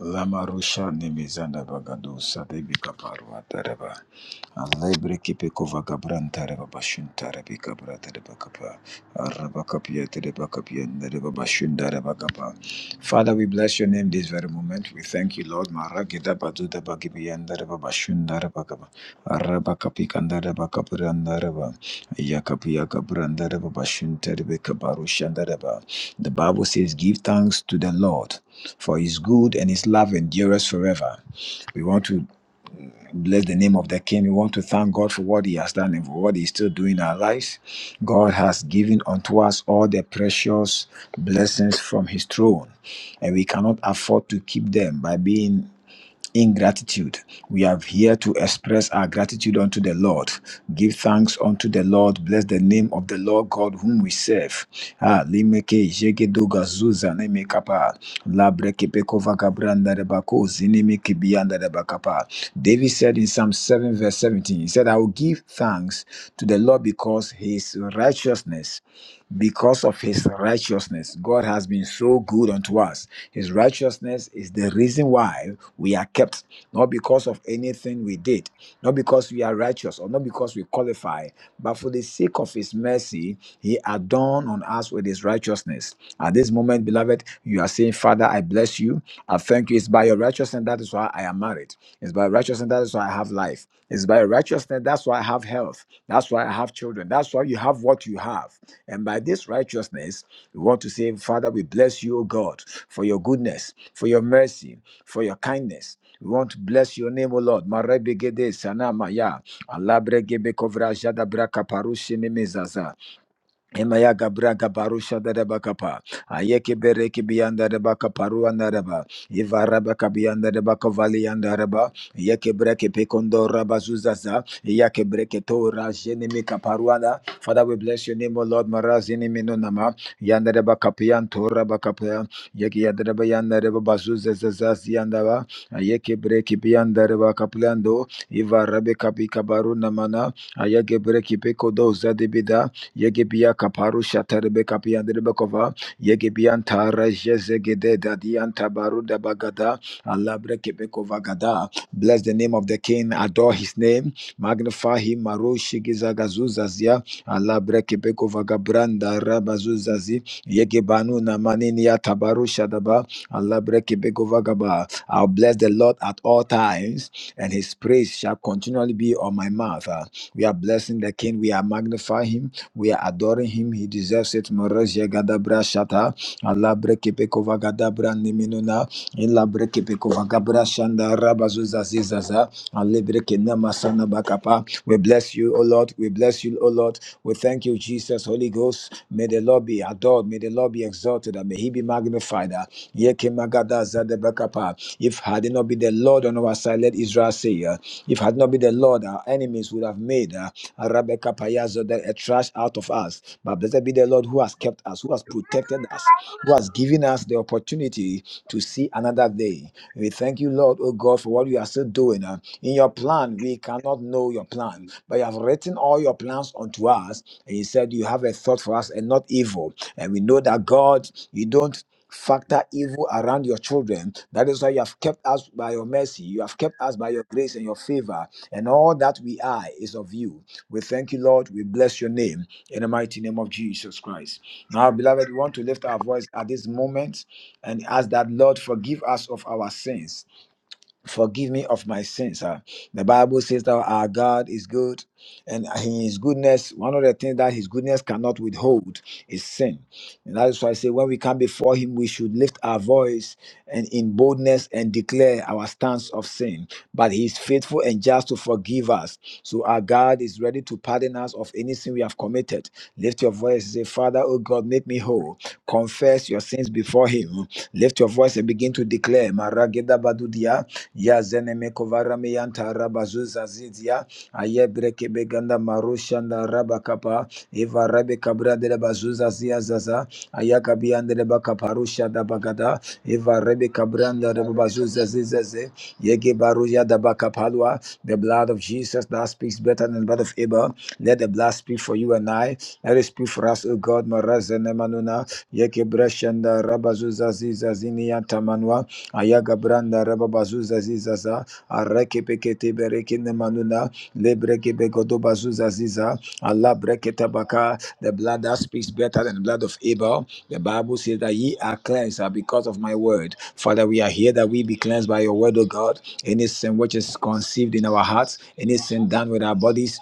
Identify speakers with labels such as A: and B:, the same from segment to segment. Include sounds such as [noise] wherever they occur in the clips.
A: Lamarusha Nemizanda Bagadusa Debi Kaparwa Tareba Alebre Kipeko Vagabran Tareba Bashun Tarebi Kabra Tereba Kapa Araba Kapia Tereba Kapia Nereba Bashun Dareba Kapa Father, we bless your name this very moment. We thank you, Lord. Maragida Baduda Bagibian Dareba Bashun Dareba Kapa Araba kapikandaraba kapirandaraba. Yakapiya kapirandaraba bashuntarebe kabarushandaraba. The Bible says, Give thanks to the Lord, for his good and his love endures forever. We want to bless the name of the King. We want to thank God for what he has done and for what he's still doing in our lives. God has given unto us all the precious blessings from his throne, and we cannot afford to keep them by being in gratitude. We are here to express our gratitude unto the Lord. Give thanks unto the Lord. Bless the name of the Lord God whom we serve. Ah, limeke jegedoga zuza nemekapa. Labreke pekova gabranda rebako zinemeke bianda rebakapa. David said in Psalm 7 verse 17, he said, I will give thanks to the Lord because his righteousness because of his righteousness. God has been so good unto us. His righteousness is the reason why we are kept, not because of anything we did, not because we are righteous or not because we qualify, but for the sake of his mercy, he adorned on us with his righteousness. At this moment, beloved, you are saying, Father, I bless you. I thank you. It's by your righteousness. That is why why I am married. It's by righteousness, that is why I have life. It's by righteousness, that's why I have health. That's why I have children. That's why you have what you have. And by this righteousness, we want to say, Father, we bless you, O God, for your goodness, for your mercy, for your kindness. We want to bless your name, O Lord. Marebegede sanamaya. Alabregebekovra jadabra kaparushene mezaza. Emaya gabra gabarusha da reba kapa. Ayeke bereke biyanda reba kaparu anda reba. Iva reba kabiyanda reba kovali anda reba. Yeke breke pekondo reba zuzaza. Yeke breke to rajene mi kaparu anda. Father, we bless your name, O Lord. Marazini minu nama. Yanda reba kapiyan to reba kapiyan. Yeke yanda reba yanda reba ba. Ayeke breke biyanda reba kapiyando. Iva rebe kapi kabaru namana. Ayeke breke pekodo zadibida. Yegebia kaparu shaterebe kapiyanderebe kova. Yegebian tara jezegede dadian tabaru dabagada. Alabre kebekova gada. Bless the name of the king. Adore his name. Magnify him. Maru shigizagazuzazia. Alabre kebekova gabranda rabazuzazi. Yegebanu namaniniya tabaru shadaba. Alabre kebekova gaba. I'll bless the Lord at all times and his praise shall continually be on my mouth. Uh, We are blessing the King, we are magnifying him, we are adoring him. He deserves it. Morosia gadabra shata. Allah brekepekova gadabra niminuna. Illa brekepekova gabra shanda rabazuza zizaza. Allah brekenama sana bakapa. We bless you, O Lord. We bless you, O Lord. We thank you, Jesus, Holy Ghost. May the Lord be adored. May the Lord be exalted. And may he be magnified. Ah, Yekemagada zadebakapa. If had it not been the Lord on our side, let Israel say, ah, if had not been the Lord, our enemies would have made. Uh, Arabica Payazo, then a trash out of us. But blessed be the Lord who has kept us, who has protected us, who has given us the opportunity to see another day. We thank you, Lord, oh God, for what you are still doing. Uh, In your plan, we cannot know your plan, but you have written all your plans unto us. And you said you have a thought for us and not evil. And we know that God, you don't factor evil around your children. That is why you have kept kept us by your mercy. You have kept us by your grace and your favor. And all that we are is of you. We thank you, Lord. We bless your name in the mighty name of Jesus Christ. Now, beloved, we want to lift our voice at this moment and ask that, Lord, forgive us of our sins forgive me of my sins. Ah, The Bible says that our God is good and in his goodness, one of the things that his goodness cannot withhold is sin. And that is why I say when we come before him, we should lift our voice and in boldness and declare our stance of sin. But he is faithful and just to forgive us. So our God is ready to pardon us of any sin we have committed. Lift your voice and say, Father, oh God, make me whole. Confess your sins before him. Lift your voice and begin to declare. Marageda badudia, yazene mekovara miyanta rabazuza zizia ayebreke beganda marushanda rabakapa eva rebe kabra de bazuza zia zaza ayakabiande de bakaparusha da bagada eva rebe kabranda de bazuza zizaze yege baruja da bakapalwa the blood of Jesus that speaks better than the blood of Abel let the blood speak for you and I that is speak for us, O God, Marazene Manuna, Yeke Brashanda, Rabazuza Ziza Zini Antamanwa, Ayaga Branda, Rababazuza Zizaza, Areke Pekete Berekine Manuna, Lebreke Begodo Bazuza Ziza, Allah Breketa Baka, the blood that speaks better than the blood of Abel. The Bible says that ye are cleansed are because of my word. Father, we are here that we be cleansed by your word, O God. Any sin which is conceived in our hearts, any sin done with our bodies,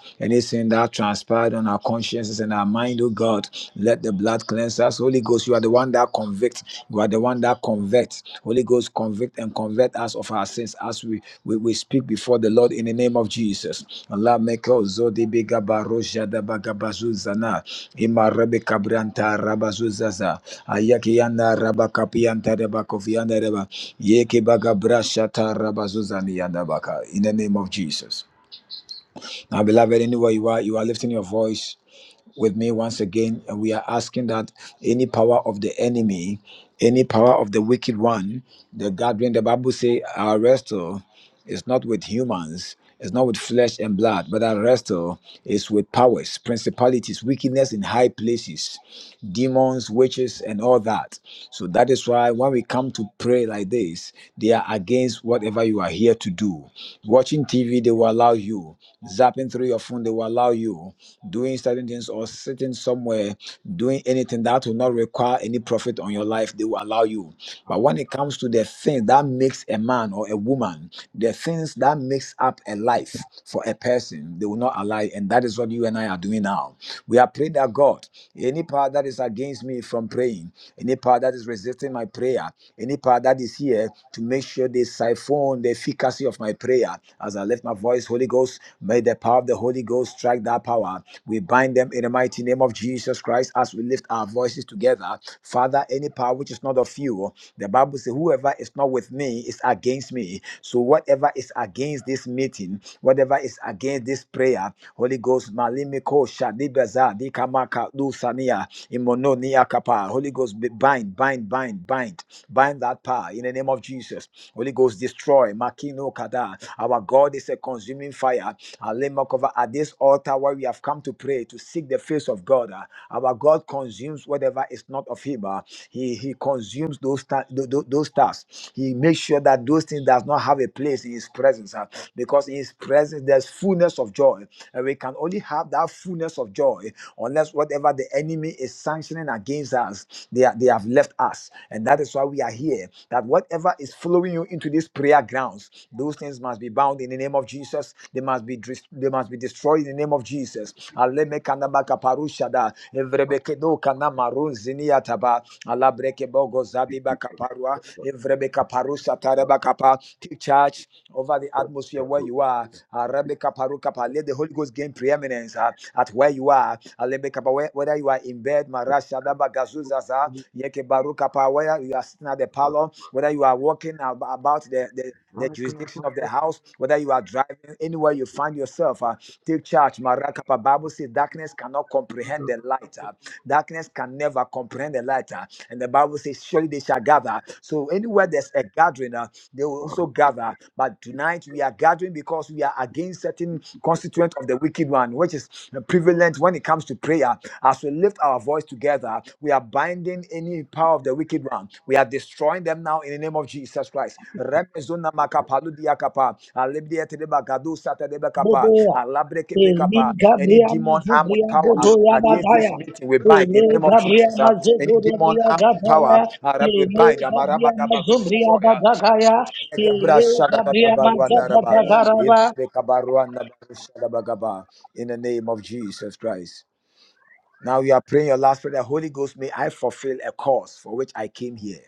A: sin that transpired on our consciences and our mind, oh God. Let the blood cleanse us. Holy Ghost, you are the one that convicts. You are the one that convicts. Holy Ghost, convict and convert us of our sins as we, we, we speak before the Lord in the name of Jesus. Allah make zodi biga baroja da baga bazuzana. Ima rebe kabranta rabazuzaza. Ayaki rabakapianta rebakofianda reba. Yeke baga brashata rabazuzani yanda In the name of Jesus. Now, beloved, anywhere you are, you are lifting your voice with me once again, and we are asking that any power of the enemy, any power of the wicked one, the gathering, the Bible say, are arrested. It's not with humans. It's not with flesh and blood, but our wrestle is with powers, principalities, wickedness in high places, demons, witches, and all that. So that is why when we come to pray like this, they are against whatever you are here to do. Watching TV, they will allow you. Zapping through your phone, they will allow you. Doing certain things or sitting somewhere, doing anything that will not require any profit on your life, they will allow you you. But when it comes to the things that makes a man or a woman, the things that makes up a life for a person, they will not allow. it. And that is what you and I are doing now. We are praying that God, any power that is against me from praying, any power that is resisting my prayer, any power that is here to make sure they siphon the efficacy of my prayer. As I lift my voice, Holy Ghost, may the power of the Holy Ghost strike that power. We bind them in the mighty name of Jesus. Jesus Christ, as we lift our voices together, Father, any power which is not of you, the Bible says, whoever is not with me is against me. So whatever is against this meeting, whatever is against this prayer, Holy Ghost, Malimiko, Shadibaza, Dikamaka, Lusania, Imononia Kapa, Holy Ghost, be- bind, bind, bind, bind, bind that power in the name of Jesus. Holy Ghost, destroy, Makino Kada. Our God is a consuming fire. Alemakova, At this altar where we have come to pray, to seek the face of God, uh, our God consumes whatever is not of Him. uh, He He consumes those ta- tho- tho- those tasks. He makes sure that those things does not have a place in His presence, uh, because in His presence there's fullness of joy, and we can only have that fullness of joy unless whatever the enemy is sanctioning against us, they are, they have left us, and that is why we are here. That whatever is following you into these prayer grounds. Those things must be bound in the name of Jesus. They must be dis- they must be destroyed in the name of Jesus. Aleme kanaba kaparushada, evrebekedo kanama roziniataba, alabreke bogo zadiba kaparua, evrebe kaparusha tareba kapa. Take charge over the atmosphere where you are. Arabe kaparu kapa. Let the Holy Ghost gain preeminence uh, at where you are. Alebe kapa, where- Whether you are in bed, marasha daba gazuzaza, yeke baru kapa, where you are sitting at the parlor, whether you are walking ab- about the, the, the jurisdiction of the house, whether you are driving anywhere you find yourself, uh, take charge. Marakapa Bible says darkness cannot comprehend the light. uh, darkness can never comprehend the light. uh, and the Bible says, surely they shall gather. So anywhere there's a gathering, uh, they will also gather. But tonight we are gathering because we are against certain constituent of the wicked one, which is prevalent when it comes to prayer. As we lift our voice together, we are binding any power of the wicked one. We are destroying them now in the name of Jesus Christ. Remezona makapaludia kapa, alebdia tedeba gadu satadeba kapa,
B: Boboya.
A: alabrekepe
B: Eli
A: kapa. Any
B: Gabria
A: demon armed with
B: Mazabria
A: power
B: Boboya
A: against this
B: Magaya,
A: meeting, we
B: the
A: bind in the
B: Ele
A: name of
B: Gabria
A: Jesus. uh, Any demon
B: Mazabria
A: armed with power,
B: Gataya.
A: uh, we bind.
B: Ele Gabria
A: Amarabagaba, We
B: Mazabria
A: destroy. uh,
B: Bagaya. Ele Gabria Mazabria
A: in the name of Jesus Christ. Now we are praying your last prayer. The Holy Ghost, may I fulfill a cause for which I came here.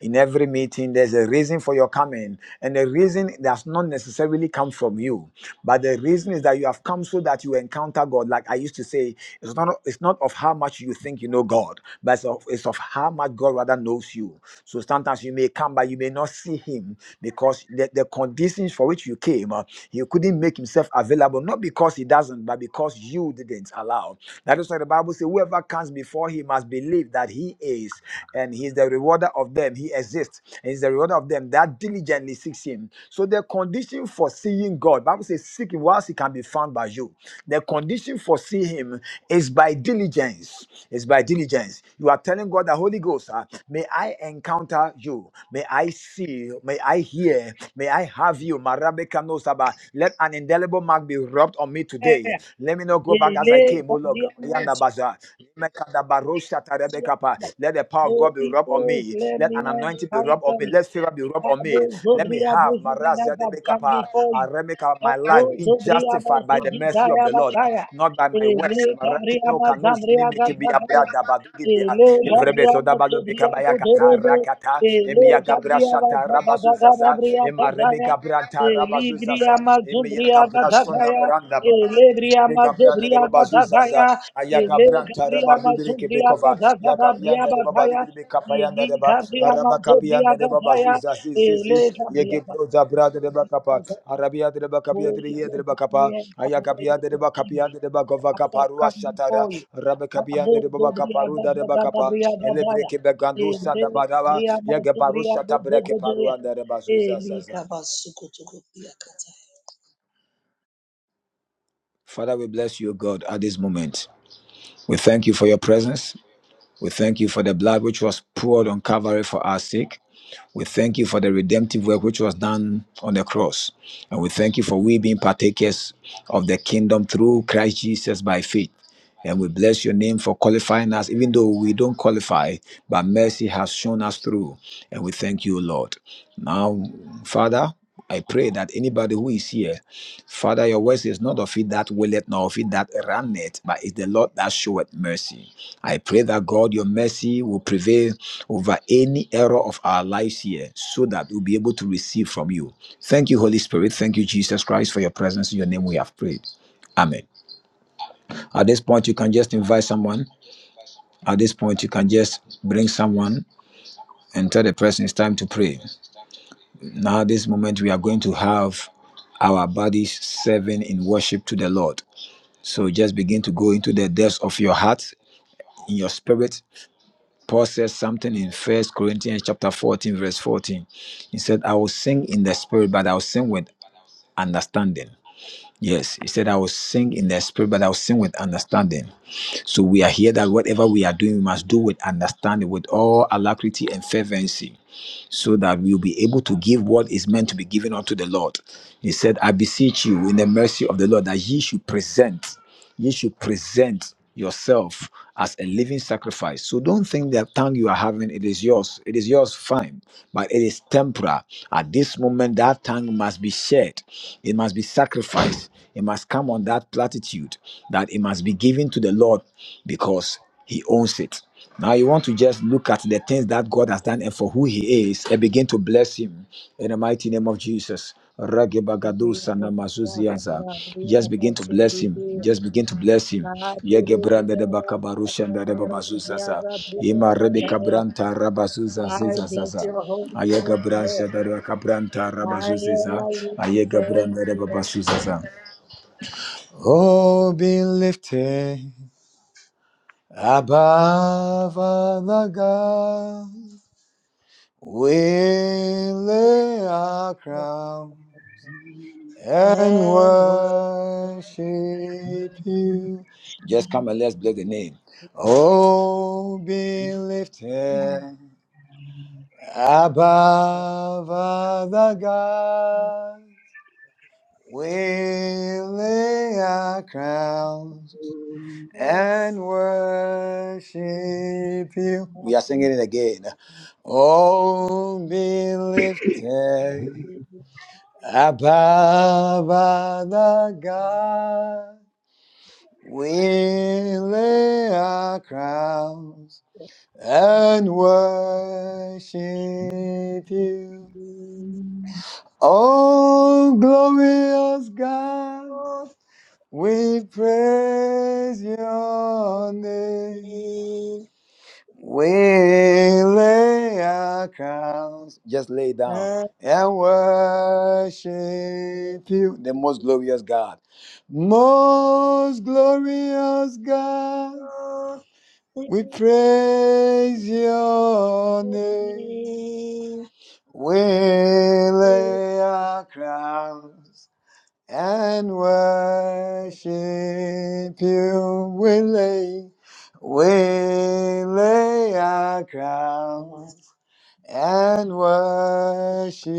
A: In every meeting, there's a reason for your coming, and the reason does not necessarily come from you, but the reason is that you have come so that you encounter God. Like I used to say, it's not it's not of how much you think you know God, but it's of, it's of how much God rather knows you. So sometimes you may come, but you may not see Him because the, the conditions for which you came, uh, He couldn't make Himself available, not because He doesn't, but because you didn't allow. That is why the Bible says, "Whoever comes before Him must believe." believe that he is, and he is the rewarder of them. He exists. He is the rewarder of them that diligently seeks him. So the condition for seeing God, Bible says, seek him whilst he can be found by you. The condition for seeing him is by diligence. It's by diligence. You are telling God the Holy Ghost, ah, may I encounter you, may I see you, may I hear, may I have you. Marabe kano saba. Let an indelible mark be rubbed on me today. Let me not go back as I came.
B: Ele
A: Mologa,
B: Gabria
A: Mayanda
B: Mazabria.
A: Baza, Mekada Barosha Tarebekapa. Let the power of God be
B: Holy
A: rubbed on
B: Ghost,
A: me.
B: let
A: Let
B: me
A: an anointing be rubbed on
B: encounter
A: me.
B: you.
A: Let favor be rubbed on me.
B: Rabu
A: Let me
B: Zobria
A: have
B: Bozubia
A: Marazia de
B: have come
A: Bekapa,
B: before you.
A: Aremeka, my life
B: Rabu
A: being
B: Zobria
A: justified by the
B: Bazigi
A: mercy of
B: Zaya
A: the Lord,
B: Bataya.
A: not by my works.
B: Ele Gabria
A: Marakeno Kanus
B: Mazamria
A: Nimiki Abra
B: Gabataya.
A: Dabadugibia,
B: Ele Gabria
A: Evrebezo Dabalo
B: Mazobria
A: Bekabaya Kata
B: Bodorebe.
A: Rakata,
B: Ele
A: Embia Gabra
B: Gabria
A: Shata Rabazuzaza,
B: Mazabagabria Gataya.
A: Emarebeka Branta
B: Ele
A: Rabazuzaza,
B: Bria Mazubria
A: sonda
B: Gataya.
A: branda ba
B: Ele Bria
A: zebe gabranda de
B: Mazobria
A: baba zuzaza
B: Gataya.
A: aya
B: Ele
A: gabranta reba
B: Gabria
A: zubiri
B: Mazubria
A: kebekova ya gabranda de baba
B: Gataya.
A: libiri be
B: Ele Gabria
A: araba
B: Mazobria
A: kabiyanda de baba
B: Gataya.
A: zuzazi zizi
B: Ele
A: ye
B: Gabriel
A: gebro da
B: Baptista,
A: branda de kapa
B: because of the
A: arabia de kapia de
B: Holy
A: ye
B: Ghost with me
A: kapa
B: and come
A: aya
B: to you
A: kapiyanda de
B: this
A: baba
B: evening.
A: kapiyanda gova
B: As I have
A: kaparua
B: come
A: shatara
B: before you.
A: rabe kabiyanda de
B: Kabul Gabriel
A: kaparu da de
B: Gabriel
A: kapa
B: Gabriel
A: ele
B: Gabriel.
A: breke
B: Ele
A: sanda baraba
B: Gabriel
A: ya gebaru
B: Gabriel
A: shata
B: Gabriel
A: breke
B: Gabriel.
A: paruanda de baba zuzaza
B: Ele Kabasuko to Gabriel Kataya.
A: Father, we bless you, God, at this moment. We thank you for your presence. We thank you for the blood which was poured on Calvary for our sake. We thank you for the redemptive work which was done on the cross. And we thank you for we being partakers of the kingdom through Christ Jesus by faith. And we bless your name for qualifying us, even though we don't qualify, but mercy has shown us through. And we thank you, Lord. Now, Father, I pray that anybody who is here, Father, your word is not of it that willeth, nor of it that runneth, but it's the Lord that showeth mercy. I pray that God, your mercy will prevail over any error of our lives here, so that we'll be able to receive from you. Thank you, Holy Spirit. Thank you, Jesus Christ, for your presence. In your name we have prayed. Amen. At this point, you can just invite someone. At this point, you can just bring someone and tell the person it's time to pray. Now, this moment, we are going to have our bodies serving in worship to the Lord. So just begin to go into the depths of your heart, in your spirit. Paul says something in First Corinthians chapter 14, verse 14. He said, I will sing in the spirit, but I will sing with understanding. Yes, he said, I will sing in the spirit, but I will sing with understanding. So we are here that whatever we are doing, we must do with understanding, with all alacrity and fervency so that we'll be able to give what is meant to be given unto the Lord. He said, I beseech you in the mercy of the Lord that ye should present, ye should present yourself as a living sacrifice. So don't think that tongue you are having, it is yours. It is yours, fine, but it is temporal. At this moment, that tongue must be shed. It must be sacrificed. It must come on that platitude that it must be given to the Lord because he owns it. Now you want to just look at the things that God has done and for who He is and begin to bless Him in the mighty name of Jesus. Ragebagado
B: Gabriel
A: sanamazuzianza. Just begin to bless him. Just begin to bless him. Yegebranda de bakabarusha de
B: Gabriel
A: babazuzaza.
B: Gabriel
A: Ima rebeka
B: Gabriel.
A: branta rabazuza
B: I bless
A: zizazaza.
B: your holy name,
A: Ayega
B: Lord.
A: brancha de bakabranta
B: I honor
A: rabazuziza.
B: you
A: Ayega
B: because
A: branda de
B: you are the
A: babasuzaza. Oh, be lifted. Abba Vanaga, we
B: greatest
A: lay our
B: Lord
A: crown
B: of heaven,
A: and
B: which
A: worship you.
B: the
A: Just come and let's bless the name. Oh, be lifted above the gods. We lay our crowns
B: universe
A: and worship you.
B: has
A: We are singing it again. Oh, be
B: everything.
A: lifted above other God. We
B: You
A: lay our crowns
B: are the ocean, and the ocean
A: and worship you.
B: to me.
A: Oh, glorious
B: You
A: God,
B: are
A: we praise your name. We lay our crowns, just lay down and worship
B: the
A: you, the most glorious God. Most glorious God, we praise your name. We lay our crowns and worship you. We lay, we lay our crowns and worship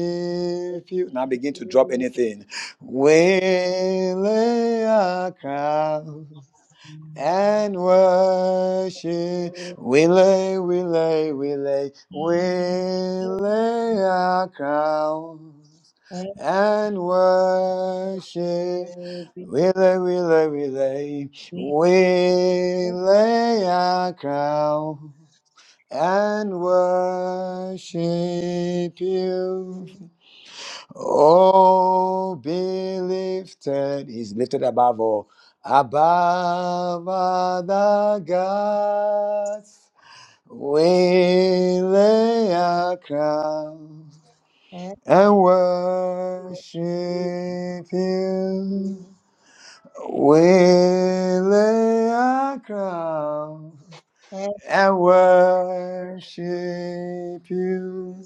A: you. Now
B: beautiful,
A: begin to drop anything. We lay our crowns and worship. We lay, we lay, we lay, we lay our crowns
B: and
A: and worship.
B: will be
A: We lay, we lay, we lay,
B: happy.
A: we lay our crown and worship you. Oh, be lifted. He's lifted above all. Above other gods, we lay our crowns and worship you. We lay our crowns
B: happy,
A: and worship you.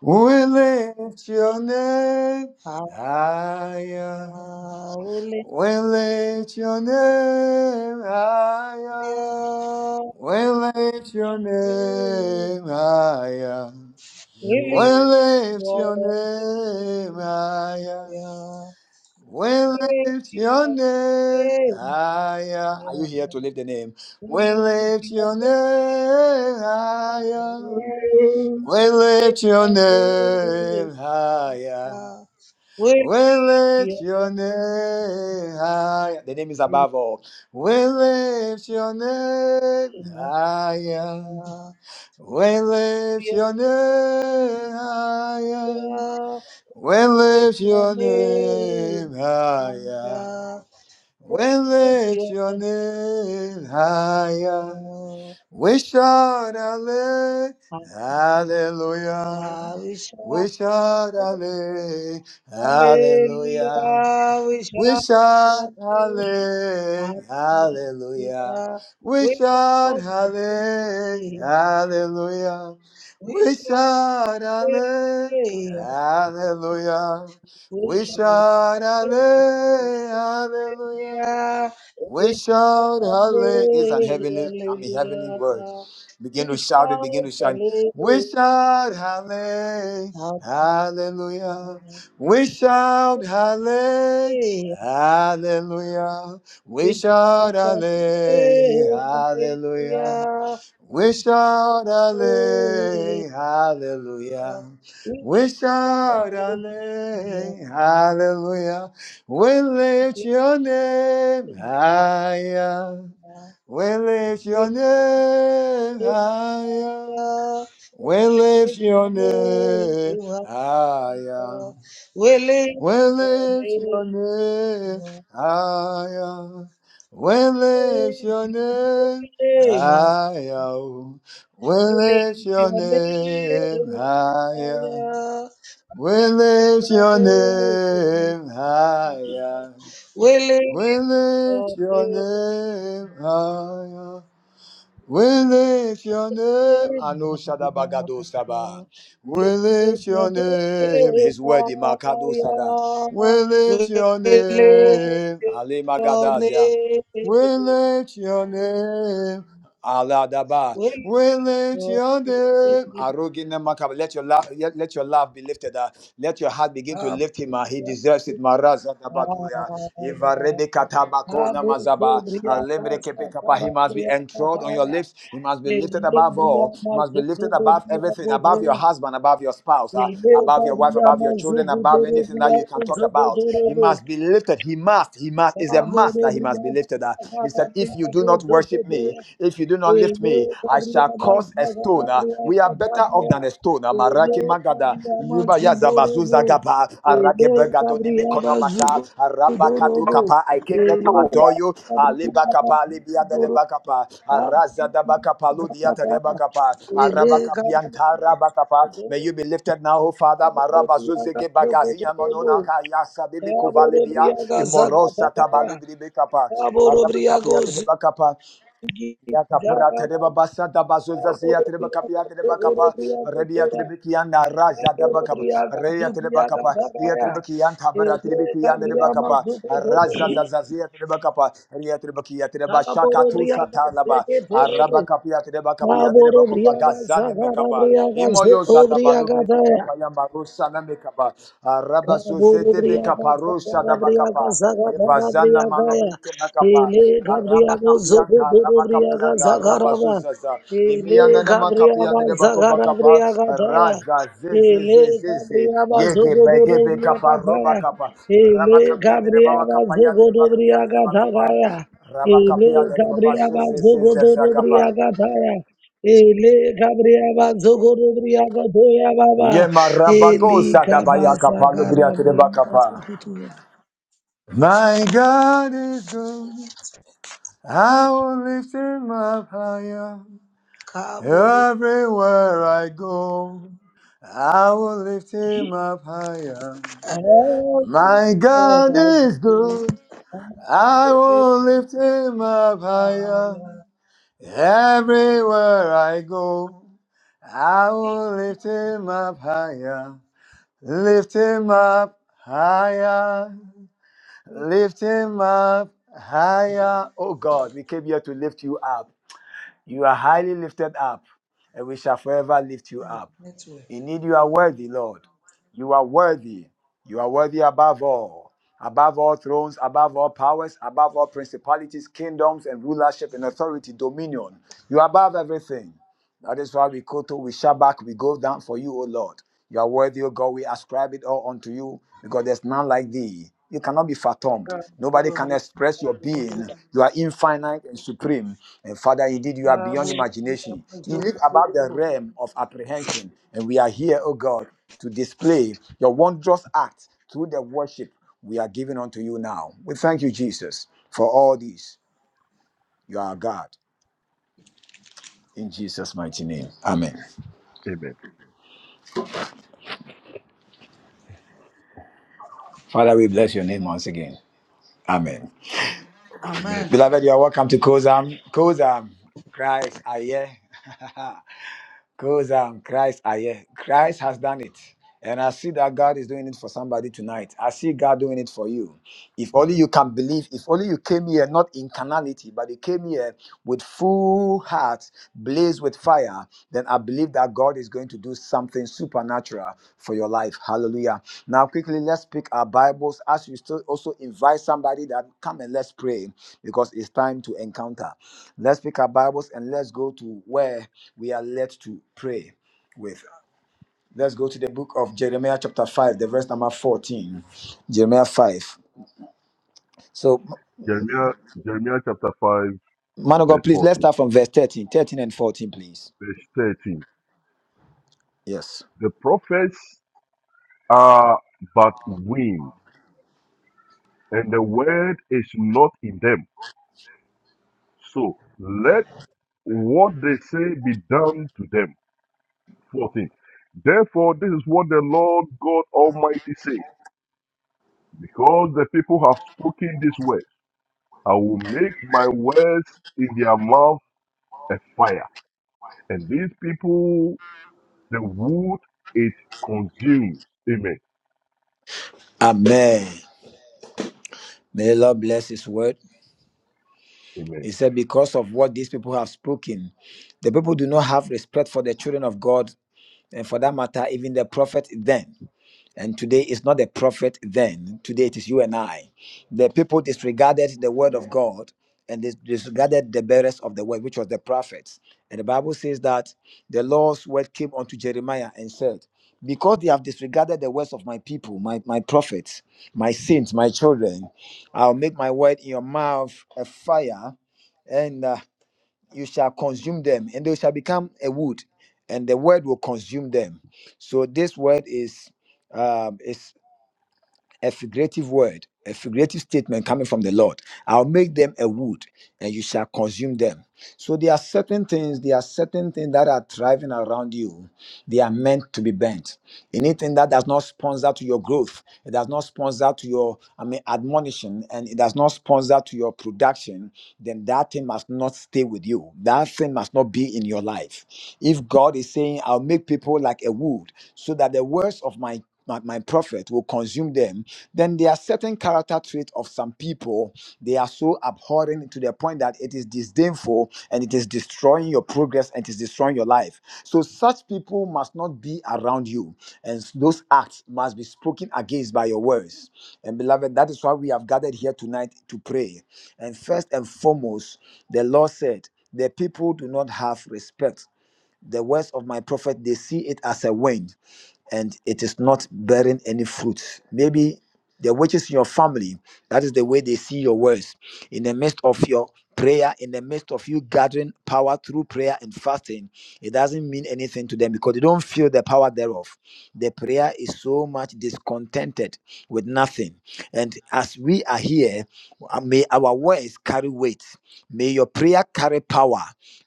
A: We lift your name
B: happy.
A: higher.
B: Hallelujah.
A: We lift your name higher. We lift your
B: You
A: name higher.
B: really
A: We lift
B: want
A: your
B: to be
A: name higher.
B: my
A: We lift your name higher. Are you here to lift the name? We lift your name higher. We lift your name higher.
B: With
A: We lift your name higher. The name is above all. We lift your name higher. We lift your name higher.
B: your
A: We lift your
B: name,
A: name higher. We lift your name higher. We shout alle-
B: and
A: hallelujah.
B: we
A: We
B: shall
A: shout alle- hallelujah.
B: Hallelujah. We
A: We
B: shout
A: shout
B: unto
A: alle- hallelujah.
B: Hallelujah.
A: We
B: We
A: shout
B: shout unto
A: alle-
B: Thee.
A: hallelujah.
B: We
A: We
B: shout
A: shout alle-
B: Hallelujah.
A: hallelujah.
B: We
A: We
B: shout
A: shout alle- hallelujah.
B: Hallelujah.
A: We
B: We shout
A: shout hallelujah. It's an
B: Hallelujah.
A: heavenly, I mean heavenly word.
B: hallelujah.
A: Begin
B: We
A: to shout it, begin to
B: shout
A: shout. We
B: Hallelujah. hallelujah. We
A: shout halle-
B: shout Hallelujah.
A: hallelujah.
B: hallelujah.
A: We shout halle-
B: We
A: hallelujah. We shout halle- hallelujah. We shout halle-
B: shout
A: hallelujah.
B: Hallelujah.
A: We shout
B: Willing,
A: halle- hallelujah. We lift your name higher. We lift your name higher. We lift your name higher. We lift your name higher. We lift your name higher. We lift your name higher. We lift your name higher. We lift your name higher. We lift your name, Ano Shadabagado Saba. We
B: Thank
A: lift your name, His word Makado Sada. We lift your name, Ali Magadazia. We
B: you.
A: lift your name, Aladaba. We lift your name, Arugina Makaba. Let your love, let, let your love be lifted up. Let your heart begin to lift him. up. He deserves it, Marazadabaduya. Ivarebe katabako namazaba. Alembre kepekapa. He must be enthroned on your lips. He must be lifted above all. He must be lifted above everything, above your husband, above your spouse, uh, above your wife, above your children, above anything that you can talk about. He must be lifted. He must. He must. It's a must that he must be lifted. uh. He said, If you do not worship me, if you do not lift me, I
B: Gabriel,
A: shall cause a stone. uh, We are better off than a stone. Amaraki magada. Yiba yazabazu zagaba. Arake begadoni mekonomasha. Arabakadu kapa. I came here to adore you. Aliba kapa. Libia de bakapa. Araza da bakapa. Ludia de bakapa. Arabakapianta rabakapa. May you be lifted now, O Father. Marabazu zege bagahi amononaka yasa de bikuvalibia. Imorosa tabalibri bekapa. Arabakapiata de bakapa. Yakapra tereba basa da bazuza zia tereba kapia tereba kapa rebia tereba kianda raja da bakapa
B: Obriaga,
A: rebia tereba kapa ia tereba kian tabara tereba kian tereba kapa raza za za zia tereba kapa ria tereba kia tereba shaka tu satalaba araba kapia tereba kapia tereba kova gazane me kapa imoyo za da balu brebe kapa ya marusa na me kapa araba
B: Ele
A: zoze debe
B: Gabriela
A: kapa rusha da bakapa Evazana malobrike makapa, araba kapianta, araba kapianda, araba zuzaza, imiana na makapia de bakova kapa, raza ze ze ze ze ze, yege bege be kapa, roba kapa, raba kapia de baba kapa, ya de bakapia de bakapa, raba kapia de baba su ze ze ze ze kapa,
B: Zogodobriaga Doya Baba
A: yema rabago
B: Teli
A: zada
B: kabasa
A: kapa, lobria de
B: karabringa
A: bakapa.
B: sukutuya.
A: My God is good, I will lift him up higher.
B: Kabu.
A: Everywhere I go, I will lift him up higher.
B: Oh,
A: My
B: Jesus,
A: God
B: I
A: is
B: do.
A: good. I will lift him up higher.
B: Hallelujah.
A: Everywhere I go, I will lift him up higher. Lift him up higher. Lift him up higher. Oh God, we came here to lift you up. You are highly lifted up, and we shall forever lift you up.
B: Network.
A: Indeed, you are worthy, Lord. You are worthy. You are worthy above all, above all thrones, above all powers, above all principalities, kingdoms, and rulership and authority, dominion. You are above everything. That is why we koto, we shout back, we go down for you, O Lord. You are worthy, O God. We ascribe it all unto you because there's none like thee. You cannot be fathomed.
B: Karabringa
A: Nobody can express your being.
B: sukutuya.
A: You are infinite and supreme. And Father, indeed, you are beyond
B: Kabubringa
A: imagination. You live above the
B: sukutuya.
A: realm of apprehension. And we are here, O God, to display your wondrous act through the worship we are giving unto you now. We thank you, Jesus, for all this. You are our God. In Jesus' mighty name. Amen.
C: Amen. Amen.
A: Father, we bless your name once again. Amen.
B: Am-
C: Amen.
A: Beloved, you are welcome to Kozam. Kozam, Christ, I hear. [laughs] Kozam, Christ, I hear. Christ has done it. And I see that God is doing it for somebody tonight. I see God doing it for you. If only you can believe, if only you came here not in carnality, but you came here with full heart, blaze with fire, then I believe that God is going to do something supernatural for your life. Hallelujah. Now, quickly, let's pick our Bibles as you still also invite somebody that come and let's pray because it's time to encounter. Let's pick our Bibles and let's go to where we are led to pray with. Let's go to the book of Jeremiah, chapter 5, the verse number 14. Jeremiah 5. So.
C: Jeremiah, Jeremiah chapter 5,
A: Man of
C: verse
A: God, please, let's
C: 14,
A: start from verse thirteen, thirteen and 14, please.
C: verse 13.
A: Yes.
C: The prophets are but wind, and the word is not in them. So let what they say be done to them. 14. Therefore, this is what the Lord God Almighty says Because the people have spoken this way, I will make my words in their mouth a fire, and these people, the wood it consumes. Amen.
A: Amen. May the Lord bless his word.
C: Amen.
A: He said, Because of what these people have spoken, the people do not have respect for the children of God, and for that matter, even the prophet then. And today is not the prophet then. Today it is you and I. The people disregarded the word of God and they disregarded the bearers of the word, which was the prophets. And the Bible says that the Lord's word came unto Jeremiah and said, Because they have disregarded the words of my people, my, my prophets, my saints, my children, I'll make my word in your mouth a fire and uh, you shall consume them, and they shall become a wood, and the word will consume them. So this word is um, a figurative word, a figurative statement coming from the Lord. I'll make them a wood, and you shall consume them. So there are certain things, there are certain things that are thriving around you. They are meant to be bent. Anything that does not sponsor to your growth, it does not sponsor to your, I mean, admonition, and it does not sponsor to your production, then that thing must not stay with you. That thing must not be in your life. If God is saying, I'll make people like a wood, so that the words of my my, my prophet will consume them then there are certain character traits of some people they are so abhorrent to the point that it is disdainful and it is destroying your progress and it is destroying your life so such people must not be around you and those acts must be spoken against by your words and beloved that is why we have gathered here tonight to pray and first and foremost the lord said the people do not have respect the words of my prophet they see it as a wind and it is not bearing any fruit maybe the witches in your family that is the way they see your words in the midst of your prayer in the midst of you gathering power through prayer and fasting it doesn't mean anything to them because they don't feel the power thereof the prayer is so much discontented with nothing and as we are here uh, may our words carry weight may your prayer carry power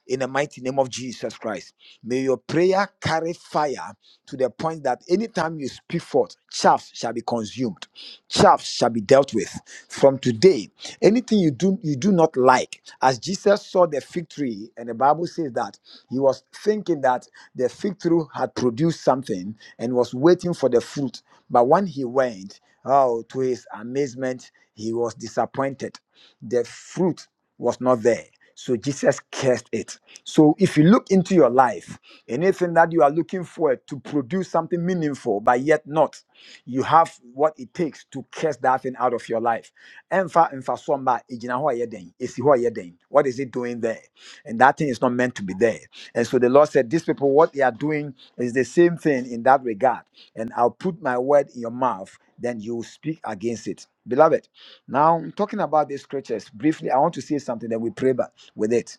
A: in the mighty name of jesus christ May your prayer carry fire to the point that anytime you speak forth, chaff shall be consumed, chaff shall be dealt with. From today, anything you do you do not like, as Jesus saw the fig tree, and the Bible says that he was thinking that the fig tree had produced something and was waiting for the fruit. But when he went, oh, to his amazement, he was disappointed the fruit was not there. So Jesus cursed it. So if you look into your life, anything that you are looking for to produce something meaningful, but yet not, you have what it takes to curse that thing out of your life. Ɛmfa- ɛmfa so mma, ɛgyina hɔ a ɛyɛ dɛn? Ɛsi hɔ a ɛyɛ dɛn? What is it doing there? And that thing is not meant to be there. And so the Lord said, These people, what they are doing is the same thing in that regard. And I'll put my word in your mouth, then you will speak against it. Beloved. Now, talking about these scriptures briefly, I want to say something that we pray back with it.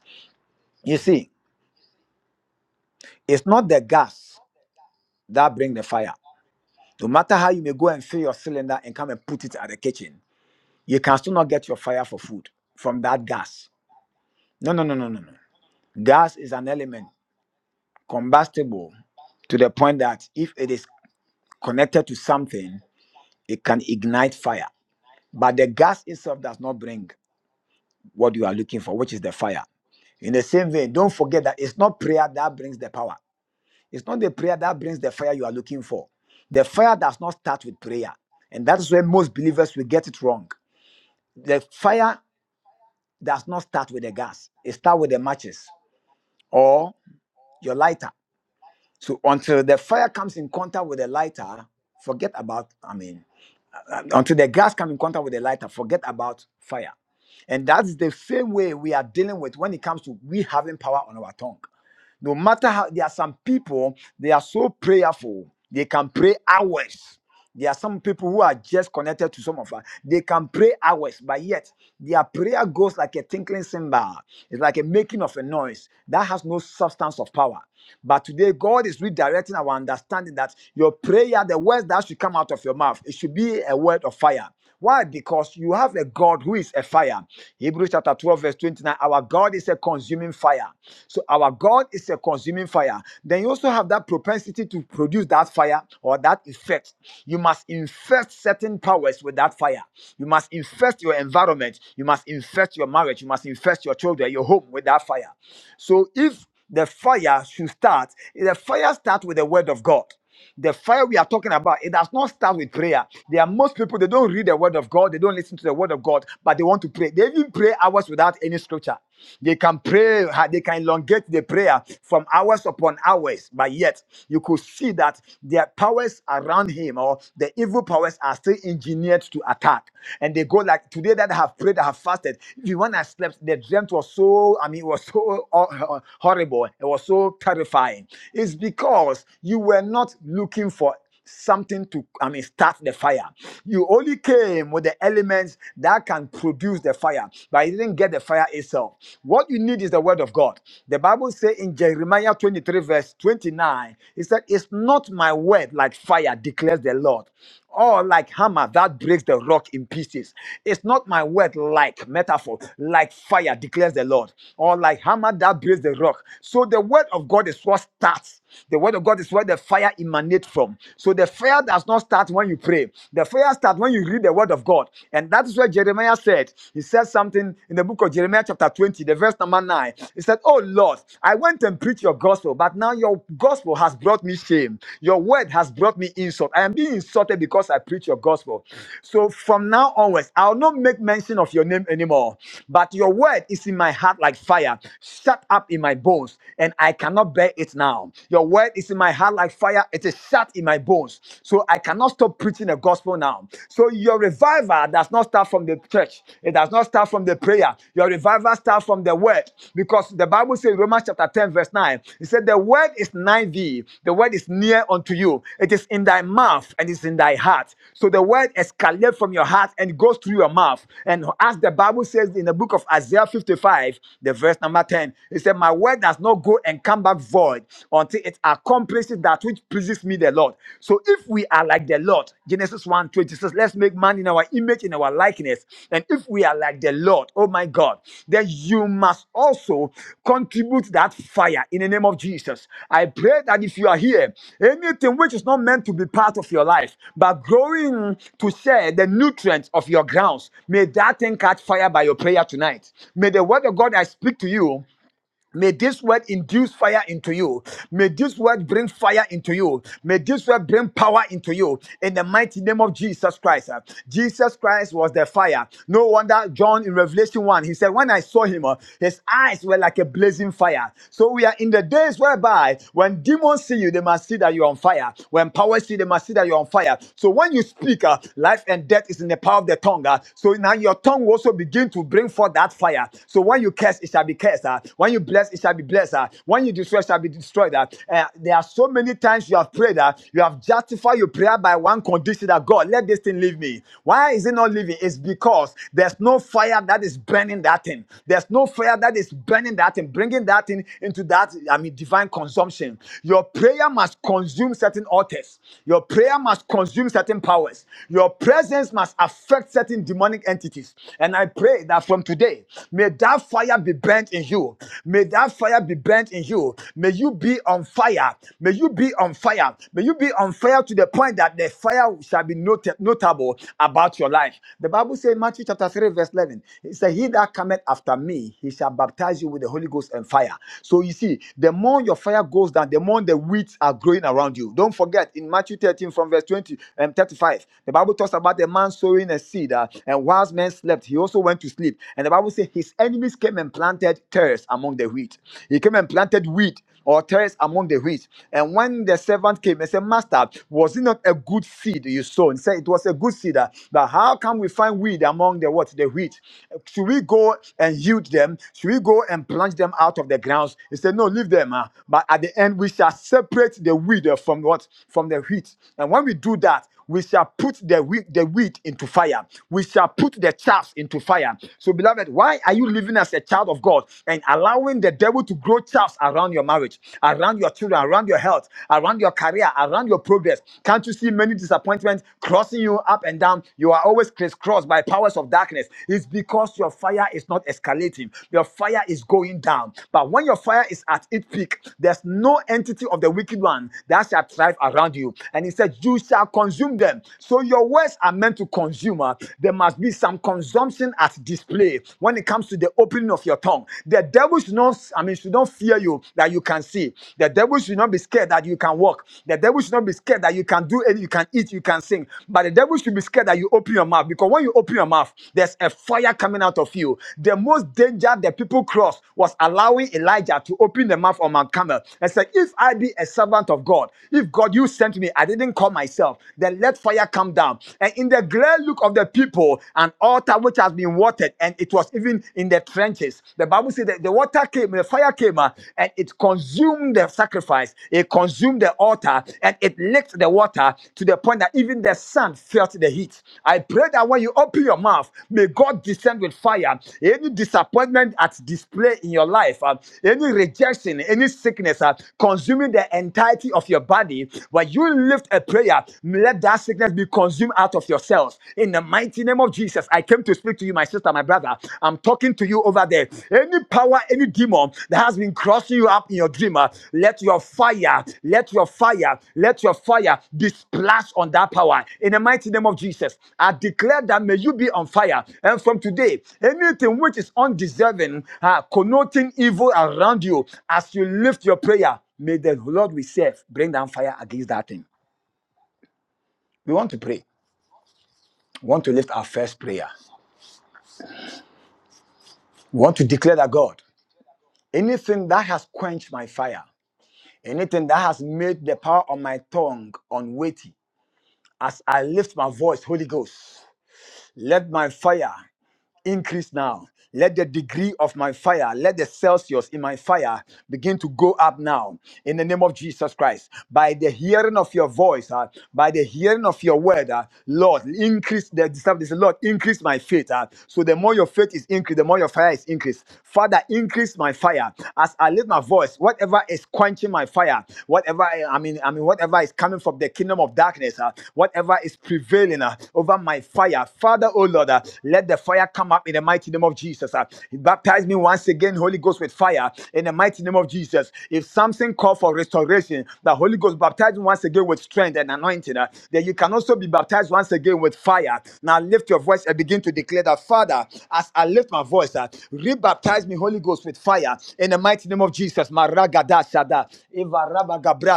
A: You see, it's not the gas that bring the fire. No matter how you may go and fill your cylinder and come and put it at the kitchen, you can still not get your fire for food from that gas. No, no, no, no, no, no. Gas is an element combustible to the point that if it is connected to something, it can ignite fire. But the gas itself does not bring. what you are looking for, which is the fire. In the same vein, don't forget that it's not prayer that brings the power. It's not the prayer that brings the fire you are looking for. The fire does not start with prayer. And that's where most believers will get it wrong. The fire does not start with the gas, it starts with the matches or your lighter. So until the fire comes in contact with the lighter, forget about, I mean, until the gas come in contact with the lighter, forget about fire. And that's the same way we are dealing with when it comes to we having power on our tongue. No matter how there are some people, they are so prayerful, they can pray hours. There are some people who are just connected to some of us. They can pray hours, but yet their prayer goes like a tinkling cymbal. It's like a making of a noise that has no substance of power. But today, God is redirecting our understanding that your prayer, the words that should come out of your mouth, it should be a word of fire. Why? Because you have a God who is a fire. Hebrews chapter 12, verse 29. Our God is a consuming fire. So our God is a consuming fire. Then you also have that propensity to produce that fire or that effect. You must infest certain powers with that fire. You must infest your environment. You must infest your marriage. You must infest your children, your home with that fire. So if the fire should start, the fire starts with the word of God. The fire we are talking about, it does not start with prayer. There are most people, they don't read the word of God, they don't listen to the word of God, but they want to pray. They even pray hours without any scripture. They can pray, they can elongate the prayer from hours upon hours, but yet you could see that their powers around him or the evil powers are still engineered to attack. And they go like today that I have prayed, I have fasted. Even when I slept, the dream was so, I mean, it was so hor- [laughs] horrible, it was so terrifying. It's because you were not looking for something to i mean start the fire you only came with the elements that can produce the fire but you didn't get the fire itself what you need is the word of god the bible says in jeremiah 23 verse 29 it said it's not my word like fire declares the lord or like hammer that breaks the rock in pieces. It's not my word like metaphor, like fire declares the Lord. Or like hammer that breaks the rock. So the word of God is what starts. The word of God is where the fire emanates from. So the fire does not start when you pray. The fire starts when you read the word of God. And that is where Jeremiah said, he said something in the book of Jeremiah chapter 20, the verse number 9. He said, Oh Lord, I went and preached preach your gospel, but now your gospel has brought me shame. Your word has brought me insult. I am being insulted because I preach your gospel. So from now onwards, I'll not make mention of your name anymore. But your word is in my heart like fire, shut up in my bones, and I cannot bear it now. Your word is in my heart like fire, it is shut in my bones. So I cannot stop preaching the gospel now. So your revival does not start from the church church. It does not start from the prayer. Your revival starts from the word. Because the Bible says, Romans chapter 10, verse 9, it said, The word is nigh thee, the word is near unto you. It is in thy mouth and it's in thy heart. So the word escalates from your heart and goes through your mouth. And as the Bible says in the book of Isaiah 55, the verse number 10, it said, My word does not go and come back void until it accomplishes that which pleases me, the Lord. Lord. So if we are like the Lord, Genesis one twenty says, let's make man in our image, in our likeness. And if we are like the Lord, oh my God, then you must also contribute that fire in the name of Jesus. I pray that if you are here, anything which is not meant to be part of your life, but growing to share the nutrients of your grounds, may that thing catch fire by your prayer tonight. May the word of God I speak to you May this word induce fire into you. May this word bring fire into you. May this word bring power into you. In the mighty name of Jesus Christ. uh, Jesus Christ was the fire. No wonder John in Revelation 1, he said, When I saw him, uh, his eyes were like a blazing fire. So we are in the days whereby when demons see you, they must see that you're on fire. When powers see, they must see that you're on fire. So when you speak, uh, life and death is in the power of the tongue. uh, so now your tongue will also begin to bring forth that fire. So when you curse, it shall shall be cursed. ah. When you bless, it shall be blessed. ah. When you destroy, it shall be destroyed. ah. Eh, There are so many times you have prayed that you have justified your prayer by one condition that God, let this thing leave me. Why is it not leaving? It's because there's no fire that is burning that thing. There's no fire that is burning that thing, bringing that thing into that, I mean, divine consumption. Your prayer must consume certain altars. Your prayer must consume certain powers. Your presence must affect certain demonic entities. And I pray that from today, May that fire be burnt in you. May that fire be burnt in you. May you be on fire. May you be on fire. May you be on fire to the point that the fire shall be noted, notable about your life. The Bible says in Matthew chapter 3, verse 11, it says, He that cometh after me, he shall baptize you with the Holy Ghost and fire. So you see, the more your fire goes down, the more the weeds are growing around you. Don't forget in Matthew 13 from verse 20 and 35, the Bible talks about the man sowing a seed, uh, and whilst men slept, he also went went to sleep. And the Bible says his enemies came and planted tares among the wheat. He came and planted wheat or tares among the wheat. And when the servant came and said, Master, was it not a good seed you sown? He said it was a good seed. uh, But how can we find weed among the what? The wheat. Should we go and yield them? Should we go and plunge them out of the grounds? He said, No, leave them. uh, But at the end, we shall separate the weed uh, from what? From the wheat. And when we do that, we shall put the wheat, the wheat into fire. We shall put put the chaff into fire. So, beloved, why are you living as a child of God and allowing the devil to grow chaff around your marriage, around your children, around your health, around your career, around your progress? Can't you see many disappointments crossing you up and down? You are always crisscrossed by powers of darkness. It's because your fire is not escalating, your fire is going down. But when your fire is at its peak, there's no entity of the wicked one that shall thrive around you. And he said, You shall consume them. So your words are meant to consume consumer, there must be some consumption at display when it comes to the opening of your tongue. The devil should not, I mean, should not fear you that you can see. The devil should not be scared that you can walk. The devil should not be scared that you can do anything, you can eat, you can sing. But the devil should be scared that you open your mouth because when you open your mouth, there's a fire coming out of you. The most danger the people crossed was allowing Elijah to open the mouth on Mount Carmel and said, If I be a servant of God, if God you sent me, I didn't call myself, then let fire come down down. And in the great look of the people, an altar which has been watered, and it was even in the trenches. The Bible says that the water came, the fire came, uh, and it consumed the sacrifice, it consumed the altar, and it licked the water to the point that even the sun felt the heat. I pray that when you open your mouth, may God descend with fire. Any disappointment at display in your life, uh, any rejection, any sickness, uh, consuming the entirety of your body, when you lift a prayer, may let that sickness be consumed out of yourselves. In the mighty name of Jesus, I came to speak to you, my sister, my brother. I'm talking to you over there. Any power, any demon that has been crossing you up in your dream, uh, let your fire, let your fire, let your fire be splashed on that power. In the mighty name of Jesus, I declare that may you be on fire. And from today, anything which is undeserving, uh, connoting evil around you, as you lift your prayer, may the Lord we serve bring down fire against that thing. We want to pray. We want to lift our first prayer. We want to declare that God, anything that has quenched my fire, anything that has made the power of my tongue unweighty, as I lift my voice, Holy Ghost, let my fire increase now. Let the degree of my fire, let the Celsius in my fire begin to go up now in the name of Jesus Christ. By the hearing of your voice, uh, by the hearing of your word, uh, Lord, increase the disciples. Lord, increase my faith. uh, so the more your faith is increased, the more your fire is increased. Father, increase my fire as I lift my voice. Whatever is quenching my fire, whatever I I mean, I mean, whatever is coming from the kingdom of darkness, uh, whatever is prevailing burning uh, over my fire. Father, oh Lord, uh, let the fire come up in the mighty name of Jesus. uh. baptize me once again, Holy Ghost, with fire in the mighty name of Jesus. If something called for restoration, the Holy Ghost baptize me once again with strength and anointing. uh, then you can also be baptized once again with fire. Now lift your voice and begin to declare that, Father, as I lift my voice, uh, rebaptize me, Holy Ghost, with fire in the mighty name of Jesus. Maragada shada,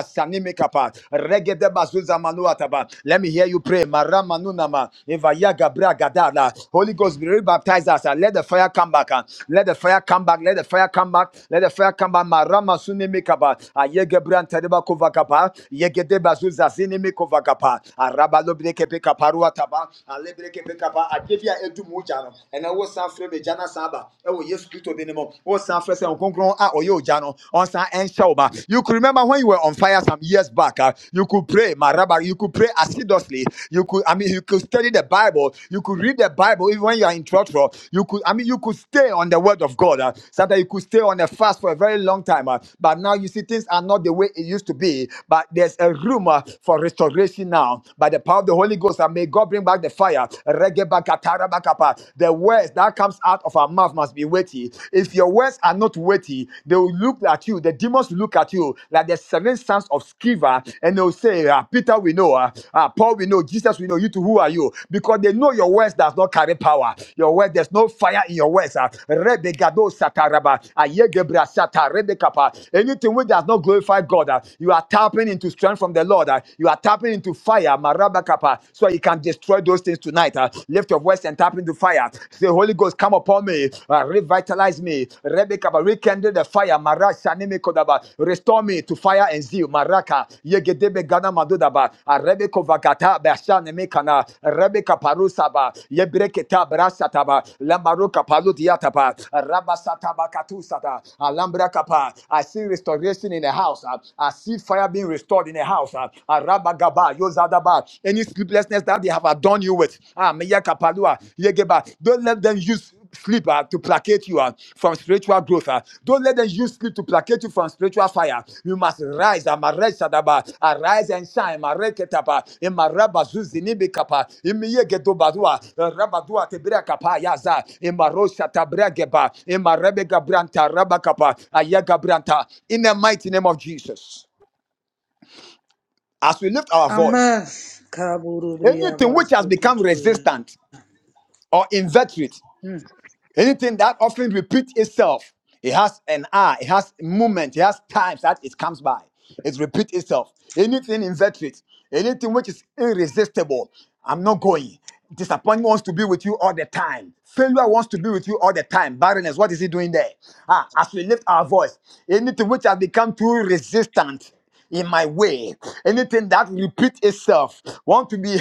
A: sanimekapa, Regede bazuza manuataba. Let me hear you pray. Marama nunama. Evaya gabra gadala. Holy Ghost, be baptize us. uh, Let the fire come back. uh, Let the fire come back. Let the fire come back. Let the fire come back. Marama sunimikaba. Ayegebran tereba kovakapa. Yegede bazuza zinimikovakapa. Arabalobreke kaparuataba. Alebreke bekapa. Akevia edu mujano. And I was San Frede Jana Saba. Oh, yes, Christo Dinimo. Oh, San Frede Concron. Ah, oh, yo, Jano. On answer and show. ma. You could remember when you were on fire some years back. ah, you could pray, my rabbi. You could pray assiduously. You could, I mean, you could study the Bible. You could read the Bible even when you are in trouble. You could, I mean, you could stay on the word of God. ah. sometimes you could stay on the fast for a very long time. ah. but now you see things are not the way it used to be. But there's a room ah, for restoration now by the power of the Holy Ghost. And may God bring back the fire. Regebakatarabakapa. The words that comes out of our mouth must be weighty. If your words are not weighty, they will look at you. The demons will look at you like the seven sons of Sceva, and they'll say, ah, Peter, we know, ah, ah, Paul, we know, Jesus, we know. You two, who are you? Because they know your words does not carry power. Your words, there's no fire in your words. ah. Rebegado sataraba, ayegebra sata, rebekapa. Anything which does not glorify God, ah, you are tapping into strength from the Lord. ah. You are tapping into fire, marabakapa, so you can destroy those things tonight. ah. Lift your your words and tap into fire. Say, Holy Ghost, come upon me, uh, revitalize me, Rebecca, rekindle the fire, Marasha Nimi Kodaba, restore me to fire and zeal, Maraka, Yegedebe Gana Madudaba, Uh, Rebecca Vagata, Basha Nemekana, Rebecca Parusaba, Yebreketa Brasataba, Lamaruka Palutiataba, Rabasataba Katusata, Alambra Kapa. I see restoration in the house. uh, I see fire being restored in the house. uh, Arabagaba, about any sleeplessness that they have adorned you with. Ah, Meya Kapalua, Yegeba. Don't let them use sleep ah, to placate you ah, from spiritual growth. ah. Don't let them use sleep to placate you from spiritual fire. You must rise. ah, Mare Shadaba. Arise and shine. Mare Ketapa. Imaraba Zuzinibi Kapa. Imiyegedobadua. Rabadua Tebra Kapa Yaza. Imaro Shatabra Geba. Imarebe Gabranta Rabakapa. Ayaga Branta. In the mighty name of Jesus. As we lift our voice.
B: Amen.
A: Anything
B: Kaburubringa
A: which has become
B: sukutuya.
A: resistant or inveterate,
B: Hmm.
A: anything that often repeats itself, it has an hour, it has movement, it has times that it comes by. It repeats itself. Anything inveterate, anything which is irresistible, I'm not going. Disappointment wants to be with you all the time. Failure wants to be with you all the time. Barrenness, what is he doing there? Ah, as we lift our voice, anything which has become too resistant in my way anything that repeats itself want to be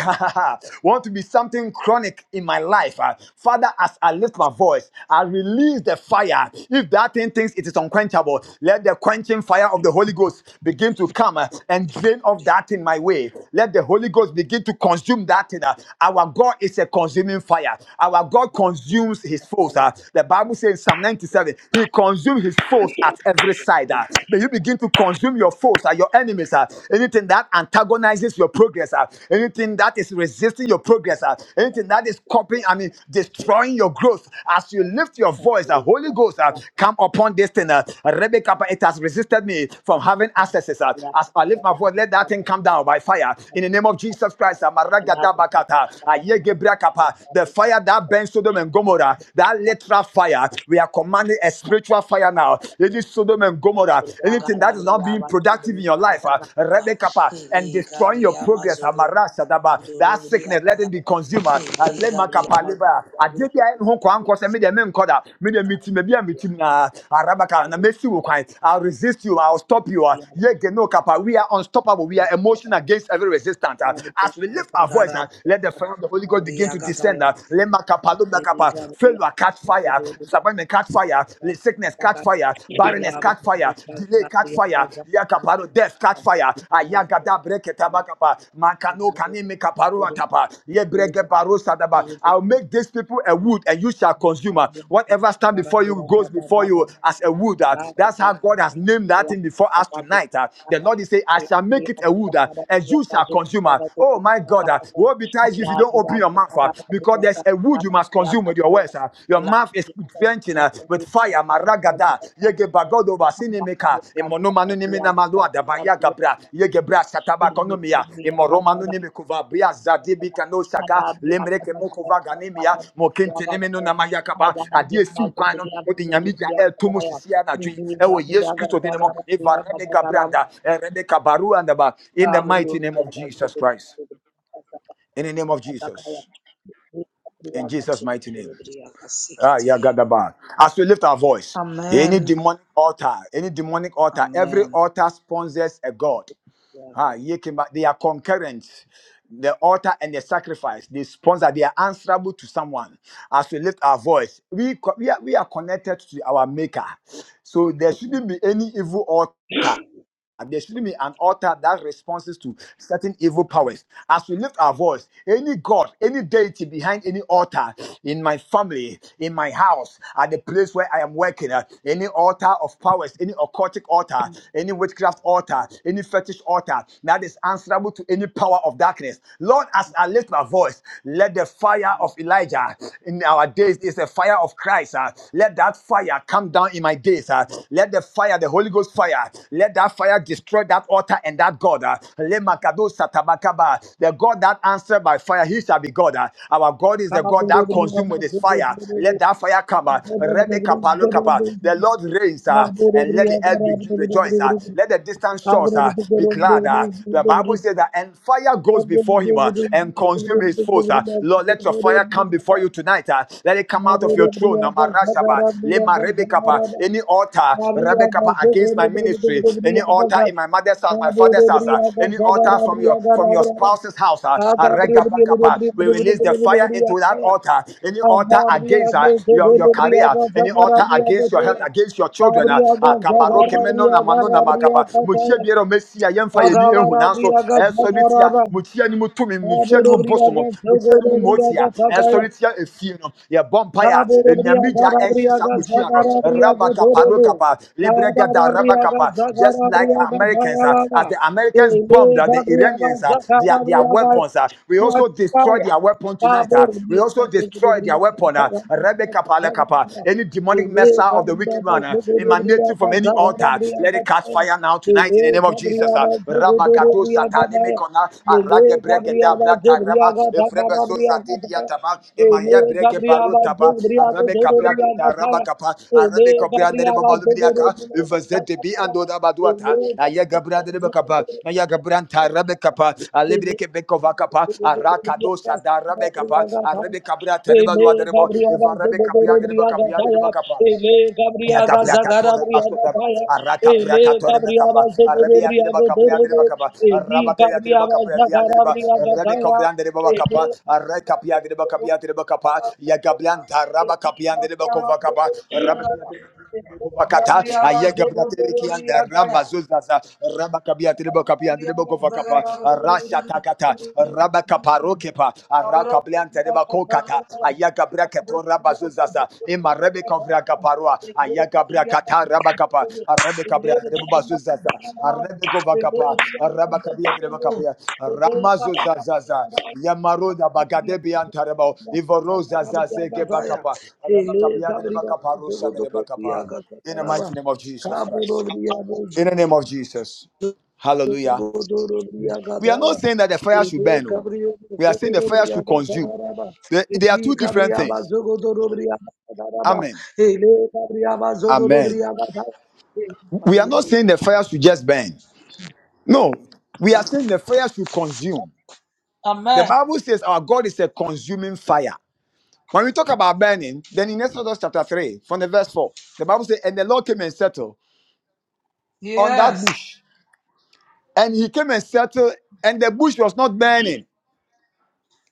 A: [laughs] want to be something chronic in my life uh, father as i lift my voice i release the fire if that thing thinks it is unquenchable let the quenching fire of the holy ghost begin to come uh, and drain off that in my way let the holy ghost begin to consume that thing uh. our god is a consuming fire our god consumes his foes uh. the bible says in psalm 97 he consumes his foes at every side side. ah. May you begin to consume your foes, ah, your enemies, ah. anything that antagonizes your progress, ah. anything that is resisting your progress, ah. anything that is copying, I mean, destroying your growth. As you lift your voice, the Holy Ghost, ah, come upon this thing. ah. Rebecca, it has resisted me from having accesses. ah. As I lift my voice, let that thing come down by fire. In the name of Jesus Christ, ah, Maragadabakata, ah, Yegebrakapa, the fire that burns Sodom and Gomorrah, that literal fire, we are commanding commanding a spiritual fire now. Any Sodom and Gomorrah, anything that is not being productive in your life, uh, Rebecca, pa, and
B: Lee
A: destroying your
B: Gabriel
A: progress, uh, Mara Shadaba, that
B: Mazururi
A: sickness, let it be
B: Abadabra
A: consumed. uh, uh,
B: Lee Gabriel Mazururi
A: Lema Kappa
B: Gabriel
A: Leba, uh, Adebia Enho Kwa Nkwa Se, Media Men Koda, Media Miti, Media Miti, uh, uh, Rabaka, na Mesi Wukwai, I'll resist you, I'll stop you. uh, Yege No Kappa, We are unstoppable, we are emotion against every resistance. uh, As we lift our voice, uh, let the fire of the Holy Ghost begin to descend.
B: Mazururi
A: uh, Lema Kappa Leba Kappa, failure catch fire,
B: Gabriel
A: disappointment catch fire, sickness catch fire, barrenness catch fire, delay catch fire, yakaparo, death catch fire, ayagada breketabakapa, makano kaneme kaparo atapa, Ye yebrege baro sadaba. I'll make these people a wood and you shall consume her. Whatever stand before you goes before
B: Thank you.
A: you as a wood. uh, That's how God has named that thing before us tonight. uh. The Lord is saying, I shall make it a wood uh, and you shall consume her. Oh my God, uh, woe betides you if you don't open your mouth ah, because there's a wood you must consume with your words. ah. Your mouth is quenching ah, with fire. Maragada, yege bagodo basinemeka, imonomanu nimina malua dabaya
B: Thank
A: gabra, yege bra sataba konomia, imoromanu nimekuva bria zadibi kano saka, lemreke mokova ganemia, mokente nemeno namaya kaba, adie siu kwano, odi nyamija el tumu sisia na jui, ewe Yesu Christo dinemo, eva rebe gabranda, eh, rebe kabaru andaba, in the mighty name of Jesus Christ. In the name of Jesus in Jesus' mighty name. Ah, yeah, God, the bar. As we lift our voice, any
B: Amen.
A: demonic altar, any demonic altar, every
B: Amen.
A: altar sponsors a god. Ah, ye came back- they are concurrent. The altar and the sacrifice, they sponsor, they are answerable to someone. As we lift our voice, we co- we are, we are connected to our Maker, so there shouldn't be any evil altar. And There shouldn't be an altar that responds to certain evil powers. As we lift our voice, any God, any deity behind any altar in my family, in my house, at the place where I am working, uh, any altar of powers, any occultic altar, any witchcraft altar, any fetish altar that is answerable to any power of darkness. Lord, as I lift my voice, let the fire of Elijah in our days is the fire of Christ. uh, let that fire come come down in my days. uh, let the fire, the Holy Ghost fire, let that fire destroy that altar and that God. uh, Le Makado satabakaba. the God that answered by fire, he shall be God. uh. our God is the God that consumed with his fire. Let that fire come. Uh, Rebecca Palokapa.
B: Amen.
A: the Lord reigns uh,
B: Gabriel,
A: and let the earth be rejoice. uh. let the distant shores uh, be glad. uh. the Bible says that and fire goes before him uh, and consume his foes. uh. Lord, let your fire come before before you tonight. uh, let it come out of your throne. Namarashaba, Lema Rebekapa, Any altar, Rebekapa, against my ministry, any altar in my mother's house, my father's house, uh, any altar from your from your spouse's house, uh, uh, Regabakapa, we release the fire into that altar. Any altar against uh, your, your career, any altar against your health, against your children. Uh, uh, Kabaroke meno na mano na makapa. Mutie biero mesia, yemfa yeni ehu nanso,
B: Tagabarabriaga
A: eh, sorry
B: Tagaraba,
A: mo ni mo to mi mo ni mo bɔ sɔmɔ
B: Taburubriaga,
A: mo tia ni mo mɔ
B: Togodobriaga
A: tia
B: Takaya,
A: ɛsɔre tia efie no yɛ bɔ mpa ya
B: Taburubriaga
A: enyamija ɛnhyɛ saa mo
B: Rabriaga,
A: tia no
B: Sagarabriaga
A: raba kapa do
B: Torobu,
A: kapa lebre gada raba
B: Tabarabriaga,
A: just like
B: Sagarabriaga
A: Americans ah,
B: Tagalaba,
A: as the Americans bombed
B: Ele
A: ah, the
B: Gabriaga,
A: Iranians ah, their their
B: Zakarabriaga,
A: weapons ah, we also
B: Touch
A: destroyed
B: fire.
A: their weapon tonight ah.
B: Gabriel,
A: we also destroyed their weapon ah. rebe kapa le kapa any demonic missile of the wicked one ah, emanating from any altar let it catch fire now fire now tonight in the name of Jesus. uh, Rabagado satanimikona aragebregedabra taraba evrebezo zadidiataba emayabrege barutaba arabecabragada rabakapa arabecobrandere babalubidiaka evazedebi andodabaduata ayagebrandebekapa ayagebranta rabekapa
B: Gabriel,
A: alebrekebekovakapa
B: Gabriel,
A: arakadosa darabekapa arabecabrata rebaluaderebo evarebekapia derebakapia derebakapa Yagabrakatora Maskotaba, Araka Brakator Mekapa, Arabi and Riba Capri and Riba Capa, Rabakaya Riba Capri and Riba, Rebecca Brand Riba Capa, Arakapia Riba Capia Riba Capa, Yagabrian Taraba Capia and Riba Covacaba, Rabakata, Ayagabraki and Ramba Zuzaza, Rabakabia Riba Capia and Riba Covacapa, Rasha Takata, Kepa,
B: Thank
A: Araka Bliante de Bakokata, Ayaga Braketora Bazuzaza, Imarebe Kovra Kaparua, Ayaga Brakata Rabakapa, Arabe Cabria de Bazuzaza, Arabe Govakapa, Arabakabia de Bakapia, Ramazuzazaza, Yamaruda Bagadebi Antarebo, Ivorosa Zazeke Bakapa, Arabakabia de Bakaparusa de Bakapa. In the mighty name of Jesus Christ. In the name of Jesus. Hallelujah.
C: Amen.
A: We are
B: you.
A: not saying that the fire should
B: Ehe,
A: burn. oh.
B: Gabriel,
A: We are saying the fire should
B: Zogodobriaga,
A: consume.
B: Zagaraba.
A: They, they are
B: Ehe,
A: two different
B: Gabriaba,
A: things.
B: Zogodobriaga, Zagaraba.
A: Amen.
B: Ele, Gabriaba,
A: Amen.
B: Zogodobriaga, Zagaraba. Ehe,
A: We are
B: Gabriel,
A: not saying the fire should just burn. No, we are saying the fire should consume. The
B: Amen.
A: Bible says our God is a consuming fire. When we talk about burning, then in Exodus chapter 3, from the verse 4, the Bible says, And the Lord came and settled on
B: Yes.
A: that bush. And he came and settled, and the bush was not burning.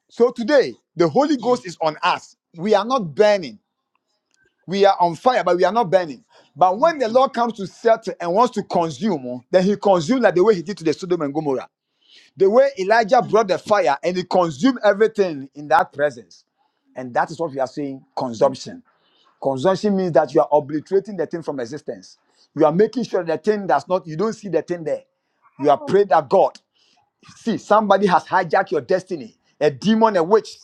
A: So today, the Holy Ghost is on us. We are not burning. we are on fire, but we are not burning. But
B: [laughs]
A: when the Lord comes to settle and wants to consume, then he consumes like the way he did to the Sodom and Gomorrah. The way Elijah brought the fire and he consumed everything in that presence. And that is what we are saying consumption. Consumption means that you are obliterating the thing from existence. You are making sure the thing does not, you don't see the thing there. You are prayed that God, see, somebody has hijacked your destiny. A demon, a witch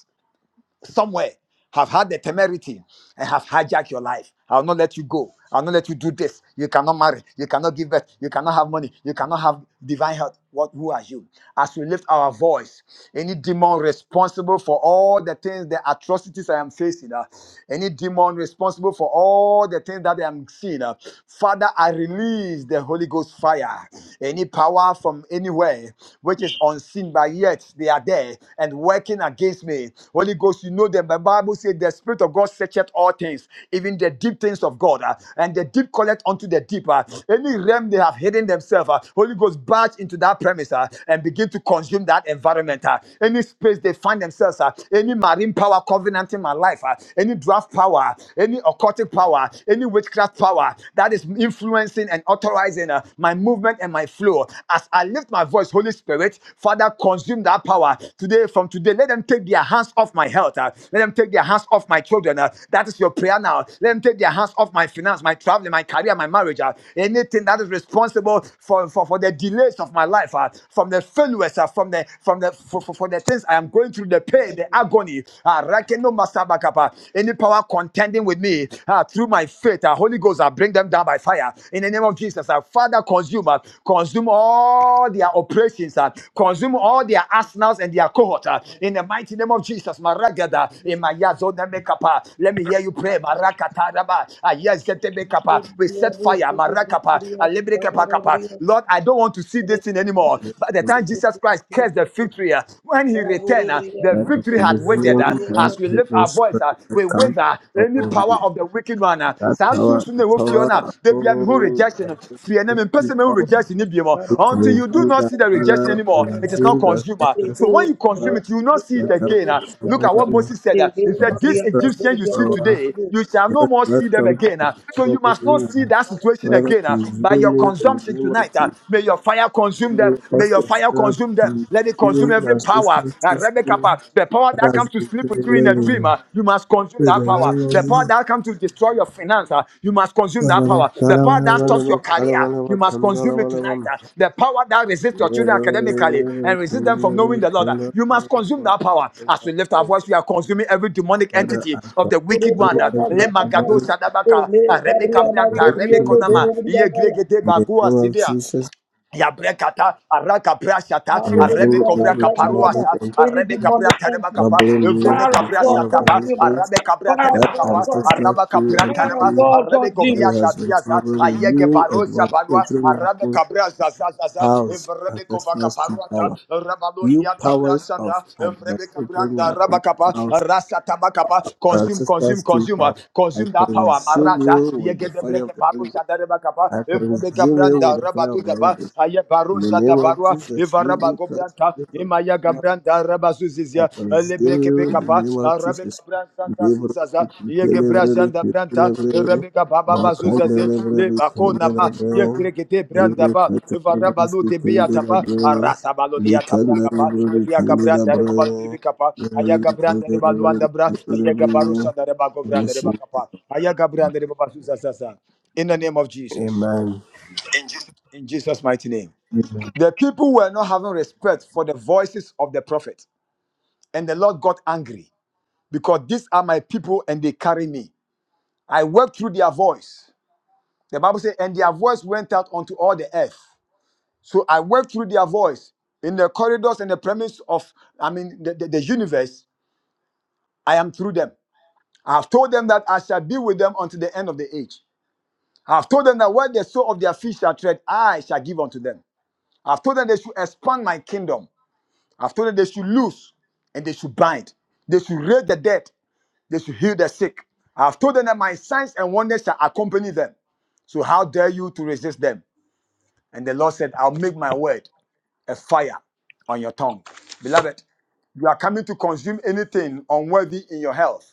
A: somewhere have had the temerity and have hijacked your life. I'll not let you go. I'll not let you do this. You cannot marry. You cannot give birth. You cannot have money. You cannot have divine health. What, who are you? As we lift our voice, any demon responsible for all the things, the atrocities I am facing, uh, any demon responsible for all the things that I am seeing, uh, Father, I release the Holy Ghost fire. Any power from anywhere which is unseen speaking, but yet they are there and working against me. Holy Ghost, you know them. The Bible says the Spirit of God searcheth all things, even the deep things of God, uh, and the deep collect unto the deeper. Any realm they have hidden themselves, uh, Holy Ghost, barge into that premise uh, and begin to consume that environment. uh, Any space they find themselves, uh, any marine power covenant in my life, uh, any draft power, any occultic power, any witchcraft power that is influencing and authorizing uh, my my movement and my flow. As I lift my voice, Holy Spirit, Father, consume that power today. From today, let them take their hands off my health. uh, Let them take their hands off my children. uh, That is your prayer now. Let them take their hands off my finance, my traveling, my career, my marriage. uh, Anything that is responsible for, for, for the delays of my life, uh, from the failures, uh, from the from the for, for, for the things I am going through, the pain, the agony. uh, Rakeno Masabakapa. Any power contending with me uh, through my faith faith, uh, Holy Ghost, I bring them down by fire in the name of Jesus. Uh, Father, consume, uh, consume all their operations, uh, consume all their arsenals and their cohort uh, in the mighty name of Jesus. Maragada, in my yazona mekapa. Let me hear you pray. Marakataraba, ayazete mekapa. We set
B: Zogodobriaga,
A: fire. Marakapa,
B: Zogodobriaga,
A: alebrekapa kapa.
B: Zagarabriaga,
A: Lord, I don't want to see this thing anymore. By the
D: that
A: time Jesus Christ cursed the
B: Zogodobriaga,
A: victory, when he returned, uh, the
B: Zogodobriaga,
A: victory had waited.
D: reveal
A: uh,
B: Zogodobriaga,
D: that
A: As
B: Zagaraba,
A: we we lift
D: evil
A: our voice,
D: spirit
A: ah,
D: that
A: we
D: comes
A: wither any
D: upon
A: power
D: me.
A: of the wicked one. ah.
D: That
A: Saa soon
D: power,
A: soon
D: the
A: they will fear now.
D: power
A: They be um, who
D: of
A: rejection. uh, Fear them in
D: ancestry
A: person who
D: power,
A: rejection it be more.
D: to
A: Until you do
D: reveal
A: not
D: that
A: see the
B: Zagaraba,
A: rejection
D: power,
A: anymore, it is
B: Zagaraba,
D: reveal
A: not
D: that
A: consumed. ah.
B: Any
A: So
D: ancestry
B: demonic
A: when you consume
D: power
A: it, you will not see it
D: that comes
A: again. ah.
D: to
A: Look
D: trouble
A: at what
D: me.
A: Moses said. ah. He
D: The
A: said, This
D: ancestry
A: Egyptian you see
D: power
A: today, you shall no
D: that,
A: more
D: that
A: see them
D: comes
A: again.
D: to
A: ah. So you must
D: trouble
A: not see
D: me.
A: that situation
D: Rather
A: again ah. by
D: consume
A: your
D: me in the
A: consumption
D: name of
A: tonight. ah.
D: Jesus.
A: May your fire consume
D: Father,
A: them.
D: we
A: May
D: ask
A: your
D: the
A: fire
D: Father
A: consume them.
D: to
A: Let it consume consume
D: consume the
A: every power. Uh,
D: ancestral
A: Rebecca,
D: spirit
A: the power
D: that
A: that
D: has
A: comes to sleep with
D: been
A: you in a
D: living.
A: dream, uh, you must consume
D: Father,
A: that
D: I
A: power.
D: do
A: The power that comes to destroy your finance, uh, you must consume that
D: every
A: power. The power that
D: demonic
A: stops your career, you must consume it tonight. uh. The power that resists your children academically and resists them from knowing the Lord, uh, you must consume that power. As we lift our voice, we are consuming every demonic entity of the wicked one. uh, Lemangado Sadabaka, uh, Rebecca Branta, Rebecca
D: everyone
A: Nama, Yegregede
D: in the
A: Bagua
D: name of
A: Zidea,
D: Jesus,
A: Yabrekata, Araka Brashata, Arabe
D: consume
A: Kovra
D: every demonic
A: Kaparuasa,
D: and
A: Arabe Cabra Tanema
B: entity,
A: Capa,
D: troubling me
A: Evrebe
D: with
B: fire of
D: the
A: Cabra
D: fire
B: God
D: of the
A: Sataba,
D: Holy
B: consume it,
D: Ghost.
A: Arabe Cabra
B: fire of
A: Tanema
D: That
B: God
A: Capa,
B: consume
D: ancestral
B: it,
A: Araba
D: true
A: Cabra
B: fire of
A: Tanema,
D: entity
B: God
A: Arabe
D: that
B: consume
A: Govia
B: it.
D: has been
A: Zaziaza,
D: troubling
A: Ayege
D: you and
A: Barosa
D: will
A: Banua,
D: filtering
A: Arabe
D: your
A: Cabra Zazazaza,
D: house,
A: Evrebe Kova
D: ancestral true
A: Caparuata,
D: power. New
A: Rabalotia Tabra
D: powers of
A: Sanda, Evrebe
D: advocating are
A: Cabranda, Rabacapa,
D: compounds
A: Rasa Tabacapa, consume, consume,
D: ancestors to
A: consumer,
D: power. I
A: consume that power,
D: consume
A: Maraza,
D: you with the
A: Yege de
D: fire
A: Breke
D: of the Holy Ghost.
A: Parusa, Dareba Capa,
D: I
A: Evrebe
D: consume you
A: Cabra
D: with the fire of
A: rabadu
D: the Holy
A: daba
D: Ghost.
A: aya
D: In the
A: baruza da
D: name of Jesus, you
A: ivaraba
D: will
A: gobranta
D: transform.
A: imaya gabranda
D: I
A: rabazuzizia
D: pursue
A: lebreke
D: you in the
A: pekapa
D: name of
A: arabe
D: Jesus.
A: kabranta
D: Deliver
A: kazizaza
D: me,
A: yege
D: deliver me,
A: branta
D: deliver me.
A: rebeka baba
D: Malcolm,
A: bazuzaze
D: deliver
A: le
D: me, deliver me.
A: yekrekete branda
D: Deliver
A: ba
D: me, deliver me,
A: de
D: deliver
A: biataba
D: me.
A: arasa balo de
D: Likan,
A: yatabra
D: deliver me, deliver
A: gabranda rebalu
D: me.
A: bibikapa aya
D: Deliver me,
A: gabranda
D: deliver
A: rebaluanda bra
D: me,
A: aya
D: deliver me.
A: gabarusa rebagovranda
D: Yes, Lord.
A: rebakapa aya gabranda rebabazuzaza in the name of Jesus
D: Amen.
A: in Jesus' mighty name.
D: Amen.
A: The people were not having respect for the voices of the prophet, and the Lord got angry because these are my people and they carry me. I worked through their voice. The Bible says, and their voice went out onto all the earth. So I worked through their voice in the corridors and the premise of, I mean, the, the, the universe. I am through them. I have told them that I shall be with them until the end of the age. I have told them that where the soul of their feet shall tread, I shall give unto them. I have told them they should expand my kingdom. I've told them they should loose and they should bind. They should raise the dead. They should heal the sick. I've told them that my signs and wonders shall accompany them. So how dare you to resist them? And the Lord said, I'll make my word a fire on your tongue. Beloved, you are coming to consume anything unworthy in your health.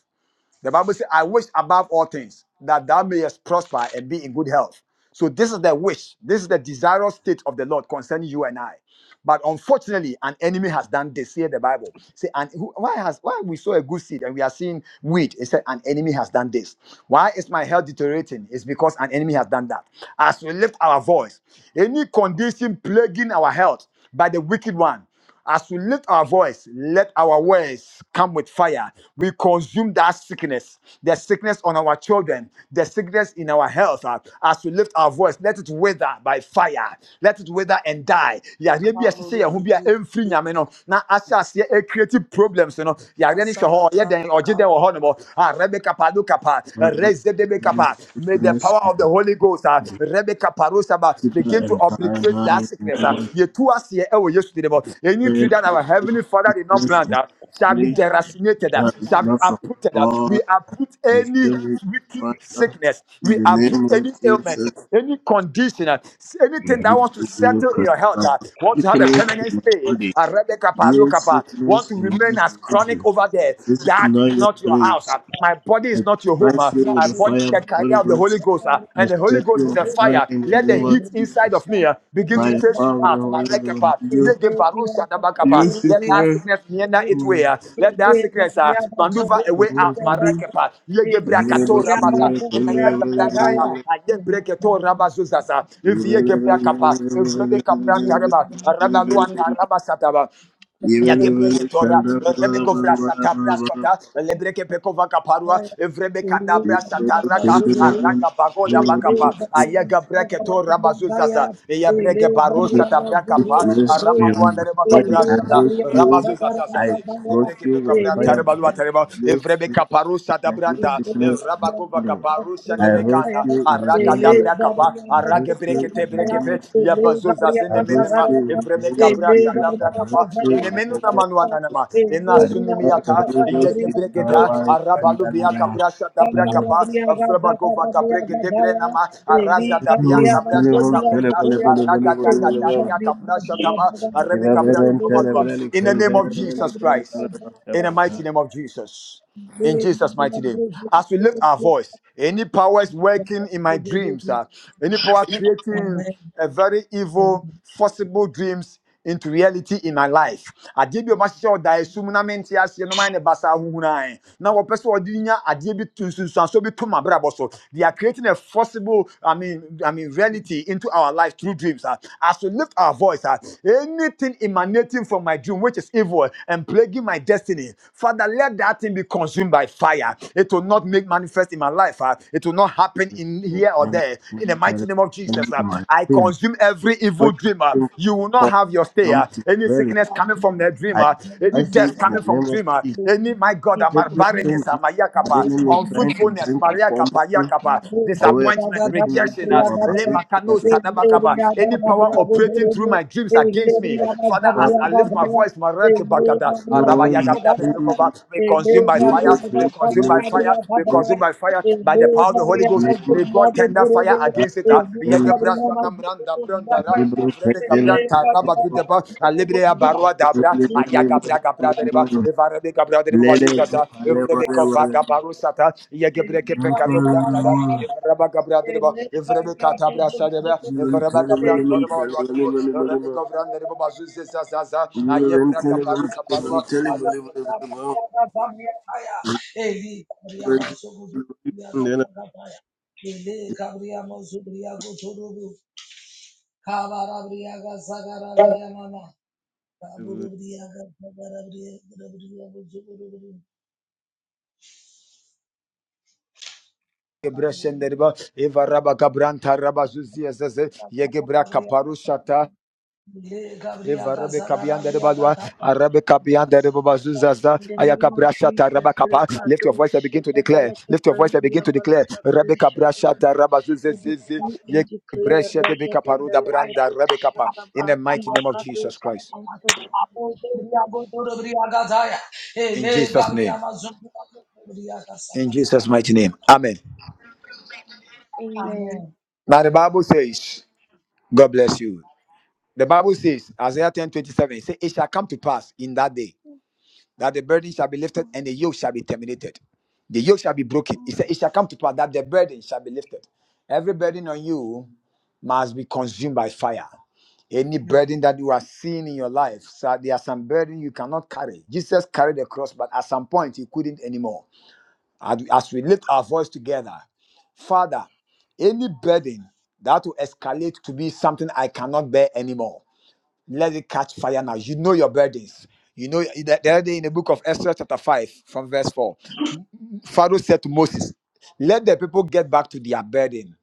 A: The Bible says, I wish above all things that thou mayest prosper and be in good health. So this is the wish. This is the desirous state of the Lord concerning you and I. But unfortunately, an enemy has done this. Here the Bible. Say, and who, why has why we saw a good seed and we are seeing weed? It said, an enemy has done this. Why is my health deteriorating? It's because an enemy has done that. As we lift our voice, any condition plaguing our health by the wicked one. As we lift our voice, let our words come with fire. We consume that sickness, the sickness on our children, the sickness in our health. Uh, As we lift our voice, let it wither by fire. Let it wither and die. Yareɛ bi a ɛhyehyɛ yɛn ho bi a ɛmfiri Nyame no, na ahyɛ aseɛ ɛcreate problems no, yareɛ no hyɛ hɔ, ɔyɛ dɛn, ɔgye dɛn wɔ hɔnom. Ah, Rebekapa, look up, uh,
D: Lord,
A: raise
D: deliver me from
A: May the
D: sickness
A: power
D: in
A: of
D: my
A: the Holy Ghost uh,
D: body.
A: Rebe
D: Fever
A: begin to
D: and
A: obliterate
D: paranoia
A: that
D: in the
A: sickness. ah.
D: name
A: Yetu asiye ewo Yesu dine bo. Any
D: of
A: tree
D: Jesus.
A: that
D: Deliver me
A: our heavenly
D: from
A: Father did not
D: sickness
A: plant
D: in
A: ah, shall
D: my
A: be
D: body.
B: Hallelujah.
A: deracinated, ah,
D: God is
A: shall be
D: not from
A: uprooted. ah.
D: God,
A: We uproot
D: and still
A: any
D: with
A: wicked
D: fire.
A: sickness.
D: In
A: We
D: the
A: uproot
D: name
A: any
D: of
A: ailment,
D: Jesus,
A: any condition, ah, anything that wants to
D: we will
A: settle in your health,
D: crucify
A: ah, want to have a
D: sickness
A: permanent
D: in my
A: stay.
D: body.
A: ah, Rebe Kapalo
D: Dear
A: Kapa, Want
D: sickness
A: to
D: in
A: remain
D: this
A: as chronic
D: body,
A: over there.
D: this is
A: That
D: not
A: is
D: your
A: not your house.
D: place.
A: ah. My body
D: I
A: is not your home. uh.
D: strike you with
A: My
D: the
B: Zogo
A: body is
D: fire of
A: the
D: the
A: carrier
D: Holy
A: of the Holy
D: Ghost.
A: Ghost. uh,
D: I
A: And the Holy
D: set
A: Ghost
D: you
A: is a
D: on fire
A: fire.
D: in the
A: Let the
D: name of
A: heat inside
D: Jesus.
A: of me uh, begin
D: By
A: to
D: the
A: chase you
D: power of the
A: out.
D: Holy Ghost,
A: Marekapa,
D: you,
A: yege barusha
D: you
A: dabakapa. Let that
D: sickness
A: sickness meander its
D: in
A: way. uh. Let that sickness uh, maneuver a way
D: my
A: out. Marekapa, yege
D: in
A: brakato rabata. Ina yege
D: my
A: brankala.
D: body.
A: Aye breketo rabazuzaza. If
D: Bless you, my body. I
A: yege brakapa. If rebe kapranta reba. Reba luanta rabasataba. Yagebreke tora, rebe govra sata brasata, lebreke pekova kaparua, evrebe kanda brasata raka, araga bagoda bakapa, ayaga breke tora bazuzaza, yabreke baro sata brakapa, aramanuanda reba gabra sata,
D: roast you.
A: ramazuzaza
D: I
A: zazi,
D: roast
A: lebreke
D: you with the
A: pekabra
D: fire of
A: tareba
D: my
A: lua
D: body.
A: tareba, evrebe kaparu sata
D: that this
A: branta,
D: sickness in my
A: rabakova
D: body.
A: gabaru sene
D: I roast
A: mekanda,
D: you in the
A: araga
D: name of
A: dabra
D: Jesus.
A: kapa,
D: I
A: arage
D: roast you
A: breke
D: in
A: te
D: the
A: breke
D: name
A: pe,
D: of Jesus.
A: yabazuzazi
D: I roast
A: nama
D: you in the
A: evreme
D: name of
A: kabrasa
D: Jesus. I
A: dabra
D: roast
A: kapa
D: you in the
A: enemenu
D: name of
A: namanu
D: Jesus.
A: ananama
D: By the power of the
A: enasunimiyata
D: Holy Ghost,
A: yeke
D: it's
A: breketa
B: Ele
D: Alaba, it's
A: arabalu biya
D: Alaba.
A: kabrasa
B: Thank
A: dabra
D: No. No.
A: kapa evreba kova kabreke araza dabiyan
D: No.
A: kabrasa
D: Telebo,
A: kabreka
D: lebo, lebo,
A: araga
D: lebo, lebo, lebo.
A: dagatakia kabrasa taba arebe
D: Diba,
A: kabra
D: beben,
A: deba
D: telebo,
A: madua in the
D: leliken,
A: name of
D: telebo,
A: Jesus
D: leliken,
A: Christ
D: telebo,
A: in the mighty name of Jesus in Jesus' mighty name. As we lift our voice, any powers working in my dreams, uh, any power creating a very evil, forcible dreams into reality in my life. Adeɛ bi a ɔmahyɛ sɛ ɔda esum na mente aseɛ no ma ne basa ahohuna ɛ. Na wɔpɛ sɛ ɔde nya adeɛ bi to nsunsuansoɔ bi to m'abrabɔ so. They are creating a forcible, I mean, I mean, reality into our life through dreams. uh. As we lift our voice, uh, anything emanating from my dream which is evil and plaguing my destiny, Father, let that that thing be consumed by fire. It will not make manifest in my life. ah. It will not happen in here or there. In the mighty name of Jesus, ah,
D: telebo,
A: I
D: telebo.
A: consume every
D: When
A: evil dreamer.
D: you
A: You will not
D: for
A: have your stay. ah.
D: something
A: Any
D: very
A: sickness coming from the
D: high,
A: dreamer,
D: I
A: any
D: say in
A: death
D: the
A: coming from
D: name of
A: dreamer,
D: Jesus,
A: any my God, ah, my
D: everything
A: barrenness, ah,
D: that
A: my
D: the
A: yakapa,
D: enemy is trying to
A: unfruitfulness,
D: bring
B: you.
A: Maria
D: upon
A: Kappa,
D: me,
A: Yakapa,
B: Thank
D: a way of
A: disappointment,
D: making me
A: rejection, ah,
D: dream about
A: lema
D: it,
A: kano
D: that is
A: sadaba kapa.
D: perfect,
A: any power operating through my dreams against me.
D: I
A: Father,
D: destroy it
A: as I
D: in the
A: lift my
D: name
A: voice, Maria Kappa, Gada,
D: of-
A: ah, Rabba
D: no, nothing
A: Yakapa,
D: that
A: Father. Be consumed by
D: will
A: fire.
D: be
A: Be
D: bring to
A: consumed by
D: me to
A: fire. Be
D: this in
A: consumed by fire. By the power of the Holy
D: the
A: Ghost.
D: name of
A: May God tender fire
D: that
A: against it. ah.
D: is in
A: Yegebra
D: the
A: sanamranda brandara.
D: Hebrew
A: Evrebe
D: Christian of
A: gabranta rabadudeba. Alibreya barua dabra.
D: really, really, really,
A: Ayagabra gabra
D: really,
A: dereba.
D: really.
A: Evarebe gabra dereba
D: Lele,
A: bazuzaza.
D: wale,
A: Evrebe
D: wale,
A: kovaga
B: you.
A: barusata. Yegebre
D: wale,
B: Gabriel,
A: kepekano brantara.
D: wale.
A: Evreba gabra dereba. Evrebe katabra sadeba.
D: Amen.
A: Evreba gabran toreba walua derebo. Evrebe gavran derebo Ayebra kaparuta parua. Gebrashenderiba, Eva Rabba Gabranta Rabba Zuzia Zeze, Yegebra Kaparushata, Eva Rabbe Kabian Deribadua, Arabe Kabian Deribazuzaza,
E: In the name of
A: Ayakabrashata
E: Jesus,
A: Rabba Kapa. Lift your voice and
E: Rukadusha,
A: begin to declare.
E: Dabalaka
A: Lift your voice and begin
E: Brandia,
A: to declare. Rabbe
E: Balakadusha,
A: Kabrashata Rabba
E: I
A: Zuzezi,
E: decree and declare
A: Yegebresha de
E: Regada
A: Kaparuda
B: Amen.
A: Branda Rabbe
E: Belagadusha,
A: Kapa. In the mighty
E: Dabrantia,
A: name of Jesus
E: Kaduski,
A: Christ.
E: and Tadabahi.
A: In Jesus' name. In Jesus' mighty name. Amen.
E: Amen.
A: Now the Bible says, God bless you. The Bible says, Isaiah ten twenty seven. 27, it, say, it shall come to pass in that day that the burden shall be lifted and the yoke shall be terminated. The yoke shall be broken. It, said, it shall come to pass that the burden shall be lifted. Every burden on you must be consumed by fire. Any burden that you are seeing in your life, so there are some burden you cannot carry. Jesus carried the cross, but at some point he couldn't anymore. As as we lift our voice together, Father, any burden that will escalate to be something I cannot bear anymore let it catch fire now. You know your burdens. You know the the other day in the book of Esther, chapter 5, from verse 4, Pharaoh said to Moses, Let the people get back to their burden.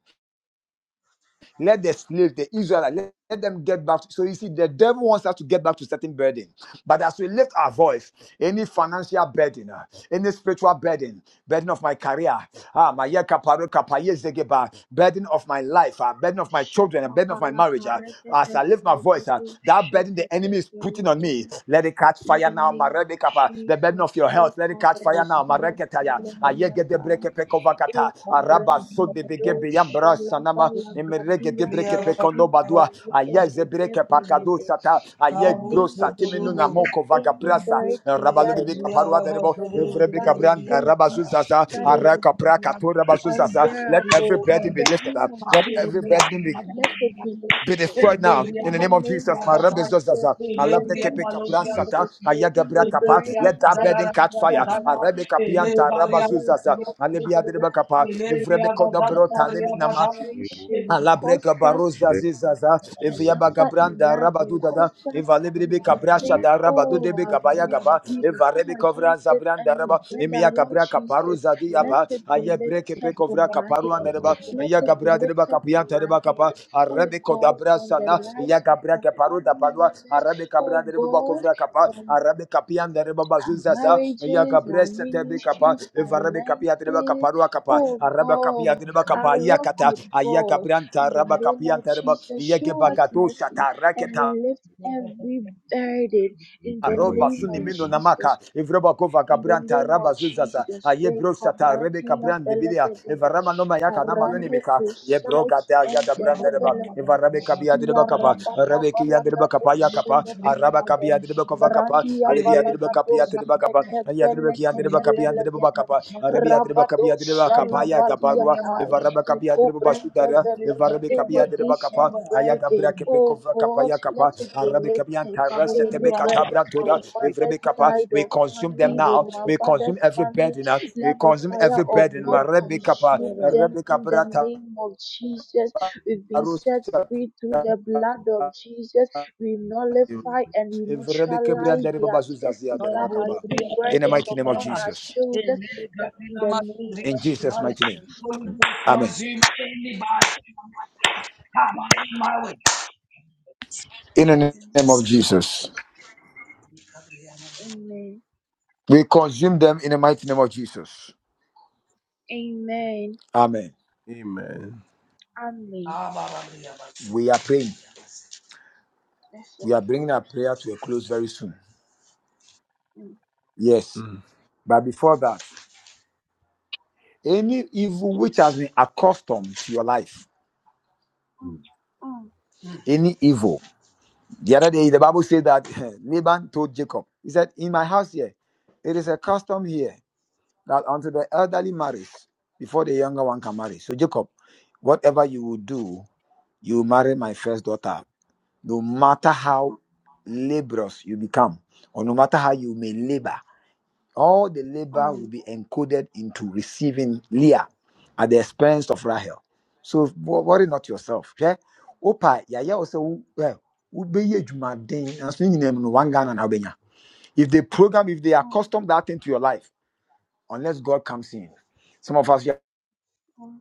A: Let the slaves, the Israelites, let, let them get back. To, so you see, the devil wants us to get back to certain burden. But as we lift our voice, any financial burden, uh, any spiritual burden, burden of my career, ah, my year kaparo kapaye zegeba, burden of my life, uh, burden of my children, uh,
E: Shata
A: burden of my marriage.
E: Balaka
A: Uh, as
E: Regada
A: I lift my voice, uh, that
E: Belagadusha,
A: burden the enemy is putting on me,
E: Dabalagadu.
A: let it catch
E: In
A: fire
E: the
A: now. My
E: name of
A: Rebbe Kappa, the burden of of
E: Jesus,
A: your health. Let it
E: Ruka
A: catch fire now.
E: Brasia
A: Mareketaya. Ayege de breke
E: Feleminatai,
A: pekovakata.
E: Eko
A: Araba so de
E: Brandia
A: bege
E: Dosha
A: beyambra
E: Lava
A: sanama. Emerege de
E: Lagadia
A: breke pekono badua.
E: Brentivel,
A: Ayeze
E: Gede
A: breke
E: Gebe
A: pakado
E: Gede.
A: sata.
E: In the
A: Ayeg bro
E: name of
A: satiminu na
E: Jesus,
A: moko
E: any
A: vagabrasa.
B: Thank
E: burden that
A: Rabalobi
E: is not
A: kaparua
E: from
A: derebo.
E: the Lord,
A: Evrebe
E: that is
A: kabranda
E: heavy,
A: rabazuzasa.
E: that is
A: Araka prakato rabazuzasa. Let every
E: unbearable.
A: burden
E: In
A: be
E: the
A: lifted
E: name
A: up.
E: of
A: Let
E: Jesus,
A: every burden be
E: let it be
A: be
E: lifted.
A: destroyed now in
E: In
A: the
E: the
A: name of
E: name
A: Jesus.
E: of
A: My rebels just as
E: Jesus,
A: a
E: in the
A: Alabre kepe
E: name of
A: kapra sata
E: Jesus, any
A: ayagabra kapa. Let
E: burden
A: that
E: that
A: burden catch fire.
E: has
A: A Arabe
E: nothing to do
A: kapianta
E: with the will of
A: rabazuzaza
E: God for
A: alebia
E: our
A: dereba
E: lives,
A: kapa. Evrebe
E: is to
A: koda
E: bring
A: brota
E: us
A: nemi nama.
E: frustration,
A: Alabre
E: cause us
A: kabaroza zizaza
E: to
B: you.
A: eviaba
E: suffer in
A: gabranda
E: life
B: Thank
A: rabadu dada
E: causes us to
A: evalebribe kabrasha
E: forsake,
A: da rabadu
E: oh
A: debe
E: our
A: kabaya
E: God,
A: gaba
E: we come
A: evarebe kovra
E: against it and
A: zabranda
E: we
A: raba
E: pray
A: emia
E: that Lord
A: kabra
E: Jesus,
A: kaparuza
E: let
A: diaba
E: it be
A: ayebre kepe
E: lifted
A: kovra
E: from our
A: kaparu
E: head.
A: anereba
E: Let it be
A: ayagabra dereba
E: lifted from
A: kapianta
E: our
A: dereba kapa
E: head. Oh
A: arabe
E: God,
A: kabra
E: from the
A: sana ya
E: lives of
A: kabra
E: our
A: ke paruda
E: family
A: palwa
E: members.
A: arabe kabra
E: Oh
A: de baba
E: God,
A: kovra kapa
E: from
A: arabe kapian de baba
E: our
A: zuza sa ya
E: marriages,
A: kabra
E: our
A: sete be kapa
E: ministry,
A: evarabe kapia de baba
E: finances.
A: kaparua kapa
E: Oh
A: arabe kapia
E: God,
A: de baba
E: our
A: kapa ya
E: walk
A: kata
E: with
A: aya
E: God.
A: kabra anta
E: In the
A: arabe
E: name
A: kapia
E: of
A: de baba
E: Jesus,
A: ye
E: show
A: ke
E: us
A: bagato
E: mercy
A: shata
E: and lift every burden
C: In
E: in the
C: the
A: Aroba
E: name
C: mighty
A: suni
E: of
C: name
A: mindo
C: of
E: Jesus
A: namaka
E: Christ.
A: evroba kova
E: In the
A: kabranta
E: name
A: raba
E: of
A: zuzasa
E: Jesus,
A: aye
E: we
A: brosa ta rebe
E: Brandia
A: kabran debilia
E: Belegede,
A: evarama no mayaka nama no
E: Arane
A: nimika ye broka
E: Kusaiti
A: ta ya
E: and
A: da branda reba
E: Delebelegede,
A: evarabe kabia dereba kapa
E: Yarabata
A: rebe ki ya dereba kapa
E: Balagado
A: ya kapa araba
E: shelebelegede,
A: kabia dereba kova kapa
E: Brandia
A: alebia dereba kapia
E: Valagadoski
A: dereba kapa ya dereba ki ya dereba kapia dereba
E: Ekebelegedebelegede
A: kapa rebe ya dereba
E: Rabado
A: kapia dereba kapa ya kapa ruwa
E: Shalabadiatai
A: evaraba kapia dereba basudara
E: Ikobrendebele
A: evarabe kapia
E: any
A: dereba kapa
E: ancient
A: Ayagabra
E: burden, oh
A: kepekova
E: God,
A: kapaya kapa.
E: let it be
A: Arabi
E: lifted.
A: taras setebe
E: Any burden from
A: toda. Evrebe
E: mother's side
A: We
E: of
A: consume them
E: family,
A: now.
E: from our
B: you.
A: We consume
E: father's
A: every
E: family,
A: burden. uh, We
E: let the
A: consume
E: fire
A: every
E: of
A: burden.
E: God
A: Marabi kapa.
E: consume them
A: Arabi
E: in the name of Jesus. We've been set free through the blood of Jesus we nullify and we neutralize their cases that have been
A: In the
E: burdens
A: mighty name of
E: upon our
A: Jesus.
E: shoulders that in the name of
A: In Jesus'
E: Jesus
A: mighty name.
E: Christ.
A: Amen.
B: consume anybody in Come on, in my way.
A: In
E: In
A: the
E: the
A: name of
E: name of
A: Jesus.
E: Jesus. Amen.
A: We consume them in the mighty name of Jesus.
E: Amen.
A: Amen.
C: Jesus.
E: Amen.
A: We are praying.
E: That's it.
A: We are bringing our prayer to a close very soon.
E: Mm,
A: Yes. But before that, any evil which has been accustomed to your life,
E: mm,
C: Mm,
A: any evil. The other day, the Bible said that [laughs] Laban told Jacob, he said, In my house here, it is a custom here that until the elderly marries before the younger one can marry. So, Jacob, whatever you will do, you marry my first daughter, no matter how
E: mm,
A: laborious you become, or no matter how you may labor. All the labor will
E: mm,
A: be encoded into receiving Leah at the expense of Rahel. So wo- worry not yourself. Yeah? Opa, yaya also wo- well, wobɛyɛ adwumaden, nanso ne nyinaa mu no, one Ghana na wobɛnya. If they program, if they
E: mm,
A: accustom that into your life, unless God comes in. Some of us,
E: mm.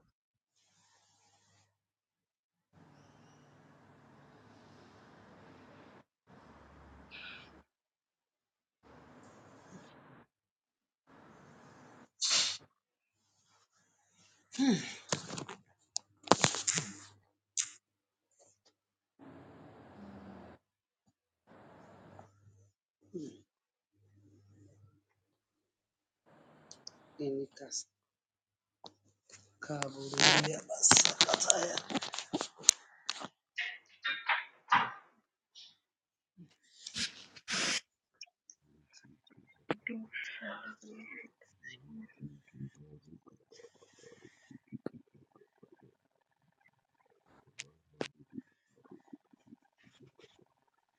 B: Any cast. Kaburia basa.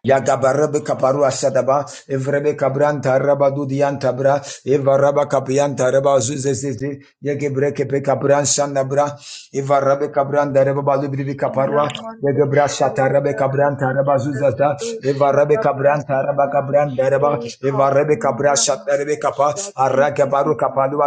F: Yagabarebe kaparua sadaba, evrebe kabranta rabadu dianta bra, eva raba kapianta reba zuzezezi, yegebre kepe kabran shanda bra, eva rabe kabranda reba balu biribi kaparua, yegebra
E: Yamanusha
F: shata rabe
E: lebereke
F: kabranta reba zuzaza, eva
E: tebekedusha
F: kabranta reba
E: tabrakneta
F: kabranda reba,
E: e
F: Marebe kabra
E: kabelia
F: shata rebe kapa
E: manusha
F: araka
E: titi
F: baru
E: titi
F: kapa
E: titi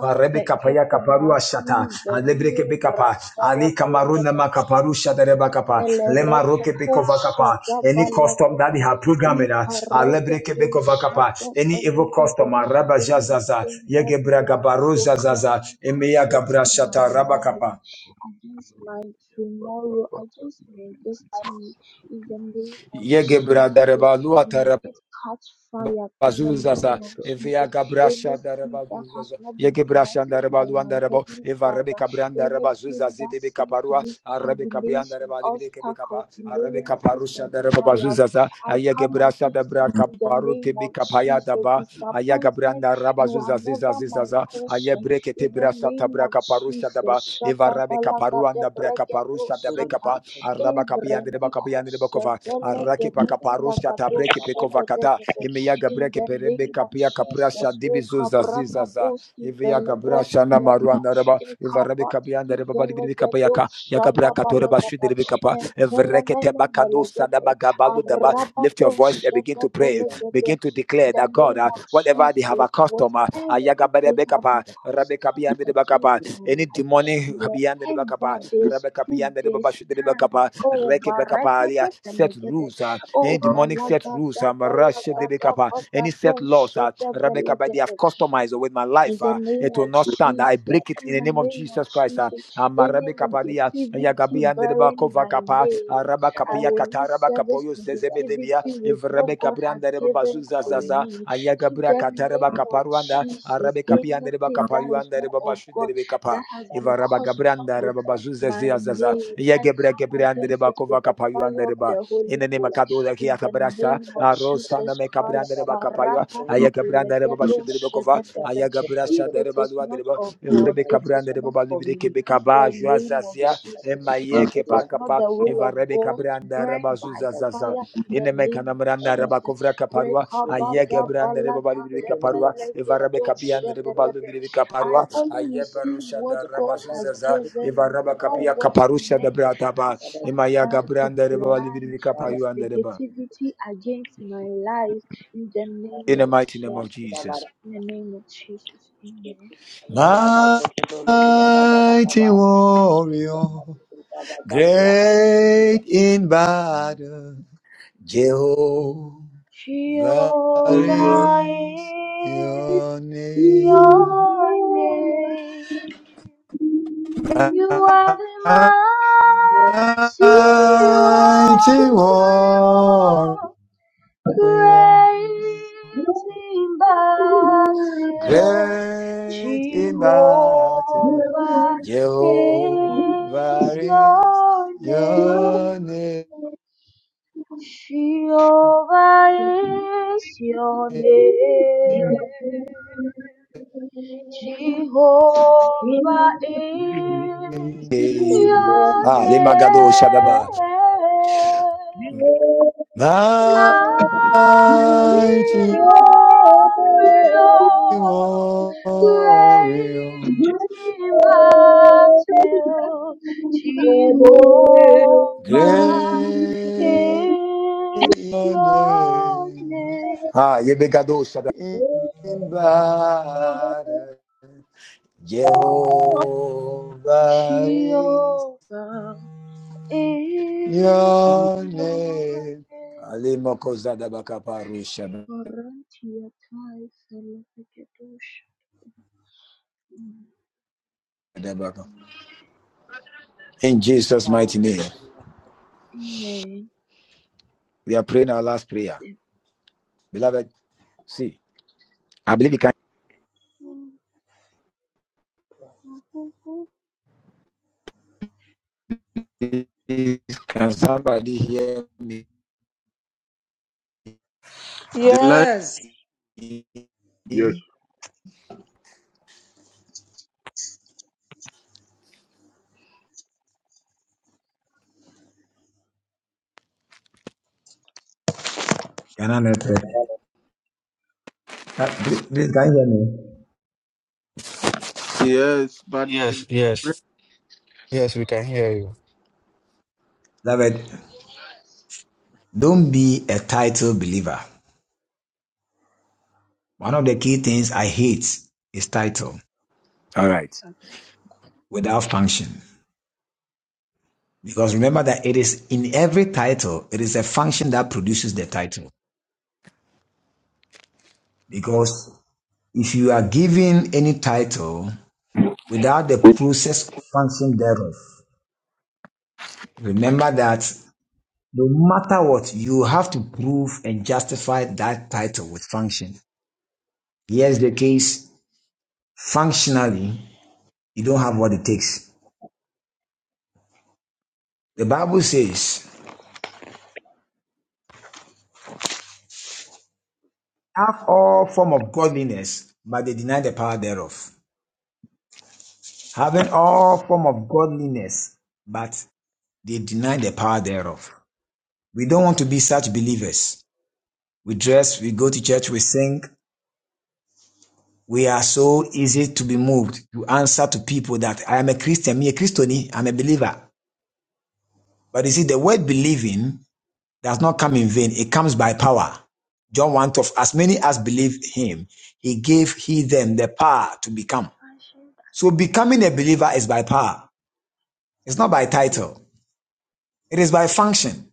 F: marebe kapa ya
E: keku brasi
F: shata alebre
E: velie
F: kebe
E: branta la
F: ali kamaru na
E: balagada
F: makaparu shata reba kapa le
E: melereke
F: maroke
E: kusha
F: any custom that
E: tabalagada
F: they have
E: i
F: programming us alebre kebe
E: paregedusha
F: any evil
E: tabalagada
F: custom araba jazaza
E: anything that
F: yege
E: you
F: braga
E: are
F: zazaza
E: programming
F: eme
E: against
F: gabra
E: my
F: shata raba
E: life
F: kapa
E: I just like tomorrow. I just made this tea in the name of Jesus.
A: yeah,
E: May it catch fire in the
A: Bazuzaza,
E: name
C: So,
E: of
A: Evia
E: Jesus. Any
A: Gabrasha
E: seed that has
A: Darabazuzaza,
E: not been
A: Yegebrasha
E: planted by
A: Darabaluan
E: my
A: Darabo,
E: heavenly
A: Eva
E: Father,
A: Rebecca Branda Rabazuza,
E: anything that
A: Zidebe
E: seems to
A: Caparua,
E: be
A: Arabica Brianda
E: stagnation,
A: Rabadibica Becapa,
E: obstacles,
A: Arabica
E: delayances,
A: Parusha
E: and denial,
A: Darabazuzaza,
E: I come
A: Ayagebrasha
E: against it
A: Dabra
E: in the
A: Caparu
E: name of
A: Tibica
E: Jesus.
A: Payadaba,
E: Disappointment,
A: Ayagabranda
E: you are
A: Rabazuza Ziza
E: never my
A: Zizaza,
E: portion
A: Ayabreke
E: in the
A: Tibrasha
E: name
A: Tabra
E: of
A: Caparusha
E: Jesus,
A: Daba, Eva Rabeca
E: Shadabalaga de
A: Paruanda Breca
E: Bregado
A: Parusha Dabecapa,
E: Satan,
A: Arabacapian de Bacapian de
E: Abrandicos,
A: Bacova, Arakepa
E: Velegade
A: Caparusha
E: Vilagado
A: Tabreke Pecova Cata,
E: Shadadadada.
A: imiyaga
E: In
A: breke
E: the
A: perebe
E: name of
A: kapia kaprasha
E: Jesus,
A: dibizuza zizaza
E: Rekabrakadoski
A: iviyaga brasha na
E: Velebrantiata,
A: maruanda reba ivarabe kabianda
E: Ekabati
A: reba balibiri
E: Velegado
A: kapayaka yaga braka toreba
E: Shalabalagada,
A: shudere kapa
E: and
A: evrekete
E: Telemena
A: bakano sada
E: Velegade,
A: bagabano daba lift
B: Kaburia
A: your
E: Arabado
A: voice and begin to pray begin
E: Shadavelegade.
A: to
E: In
A: declare
E: the
A: that God
E: name
A: uh,
E: of
A: whatever they have a
E: Jesus,
A: customer
E: whatever
A: ayaga
E: they
A: berebe
E: have
A: kapa rabe
E: Constant
A: kabianda reba kapa
E: against my
A: any
E: life.
A: demonic kabianda reba kapa
E: Wherever they
A: rabe
E: stood,
A: kabianda
E: they
A: reba shudere
E: stand.
A: kapa
E: Oh,
A: reke bekapalia
E: baragada
A: set
E: velegede.
A: rules Uh, any
E: Oh,
A: demonic
B: Thank
A: set rules,
E: balagada
A: um, rush,
E: valagada
A: Debekapa, any
E: vagado
A: set laws, uh,
E: shada
A: Rebecca, by they have
E: velegede.
A: customized with my
E: In
A: life,
E: the
A: uh,
E: name
A: it will
E: of
A: not stand. I
E: Jesus,
A: break it in
E: in
A: the
E: the
A: name of
E: name of
A: Jesus Christ. Uh,
E: Jesus,
A: um,
E: any
A: Rebecca, Padia,
E: negativity bearing my name, I will not service negativity with what God has given to
A: Zaza,
E: me. In
A: Ayagabra,
E: the
A: Kataraba,
E: name of
A: Kaparuanda,
E: Jesus,
A: Rebecca Reba
E: anything that is not of God that has been cursed with my name, I come against it with the fire of the
A: in
E: Holy
A: the name of
E: Ghost.
A: Kadoda Kia
E: In the
A: Kabrasa,
E: name of
A: Rosana
E: Jesus
A: Meka Branda
E: Christ,
A: Reba Kapaya, Ayaka Branda Reba Bashudri Bokova,
E: Sarakatikelegedoshededede.
A: Ayaga
E: if
A: Brasha de
E: it
A: Reba
E: is
A: Lua de
E: not
A: Reba,
E: of God,
A: Evrebe
E: it is
A: Cabranda de
E: not
A: Boba
E: for
A: Libri
E: me. In
A: Kebekaba,
E: the name of
A: Juazazia,
E: Jesus, if
A: Emayeke
E: it is not
A: Pakapa,
E: the will
A: Eva
E: of
A: Rebe
E: God,
A: Cabranda
E: burn
A: Reba
E: by
A: Zuzazaza.
E: fire in the name of
A: Inemekanamranda
E: Jesus.
A: Rabakovra Kaparua, Ayegebranda Rebabali Kaparua, Evarabe Kapian
E: Rekabadabalagadebelegedoshe.
A: Rebabalu
E: I
A: Kaparua,
E: only receive
A: Ayebarusha
E: what
A: da
E: God has
A: Rabasuzaza,
E: given me,
A: Evaraba
E: not
A: Kapia
E: what
A: Kaparusha da
E: men. I
A: Brataba,
E: sat
A: Emaya
E: down to
A: Gabranda Rebabali
E: pronounce this
A: Kapayu and the Reba.
E: negativity against my life in the name
A: In the
E: of
A: mighty name of
E: Jesus.
B: you.
A: Jesus.
E: In the name of Jesus. Amen.
B: Obrigada, professor. Obrigada,
A: Mighty
B: Bagataba.
A: warrior,
B: Obrigada, Gabriela Siqueira.
A: great in battle, Jehovah. That
E: Jehovah
A: is
E: is
A: your
G: You
A: name.
E: your
G: know I'm aching.
E: name.
G: You know I'm
E: You
G: aching.
E: are the
A: Mighty
E: mighty
G: You know I'm
A: warrior,
E: warrior.
G: aching. You
E: Great in
G: know I'm
E: battle,
A: great
G: aching.
A: in
G: You
A: battle,
G: know I'm
E: Jehovah
A: Jehovah
E: is
A: is
E: your
A: your
E: name.
A: name.
E: Jehovah is your name.
G: aching. You
E: Jehovah is your
A: Ah, Lemagado Shadaba.
E: name mighty
A: Mighty
E: warrior,
A: warrior,
E: great in battle,
G: know I'm aching.
E: Jehovah
G: All
A: Great is
E: is
A: your
E: your
A: name.
E: name.
A: Ah, Yebegado Shaddai. In battle, Jehovah is
E: Jehovah is
A: your
E: your
A: name.
E: name.
A: Alimoko Zadabaka Paru
E: Orantia tai felekedosh.
A: Shaddabaka. In Jesus'
B: Ah,
A: mighty name,
E: Amen.
A: we are praying our last
E: It's
A: prayer.
E: a
A: Beloved, see, I believe you can.
E: boom, boom, boom, boom,
A: Can somebody hear me?
D: The light,
B: Yes,
C: yes,
F: Uh, please, can you hear me?
D: yes, but it
H: Yes, yes, yes, we can hear you.
F: David, don't be a title believer. One of the key things I hate is title
A: All right.
F: without function. Because remember that it is in every title, it is a function that produces the title. Because if you are given any title without the process function thereof, remember that no matter what, you have to prove and justify that title with function. Here's the case functionally, you don't have what it takes. The Bible says have all form of godliness, but they deny the power thereof. Having all form of godliness, but they deny the power thereof. We don't want to be such believers. We dress, we go to church, we sing. We are so easy to be moved to answer to people that I am a Christian, me a Christoni, I'm a believer. But you see, the word believing does not come in vain. It comes by power. John 1 twelve, as many as believe him, he gave he them the power to become.
E: fashion,
F: So becoming a believer is by power. It's not by title. It is by function.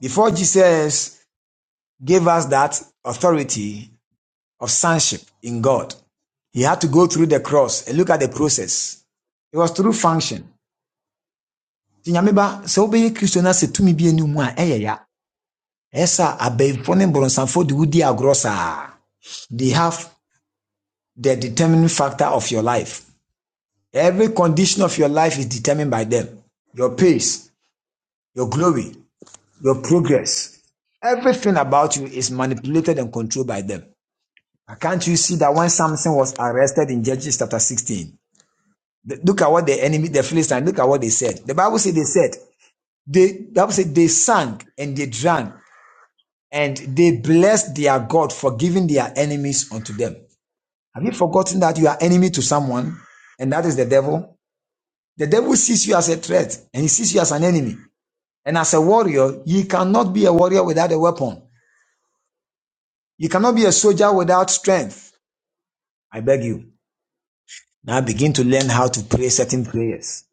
F: Before Jesus gave us that authority of sonship in God, he had to go through the cross and look at the process. It was through function. Nti Nyame ba sɛ wobɛyɛ Kristo na sɛ tumi bi anim a They have the determining factor of your life. Every condition of your life is determined by them. Your pace, your glory, your progress. Everything about you is manipulated and controlled by them. Can't you see that when Samson was arrested in Judges chapter 16? look at what the enemy, the Philistines, look at what they said. The Bible said they said, they, the Bible said they sang and they drank and they blessed their God for giving their enemies unto them. Have you forgotten that you are enemy to someone and that is the devil? The devil sees you as a threat and he sees you as an enemy. And as a warrior, you cannot be a warrior without a weapon. You cannot be a soldier without strength. I beg you. Now begin to learn how to pray certain prayers.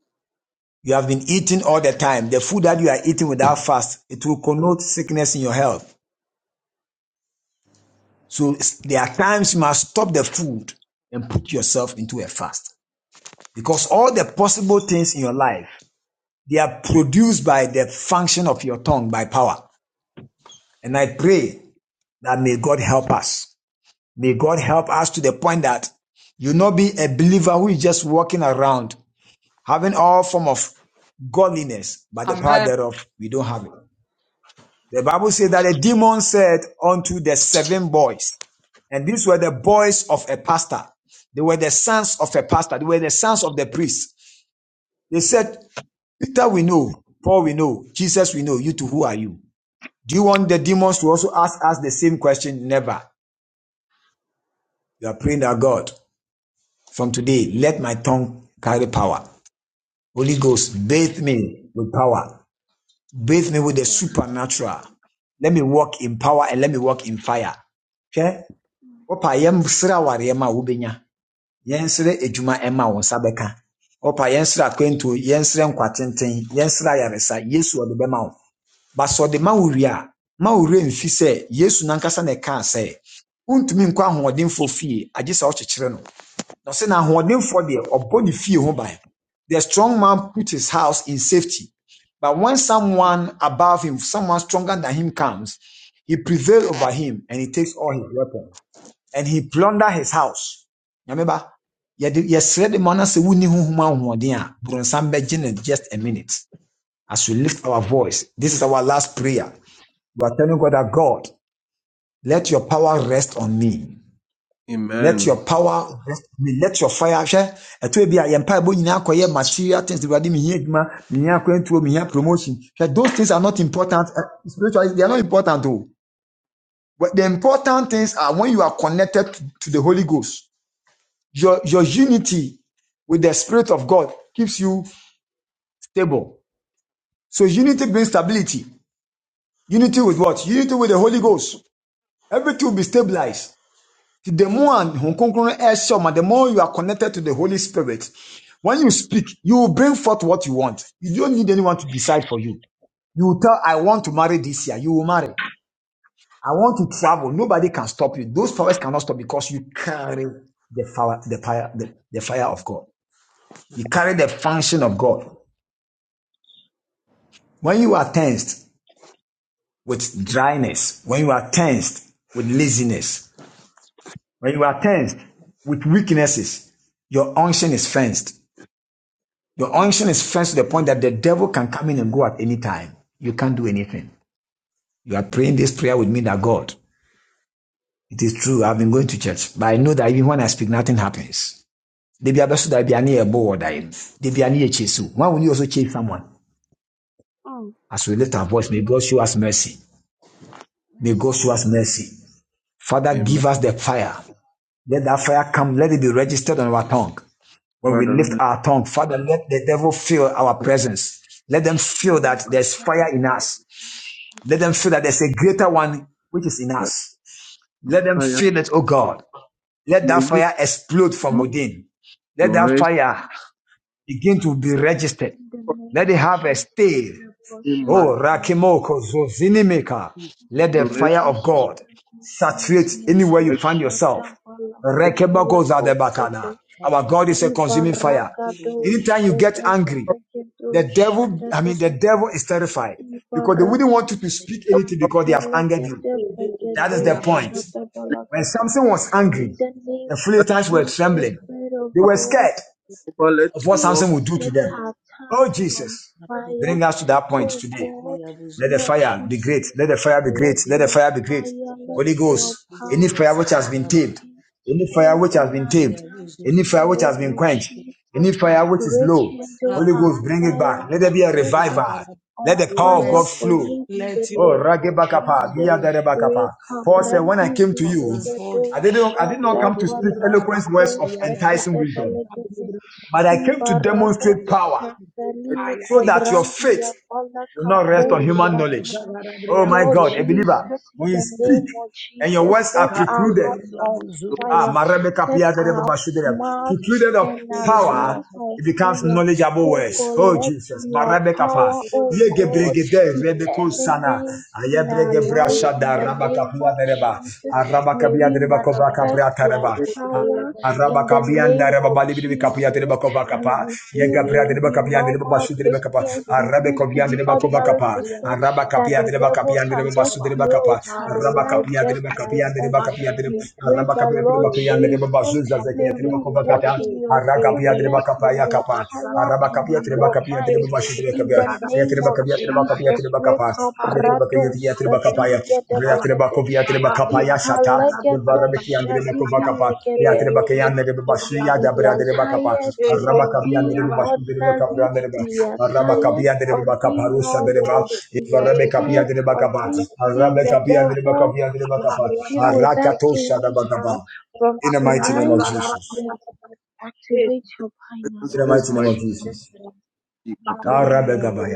F: You have been eating all the time. The food that you are eating without fast, it will connote sickness in your health. So there are times you must stop the food and put yourself into a fast. Because all the possible things in your life, they are produced by the function of your tongue by power. And I pray that may God help us. May God help us to the point that you not be a believer who is just walking around having all form of godliness, but the power
B: amen.
F: thereof we don't have it. The Bible says that the demon said unto the seven boys, and these were the boys of a pastor. They were the sons of a pastor. They were the sons of the priest. They said, Peter, we know. Paul, we know. Jesus, we know. You two, who are you? Do you want the demons to also ask us the same question? Never. You are praying that God, from today, let my tongue carry power. Holy
E: mm,
F: Ghost, bathe me with power. Bathe me with the
E: kabaran?
F: supernatural. Let me walk in power and let me walk in fire. Hwɛ,
E: mm,
F: wopa yɛnsrɛ awareɛ ma wobɛnya. Yɛnsrɛ adwuma ɛma wo nsa bɛka. Wopa yɛnsrɛ akwantuo, yɛnsrɛ nkwatenten, yɛnsrɛ ayaresa. Yesu ɔde bɛma wo. But sɛ ɔde ma wo ma wo mfi sɛ Yesu n'ankasa na ɛkaa sɛ, wontumi nkɔ ahoɔdenfoɔ fie agye sɛ wokyekyere no. Na ɔse na ahoɔdenfoɔ deɛ ɔbɔ ne fie ho by The strong man put his house in safety. But when someone above him, someone stronger than him comes, he prevails over him and he takes all his weapons and he plunder his house. Remember, yɛsrɛ de ma no sɛ wonni honhom ahoɔden a borɔnsam bɛgye no just a minute. As we lift our voice, this is our last prayer. We are telling God that God, let your power rest on me. Let
D: Amen.
F: your power rest me. Let your fire share. It will be a empire. yɛn mpaebɔ nyinaa acquire material things. Awurade mi hia adwuma, mi hia akwantuo, mi hia promotion. Hwɛ, those things are not important. eh, Spiritually, they are not important though. But the important things are when you are connected to the Holy Ghost. Your your unity with the Spirit of God keeps you stable. So unity brings stability. Unity with what? Unity with the Holy Ghost. Everything will be stabilized. the more and hunkunkun ɛhyɛ ɔma, the more you are connected to the Holy Spirit, when you speak, you will bring forth what you want. You don't need anyone to decide for you. You will tell, I want to
E: mm,
F: marry this year. You will marry. I want to travel. Nobody can stop you. Those powers cannot stop because you carry the fire, the fire, the, the fire of God. You carry the function of God. When you are tensed with dryness, when you are tensed with laziness, when you are tensed with weaknesses, your unction is fenced. The
E: mm,
F: unction is first to the point that the devil can come in and go at any time. You can't do anything. You are praying this prayer with me that God, it is true, I've been going to church, but I know that even when I speak, nothing happens. They be abesu that be ani ebo or dying. They be ani echesu. Why will you also chase someone?
E: mm,
F: As we lift our voice, may God show us mercy. May God
E: mercy,
F: show us mercy. Father,
E: mm,
D: Amen.
F: give us the fire. Let that fire come.
E: mm,
F: Let it be registered on our tongue. When we
E: mm,
F: lift
D: Father,
F: our tongue, Father, let the devil feel our presence. Let them feel
E: shallow
F: that there's
E: bracket
F: fire
E: is a
F: in us.
E: little
F: Let them feel that there's a greater one which is in
D: Lord,
F: us. Let them
D: Fire,
F: feel
E: Mm,
F: it, oh God. Let
D: may
F: that
D: you
F: fire explode from
D: come up
F: within.
D: to
F: Let that
D: rest
F: fire begin to be registered.
E: the
D: for
F: Let
E: name
F: it
E: of
F: have a
E: Jesus,
F: stay.
E: we are God,
D: me,
E: show
D: my
E: us
F: Oh,
E: mercy.
F: Rakimoko Zozinimeka.
E: In the
F: Let the
D: to
E: name of
D: rest
F: fire of
E: Jesus,
F: God
E: we are God, show us
F: saturate anywhere
E: mercy.
F: you
D: my
F: find
E: Shada
F: yourself.
E: vala
D: let
E: brandia
F: Rekebako
E: kosete.
F: Zadebakana. Our God is a consuming fire.
E: Ibarakado
F: Anytime you get
E: shete
F: angry,
D: up
E: velegado
F: the devil, I mean, the
E: shada
F: devil is terrified because they wouldn't want you to
E: Varanasi
F: speak
D: your
F: anything
E: and
F: because they have angered you.
E: Telegede
F: That
E: Vegedo
F: is the point. When
E: Shadabalagada.
F: Samson was
E: In
F: angry,
E: the
F: the
E: name of
F: Philistines were
E: Jesus,
F: trembling.
E: Spirit of
F: They were
E: God,
F: scared
D: power, let your power over, let
F: of what
D: me walk,
F: Samson would do to
E: set
F: them.
E: her
F: Oh,
E: tongues on
F: Jesus,
E: fire.
F: bring us to that point
E: Oh
F: today.
E: God,
F: Let the
E: Lord
F: fire be great.
E: Jesus,
F: Let the fire be great.
E: let
F: Let the
E: your
F: fire be great.
E: fire,
B: By
E: let
F: Holy Ghost,
E: your
F: any
E: power
F: fire which has been tamed,
E: is
F: any fire
E: held
F: which
E: on
F: has been tamed,
E: account
F: any
E: in the
F: fire which has
E: name
F: been
E: of
F: quenched,
E: Jesus.
F: any fire which is low,
E: Rekindle
F: Holy
E: our
F: Ghost, bring it
E: fire.
F: back. Let there be a
E: Set
F: revival.
E: us
F: Let
E: on
F: the
B: your
F: power of
E: fire
F: God
E: for
B: mercy,
F: flow.
E: you in the
B: let
F: Oh,
B: your
E: name of
B: power
F: Ragebakapa,
E: Jesus.
B: improve
F: Biadarebakapa. Paul said,
B: every
F: When I
E: Rekabrandi
F: came to
B: part of
F: you,
B: this
E: vimegedo
B: body.
F: I didn't I did not
E: shada
F: come to speak eloquent
E: baraniko
F: words of enticing wisdom,
E: sekedebelege.
F: but I
E: Hii
F: came to
E: barabara
F: demonstrate power
D: let me
E: cobrandia.
B: I
E: ku
F: so
B: am in
F: that
B: a
F: your
E: brandi
B: zone.
E: ya
F: faith will
E: Malaka
F: not rest
E: Coal
F: on human knowledge.
E: Satan.
F: Oh my
E: Lord
F: God, a believer,
E: Jesus, in
F: when you
E: the
F: speak
E: name of
F: and your
E: Jesus,
F: words are
E: set our
F: precluded,
E: hearts on
D: walk.
F: Ah,
E: fire.
F: Marebe
E: Set
F: Kapia Dede
E: our
F: Baba Shudere.
E: mouth
F: Precluded of
E: and our
F: power,
E: tongues
B: Thank
E: on
F: it becomes
E: fire.
F: knowledgeable
E: Oh
F: words.
E: God,
F: Oh,
E: let
F: Jesus.
E: your
F: Marebe Kapa.
E: power, oh
F: Yege
E: God,
F: brigede
E: be
F: rebe konsana.
E: eminent in
F: Aye
E: our
F: brege
E: lives
F: brasha
E: in
F: da
E: the
F: raba
E: name
F: kapia
E: of
F: dereba.
E: Jesus.
F: Araba
E: May
F: kapia
E: we
F: dereba kobra
E: manifest
F: kapria
E: your
F: tareba.
E: power
F: Araba
E: in the
F: kabianda
E: name
F: raba
E: of
F: bali bili kapia tele
E: Jesus.
F: bakova
E: We
F: kapa ye
E: refuse
F: gabria
E: to
F: tele
E: be
F: bakapia tele
E: normal
F: basu tele bakapa
E: Christians,
B: you.
F: arabe
E: refuse to
F: kovia
E: be
F: tele bakova
E: ordinary
F: kapa
E: Christians
F: araba
E: that
F: kapia
E: the
F: tele
E: devil
F: bakapia tele
E: can just
F: basu tele
E: play
F: bakapa
E: with our
F: araba
E: life
F: kapia tele
E: just like
F: bakapia tele
E: that.
F: bakapia tele
E: We pray
F: araba
E: that
F: kapia tele
E: Lord
F: bakapia tele
E: Jesus,
F: basu
E: may
F: zazekia tele
E: we
F: bakova
E: walk
F: kata
E: in your
F: araga kapia tele
E: fullness, in
F: Bakapaya
E: your
F: kapa,
E: power, and
F: arabakapia
E: in your
F: trebakapia
E: might.
F: trebashi
E: In
F: trebakapia,
E: the
F: ya
E: name of
F: trebakapia
B: Thank
F: trebakapia
B: you.
E: Jesus,
F: trebakapa, ya
B: Gabriel,
F: trebakapia
E: Recobrado
F: ya trebakapaya, ya
E: Savinigadabagade,
F: trebakopia
B: Gabriel,
F: trebakapaya shata,
E: Ikalegedo
F: varabekia trebakopakapa, ya
E: Shadibilegede.
F: trebakaya trebashi ya
E: We
F: jabra
E: are
F: trebakapa,
E: tired of
F: arabakapia
E: being
F: trebashi trebakapia
E: ordinary.
F: treba,
E: We are tired
F: arabakapia
E: of
F: trebakapa
E: being
F: rusa treba,
E: normal. We are
F: varabekapia
E: tired of
F: trebakapa,
E: being seen the
F: arabekapia
E: devil
F: trebakapia trebakapa,
E: deal with us
F: arakatosha
E: anyhow.
F: trebakapa.
E: From
F: In the mighty name of
E: tonight,
F: Jesus.
E: we activate your
D: presence
F: In the
E: pineapples
D: that's
F: mighty
E: in
F: name
D: mighty
F: of Jesus.
E: Jesus' name.
D: about.
E: Amen.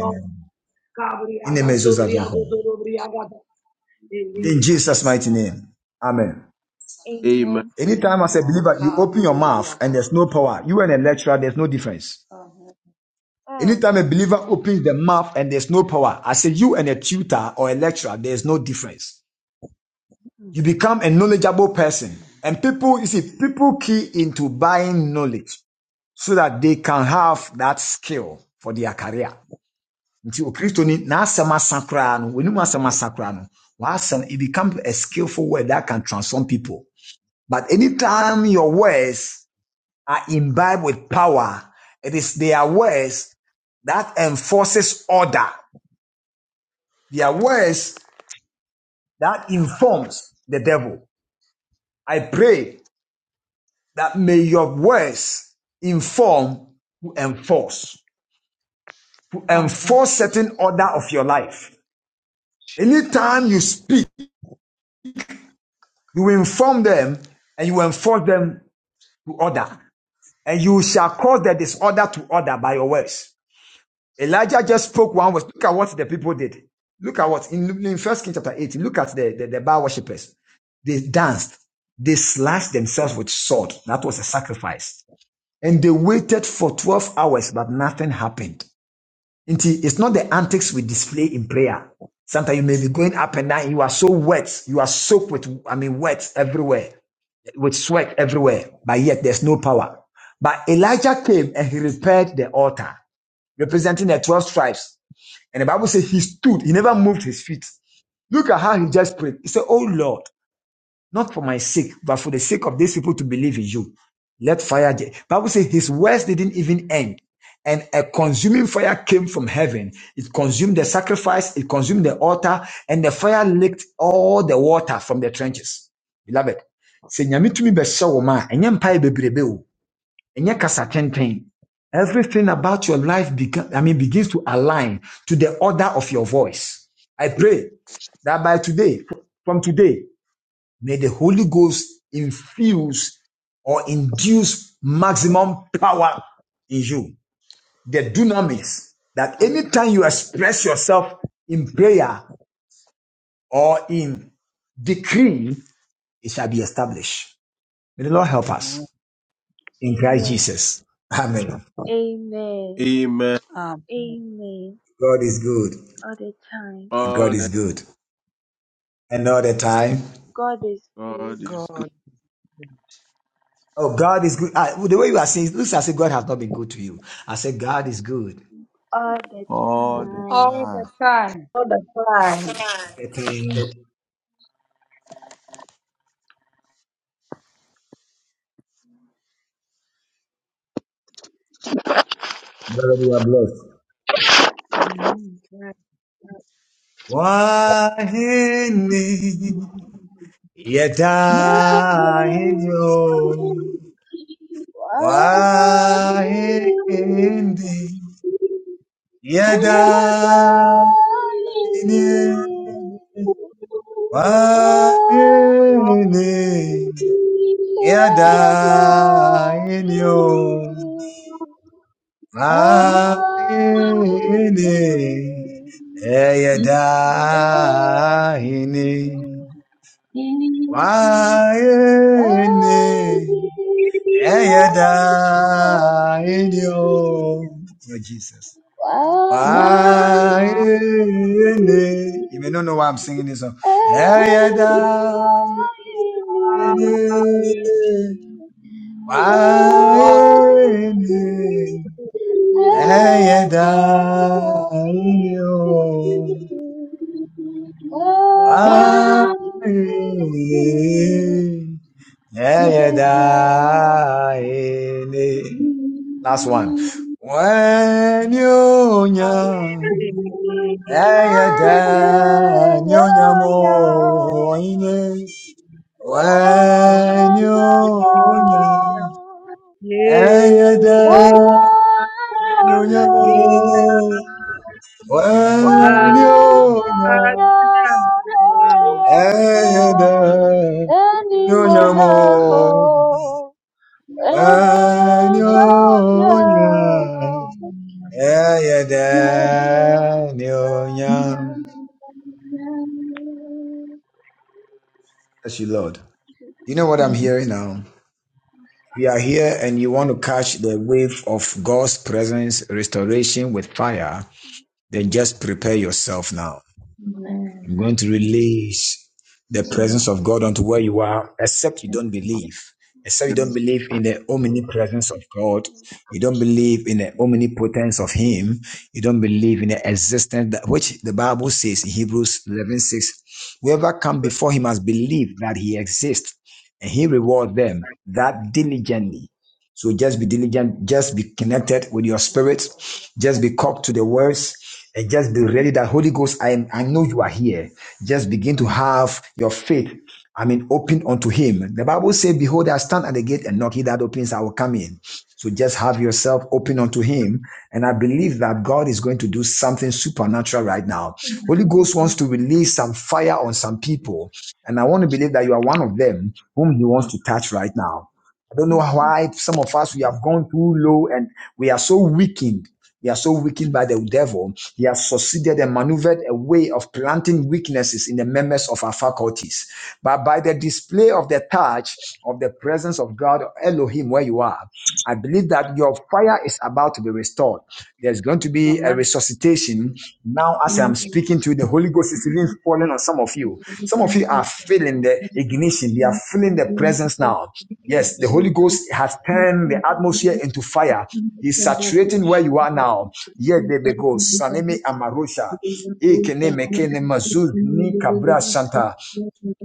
B: Gabriel,
F: In Jesus,
B: Gabriel, Gabriel, Amen. Amen.
F: In
E: Amen.
F: Jesus' mighty name. Amen.
D: Amen.
E: Amen.
F: Anytime as a
E: Amen.
F: believer, you open your mouth and there's no power. You and a
E: Mm.
F: lecturer, there's no difference.
E: Mm.
F: Anytime a believer opens the mouth and there's no power, I say you and a tutor or a lecturer, there's no difference.
E: Mm.
F: You become a knowledgeable person. And people, you see, people key into buying knowledge so that they can have that skill for their career. nti okristoni n'asɛm asa koraa no w'anim asɛm asa koraa no w'asɛm it become a skillful word that can transform people but
E: Mm.
F: anytime your words are imbibed with power it is their words that enforces order their words that informs the devil i pray that may your words inform to enforce to
E: In
F: enforce certain
E: Jesus'
F: order of
E: name.
F: your life anytime you
E: Amen.
F: speak You inform them and you enforce them to order. And you shall cause the disorder to order by your words. Elijah just spoke one word. Look at what the people did. Look at what in, in First King chapter 18. Look at the, the, the Baal worshippers. They danced. They slashed themselves with sword. That was a sacrifice. And they waited for 12 hours, but nothing happened. Nti, It's not the antics we display in prayer. Sometimes you may be going up and down. You are so wet. You are soaked with, I mean, wet everywhere with sweat everywhere, but yet there's no power. But Elijah came and he repaired the altar, representing the 12 tribes. And the Bible says he stood, he never moved his feet. Look at how he just prayed. He said, Oh Lord, not for my sake, but for the sake of these people to believe in you. Let fire. Je- Bible says his words didn't even end. And a consuming fire came from heaven. It consumed the sacrifice, it consumed the altar, and the fire licked all the water from the trenches. Beloved, sɛ nyame tumi bɛhyɛ wo ma a, ɛnyɛ mpae bebrebe o. Ɛnyɛ kasa tenten. Everything about your life beca- I mean, begins to align to the order of your voice. I pray that by today, from today, May the Holy Ghost infuse or induce maximum power in you. The dunamis that anytime
B: Amen.
F: you express yourself in prayer or in decree, it shall be established. May the Lord help us in Christ
E: Amen.
B: Amen.
F: Jesus. Amen.
E: Amen.
D: Amen.
B: Amen.
E: Amen.
F: God is good.
E: all the time.
F: And God
D: All
F: is
D: that
F: good. And all the time.
E: God is good
D: God is good
B: God,
F: Oh, God is good. Ah, the way you are saying, it looks as if God has not been good to you. I said, God is good.
E: all the
D: all
C: Lord, we
D: the
E: time.
B: all
D: time.
B: the time.
G: the time.
F: The God, you are blessed.
B: Yes,
F: Wahine
E: Me,
F: yadainyo
E: oh,
F: wahinde
E: me, you're
F: yadainye
E: dying. me. Oh,
B: All
E: me,
F: wahine
E: you're
F: yadainyo
E: dying.
B: what I need
F: wahine
E: me.
B: is
E: Oh,
F: yadainye
E: me, dying. Why
F: wahine
E: me?
F: Eyada
E: Why
G: Yeah.
E: so easy?
F: inyo. Your Jesus.
E: Why
G: Why?
F: Why?
B: what
E: me?
F: You may not know why I'm singing this song.
E: And
F: Eyada
G: Why?
E: I need
B: I
F: inyo.
E: you.
B: want
E: Why
F: Why?
E: me?
B: to do,
E: And
F: Eyada
E: I
F: inyo.
E: need you. Why
F: Why?
B: what
E: me?
B: I
E: And
B: need.
E: I
F: Eyada inyo. Last one. When you
B: I
F: young,
B: really
F: I
E: When
B: What
F: die,
E: you're
F: you young, when
E: young,
F: you young,
E: when
B: want.
E: you're
G: Why?
E: young,
B: Yeah,
F: I die,
E: when
F: you
E: you're
F: young,
E: young,
B: yeah, Amen. Amen.
E: when
F: when you
E: you're
F: young,
E: young,
F: I die,
E: and in
F: you
E: my
F: young,
E: arms,
F: when you
E: when you're
F: young.
E: young,
F: Bless
E: when you're young.
F: you, Lord. You know what I'm hearing now? If you are here and you want to catch the wave of God's presence, restoration with fire, then just prepare yourself now. I'm going to release the presence of God unto where you are, except you don't believe. Except you don't believe in the omnipresence of God. You don't believe in the omnipotence of Him. You don't believe in the existence that which the Bible says in Hebrews eleven six. Whoever come before Him has believed that He exists and He rewards them that diligently. So just be diligent, just be connected with your spirit, just be caught to the words, and just be ready that Holy Ghost, I, am, I know you are here. Just begin to have your faith, I mean, open unto him. The Bible says, Behold, I stand at the gate and knock. He that opens, I will come in. So just have yourself open unto him. And I believe that God is going to do something supernatural right now. Holy Ghost wants to release some fire on some people. And I want to believe that you are one of them whom he wants to touch right now. I don't know why some of us we have gone too low and we are so weakened. We are so weakened by the devil he has succeeded and maneuvered a way of planting weaknesses in the members of our faculties. But by the display of the touch of the presence of God, Elohim, where you are, I believe that your fire is about to be restored. There's going to be a resuscitation. Now, as I'm speaking to you, the Holy Ghost is even falling on some of you. Some of you are feeling the ignition, they are feeling the presence now.
G: Amen.
F: Yes, the Holy
G: Amen.
F: Ghost has
G: Thank
F: turned the atmosphere into fire. He's saturating where you are now. Yedebego
G: you.
F: Sanemi Amarusha
G: Thank
F: Ikene Mekene Mazuz Ni Kabra Shanta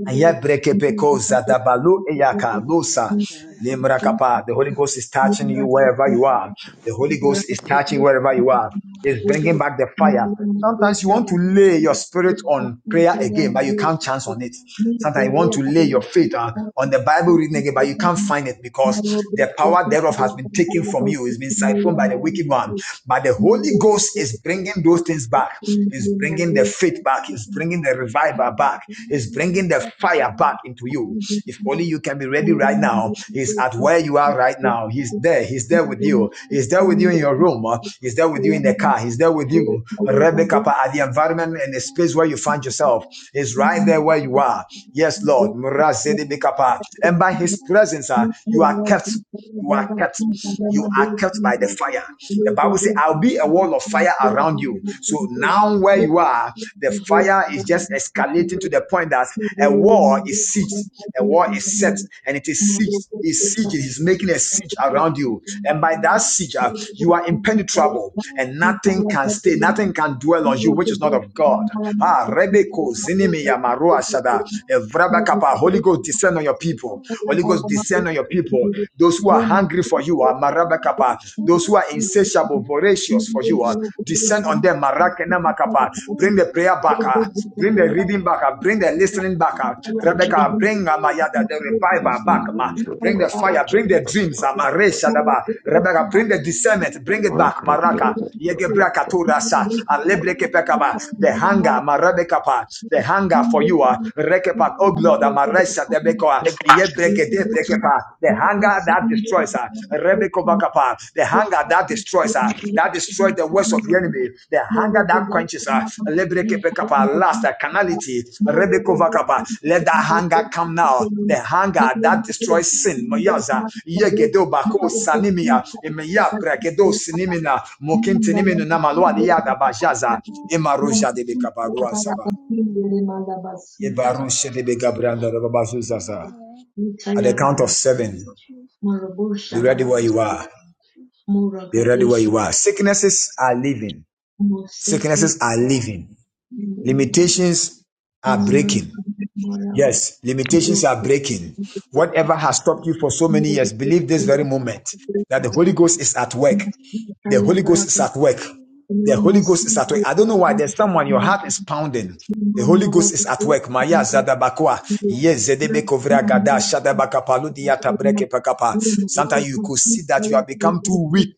F: Ayabrekepeko Zadabalu Eyaka Lusa Limrakapa. The Holy Ghost is touching you wherever you are. The Holy Ghost is touching wherever you are. It's bringing back the fire. Sometimes you want to lay your spirit on prayer again, but you can't chance on it. Sometimes you want to lay your faith on, on the Bible reading again, but you can't find it because the power thereof has been taken from you. It's been siphoned by the wicked one.
G: you.
F: But the
G: Thank
F: Holy Ghost is bringing those things back. Is bringing the faith back. Is bringing the revival back. Is bringing the fire back into you. If only you can be ready right now. He's at where you are right now. He's there. He's there with you. He's there with you in your room. uh, He's there with you in the car. He's there with you.
E: Thank
F: Rebecca, pa-
E: you.
F: at the environment and the space where you find yourself. He's right there where you are. Yes, Lord. Murazedebekapa. And by his presence, uh, you are kept you are kept. You are kept by
G: you.
F: the fire. The
G: Thank
F: Bible says, I'll be a wall of fire around you. So now where you are, the fire is just escalating to the point that a war is sieged. A war is set and it is sieged. Is siege is making a siege around you, and by that siege, uh, you are impenetrable, and nothing can stay, nothing can dwell on you, which is not of God. Ah, Rebeko, Zinimi, Yamaru, Ashada,
G: you. Thank
F: Evrabakapa, Holy Ghost, descend on your people. Holy Ghost, descend on your people. Those who are hungry for you are marabakapa. Those who are insatiable, voracious for you are descend on them. Marakena makapa. Bring the prayer back. ah. Bring the reading back. ah. Bring the listening back.
C: thank
F: ah.
C: you for
F: Rebecca, bring ah, Maya, the
C: Yes.
F: revival back.
C: blessing
F: ma.
C: of
F: Bring the
C: love, love,
F: fire. Bring
C: love,
F: the
C: love,
F: dreams.
C: love,
F: ah,
C: love, love.
F: Maresha daba. Rebecca, bring the discernment. Bring it
C: Lord,
F: back.
C: God, God,
F: Maraka.
C: God, God,
F: Yegebra katurasa. Alebreke pekaba. The
G: you.
F: hunger. Marebekapa. The
G: Thank
F: hunger for you. are
G: you.
F: Rekepa back, oh Lord, Amaresa Debekoa, Yebregede Brekepa, the hunger that destroys her, Rebeko Bakapa, the hunger that destroys her, that destroys the works of the enemy, the hunger that quenches her, Lebreke Bekapa, last, the carnality, Rebeko
C: God, God,
F: Bakapa,
C: God,
F: let that hunger
E: Amen.
F: come now. The hunger that destroys sin, Mayaza, Yegedo Bako Sanimia, Emeya Brakedo Sinimina, Mokintinimina Namalwa Yada Bajaza, Emaroja de Bekabarua Saba.
G: Muragadisha
F: Yebarushedebegabrandarababazuzaza. At the count of seven,
E: Jesus,
F: be ready where you are.
E: Jesus,
F: Be ready where you are. Sicknesses are leaving.
G: Moseki
F: Sicknesses are leaving. Limitations are breaking. Yes, limitations are breaking. Whatever has stopped you for so many years, believe this very moment that the Holy Ghost is at work. The Holy Ghost is at work. The Holy Ghost is at work. I don't know why. There's someone, your
G: Mama
F: heart is pounding. The Holy Ghost is at work. Maya Zadabakwa.
G: Thank you.
F: Yes, Zedebekovra Gada Shadabakapaludia Tabreke Pakapa. Sometimes you could see that you have become too weak.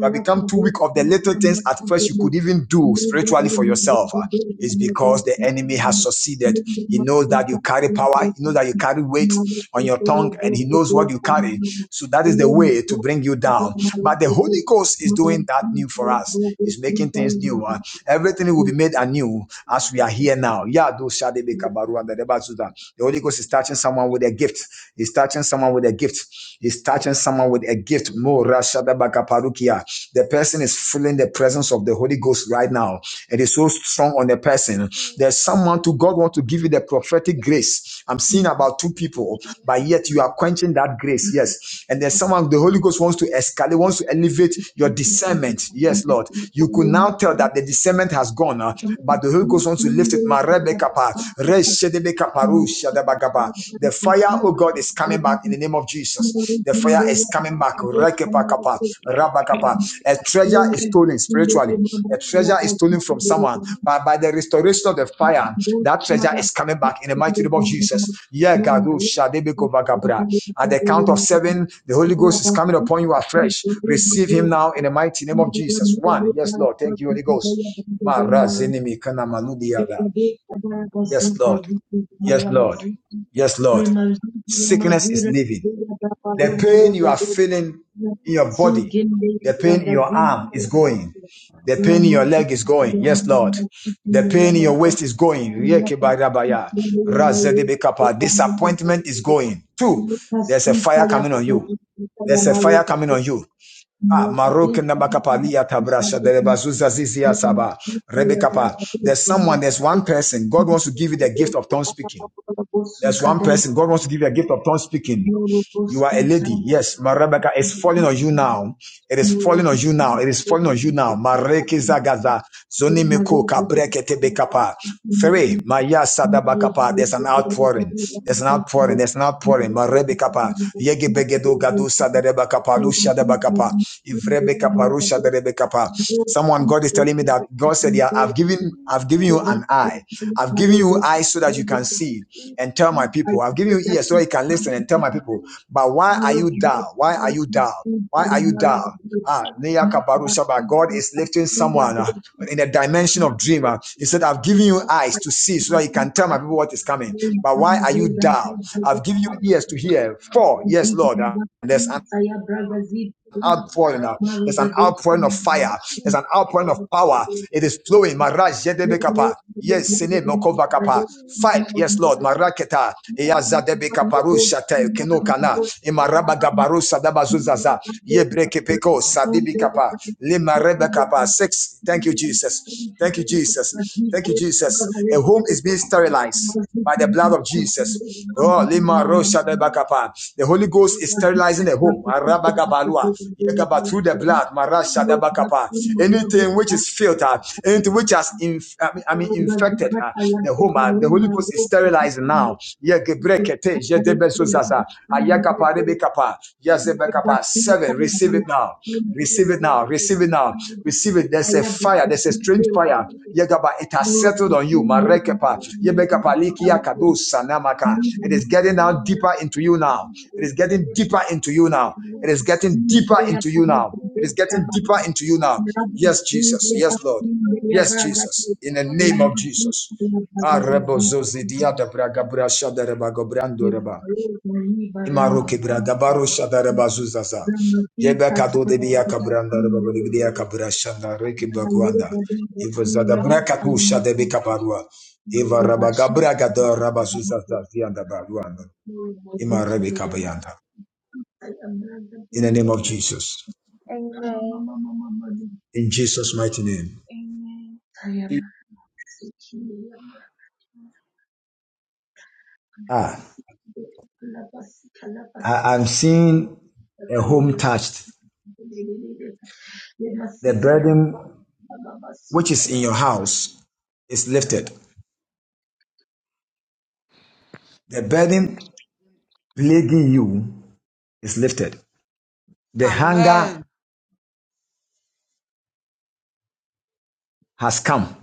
F: You have become too weak of the little things at first you could even do spiritually for yourself. Uh, is because the enemy has succeeded. He knows that you carry power, he knows that you carry weight on your tongue, and he knows what you carry. So that is the way to bring you down. But the Holy Ghost is doing that new for us, is making things new. Uh, everything will be made anew as we are here now. Yeah, those shade be kabaru and the deba zuda. The Holy Ghost is touching someone with a gift. He's touching someone with a gift. He's touching someone with a gift. Mo ra shada ba kaparu The person is feeling the presence presence of the Holy Ghost right now. It is so strong on the person. There's someone to God want to give you the prophetic grace. I'm seeing about two people, but yet you are quenching that grace. Yes. And there's someone the Holy Ghost wants to escalate, wants to elevate your discernment. Yes, Lord. You could now tell that the discernment has gone, uh, but the Holy Ghost wants to lift it. Ma rebe kapa, re shedebe The fire, oh God, is coming back in the name of Jesus. The fire is coming back. Rekepa Rabakapa. A treasure is stolen spiritually. A treasure is stolen from someone. But by the restoration of the fire, that treasure is coming back in the mighty name
E: Amen.
F: of Jesus. Yeah, Gadu
E: Thank
F: Shadebeko Vagabra. At the count of seven, the Holy Ghost is coming upon you afresh. Receive him now in the mighty name of Jesus. One. Yes, Lord. Thank you, Holy Ghost. Yes, Lord. Yes, Lord. Yes, Lord. Sickness is
G: Remazuri
F: leaving.
G: mazuri ya
F: The
G: parumo
F: pain you
G: ruga
F: are feeling in your body,
G: Sugende
F: the pain in your
G: Ragazine
F: arm is going.
C: God, God,
F: The pain
C: God,
F: in
C: God,
F: your
G: Ramazu
F: leg is going. Yes, Lord. The pain in your waist is going. Yekebarabaya. Razedebekapa. Disappointment is going. Two, there's a
G: Lucasita
F: fire
G: ya
F: coming on you.
G: Borogita ya
F: There's a fire
G: Maruka
F: coming on you. Ah, Marok
G: Mrogadesh
F: Nabakapalia
G: Ramasita
F: Tabrasha Derebazuza Zizia Saba
G: ya
F: Rebekapa.
G: Ragadeh
F: There's someone, there's one person. God wants to give you the gift of tongue speaking.
G: Bosu
F: There's one person. God wants to give you a gift of tongue
G: Thank
F: speaking. You are a lady. Yes. Marebeka is falling on you now. It is falling on you now. It is falling on you now. Mareke zagaza. Zonimeko kabreke tebekapa. Three. Maya sadabakapa. There's an outpouring. There's an outpouring. There's an outpouring. Marebekapa. Yegebegedo gadu sadarebakapa. Lushadabakapa. Ivrebekapa.
G: you.
F: Rushadarebekapa. Someone, God is telling me that God said, yeah, I've given, I've given you an eye. I've given you eyes so that you can see and tell my people. I've given you ears so you can listen and tell my people. But why are you
G: Thank
F: down? Why are you down? Why are you down? Ah, Nea Kabaru Shaba. God is lifting someone ah, in the dimension of dream. ah. He said, I've given you eyes to see so that you can tell my people what is coming. But why are you down? I've given
G: you.
F: you ears to hear. For, yes, Lord. ah,
G: Saya Bragazip
F: outpouring. uh, There's an
G: Marugadesha
F: outpouring of fire. There's an outpouring of power. It is flowing. Maraj Yedebekapa. Yes, Sine Mokovakapa. Fight, yes, Lord. Maraketa. Eyazadebekaparushate Kenokana. Imaraba Gabarusa Dabazuzaza. Yebrekepeko
C: God.
F: Sadibikapa. Limarebekapa. Six. Thank you, Jesus. Thank you, Jesus. Thank you, Jesus. A home is being sterilized by the blood of Jesus. Oh, Lima
G: Thank you.
F: Rosha the Holy
E: you.
G: Thank
F: Ghost is sterilizing the home.
E: Amen.
F: Arabagabalua. Yegaba, Through the blood.
E: Amen.
F: Marashadabakapa. Anything which is filtered, anything
E: Amen.
F: which has inf- I, mean, I mean infected uh, the home, uh, the Holy Ghost is sterilizing now. Yegebrekete, Yedebesozaza. Ayakapa, Rebekapa,
E: Amen.
F: Yazebekapa. Seven, receive it now.
E: Amen.
F: Receive it now. Receive it now. Receive it. There's a fire. There's a strange fire.
E: Amen. Amen.
F: Yegaba, it has settled on
E: Amen.
F: you. Marekepa. Yebekapa, Likia,
G: you.
F: Kadosa, Namaka. It
G: Muziki
F: is
G: mbele
F: getting now deeper into you now. It is getting deeper into you now. It is getting deeper into you now. It is getting deeper into you now. Yes, Jesus. Yes, Lord. Yes, Jesus. In the name of Jesus. Ah, rebo zozi braga brasha da reba gobrando reba. Imaro braga baro shada reba zuzaza. Yebe kado de biya kabranda reba bodi biya kabrashanda reke bakwanda. Ivo zada braka tu shada be kabarua. Iva reba gabra gado reba zuzaza zianda baruanda. Ima rebe
G: ya
F: kabayanda
G: Ayamanda
F: in the name of
G: Birima
F: Jesus.
G: Rama Mama Mama Mani
F: In Jesus' mighty name.
G: Tayama Sikiyama
F: Ah,
G: Labasika
F: I, I'm
G: Labasuka
F: seeing a home
G: Kadeya
F: touched. The
G: Yamasita Yama
F: burden
G: Mama
F: which
G: Sita
F: is in your house is lifted. The burden plaguing you is lifted. The hunger has come.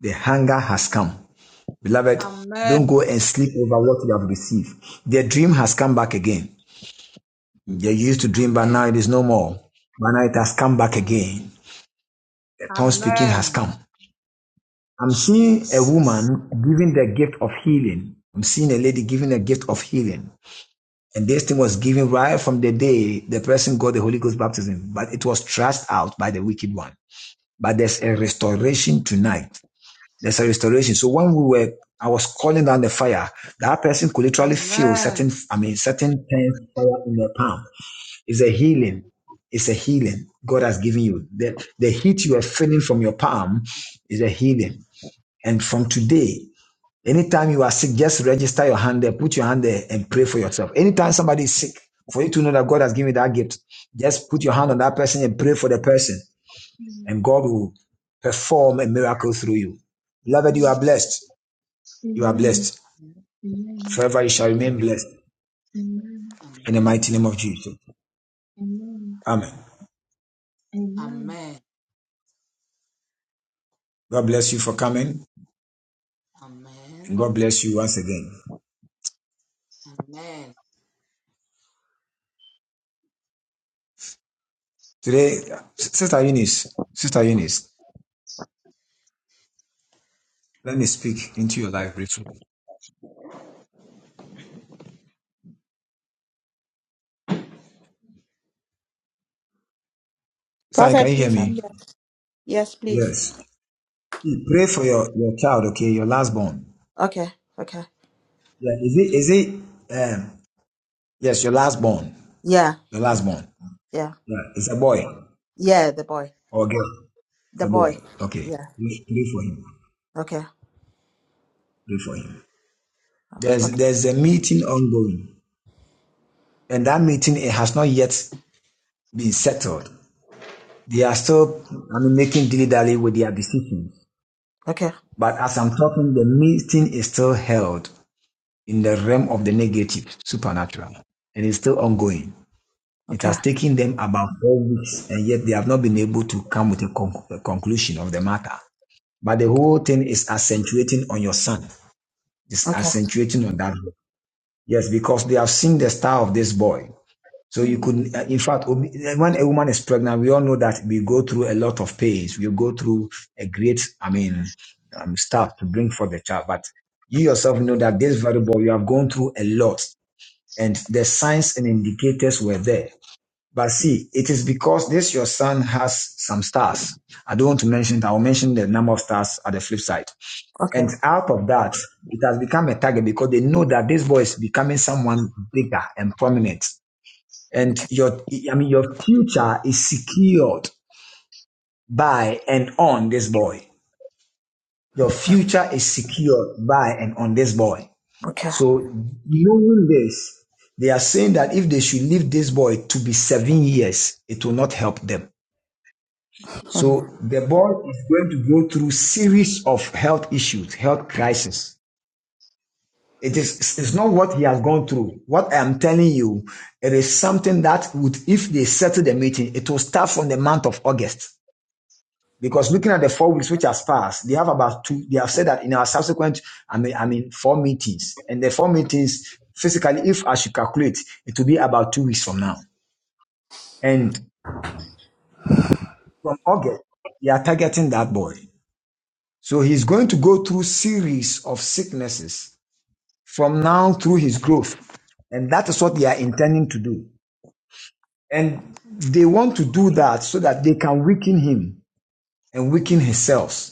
F: The hunger has come. Beloved,
B: Amen.
F: don't go and sleep over what you have received. The dream has come back again. They used to dream, but now it
B: Amen.
F: is no more. Man has come back
B: Mm.
F: again. The tongue speaking
B: Amen.
F: come. I'm seeing a woman
B: Jesus.
F: giving the gift of healing. I'm seeing a lady giving a gift of healing. And this thing was given right from the day the person got the Holy Ghost baptism, but it was thrust out by the wicked one. But there's a restoration tonight. There's a restoration. So when we were, I was calling down the fire, that person could literally feel certain,
B: Amen.
F: I mean, certain pain fire in their palm. It's a healing. It's a healing God has given you. The, the heat you are feeling from your palm is a healing. And from today, Anytime you are sick, just register your hand there, put your hand there, and pray for yourself. Anytime somebody is sick, for you to know that God has given you that gift, just put your hand on that person and pray for the person, and God will perform a miracle through you. Beloved, you
G: Yama
F: are blessed. You are
G: Amen
F: blessed.
G: Amen
F: Forever you shall remain blessed
G: Amen
F: in the
B: Amen.
F: mighty name of Jesus.
G: Amen
F: Amen.
G: Amen
B: Amen.
F: God bless you for coming, and
B: Amen.
F: God bless you once again.
B: Amen.
F: Today, Sister Eunice, Sister Eunice, let me speak into your life briefly. Sister, can
I: Prophet,
F: you hear
I: please, I'm
F: me?
I: here. Yes, please.
F: Yes. See, Pray for your, your child, okay? Your last born.
I: Okay, okay.
F: Yeah, is it is it um yes, your last born.
I: Yeah,
F: Your
I: yeah,
F: last born.
I: yeah.
F: Yeah, it's a boy
I: Yeah, the boy.
F: or a girl. It's
I: The
F: a boy.
I: boy.
F: Okay.
I: Yeah.
F: Pray, pray for him.
I: Okay.
F: Pray for him. There's
I: Okay.
F: there's a meeting ongoing. And that meeting it has not yet been settled. They are still I mean making dilly dally with their decisions.
I: Okay.
F: But as I'm talking, the meeting is still held in the realm of the negative, supernatural. And it's still ongoing. It
I: Okay.
F: has taken them about four weeks, and yet they have not been able to come with a, conc- a conclusion of the matter. But the
I: Okay.
F: whole thing is accentuating on your son. It's
I: Okay.
F: accentuating on that. Yes, because they have seen the star of this boy. So you
G: Amen
F: could, uh, in fact, when a woman is pregnant, we all know that we go through a lot of pains. We go through a great, I mean, um, stuff to bring for the child. But you yourself know that this very boy, you have gone through a lot, and the signs and indicators were there but see, it is because this your son has some stars. I don't want to mention it. I'll mention the number of stars at the flip side. And
I: Okay.
F: out of that, it has become a target because they know that this boy is becoming someone bigger and prominent. And
I: Okay.
F: your, I mean, your future is secured by and on this boy. Your future is secured by and on this boy.
I: Okay.
F: So knowing this, they are saying that if they should leave this boy to be seven years, it will not help them
G: Jesus
I: Hmm.
F: So the boy is going to go through series of health issues, health crisis. It is it's not what he has gone through. What I am telling you, it is something that would, if they settle the meeting, it will start from the month of August. Because looking at the four weeks which has passed, they have about two. They have said that in our subsequent, I mean, I mean, four meetings, and the four meetings physically, if I should calculate, it will be about two weeks from now. And from August, they are targeting that boy. So he's going to go through series of sicknesses from now through his growth. And that is what they are intending to do. And they want to do that so that they can weaken him and weaken
G: Oh,
F: himself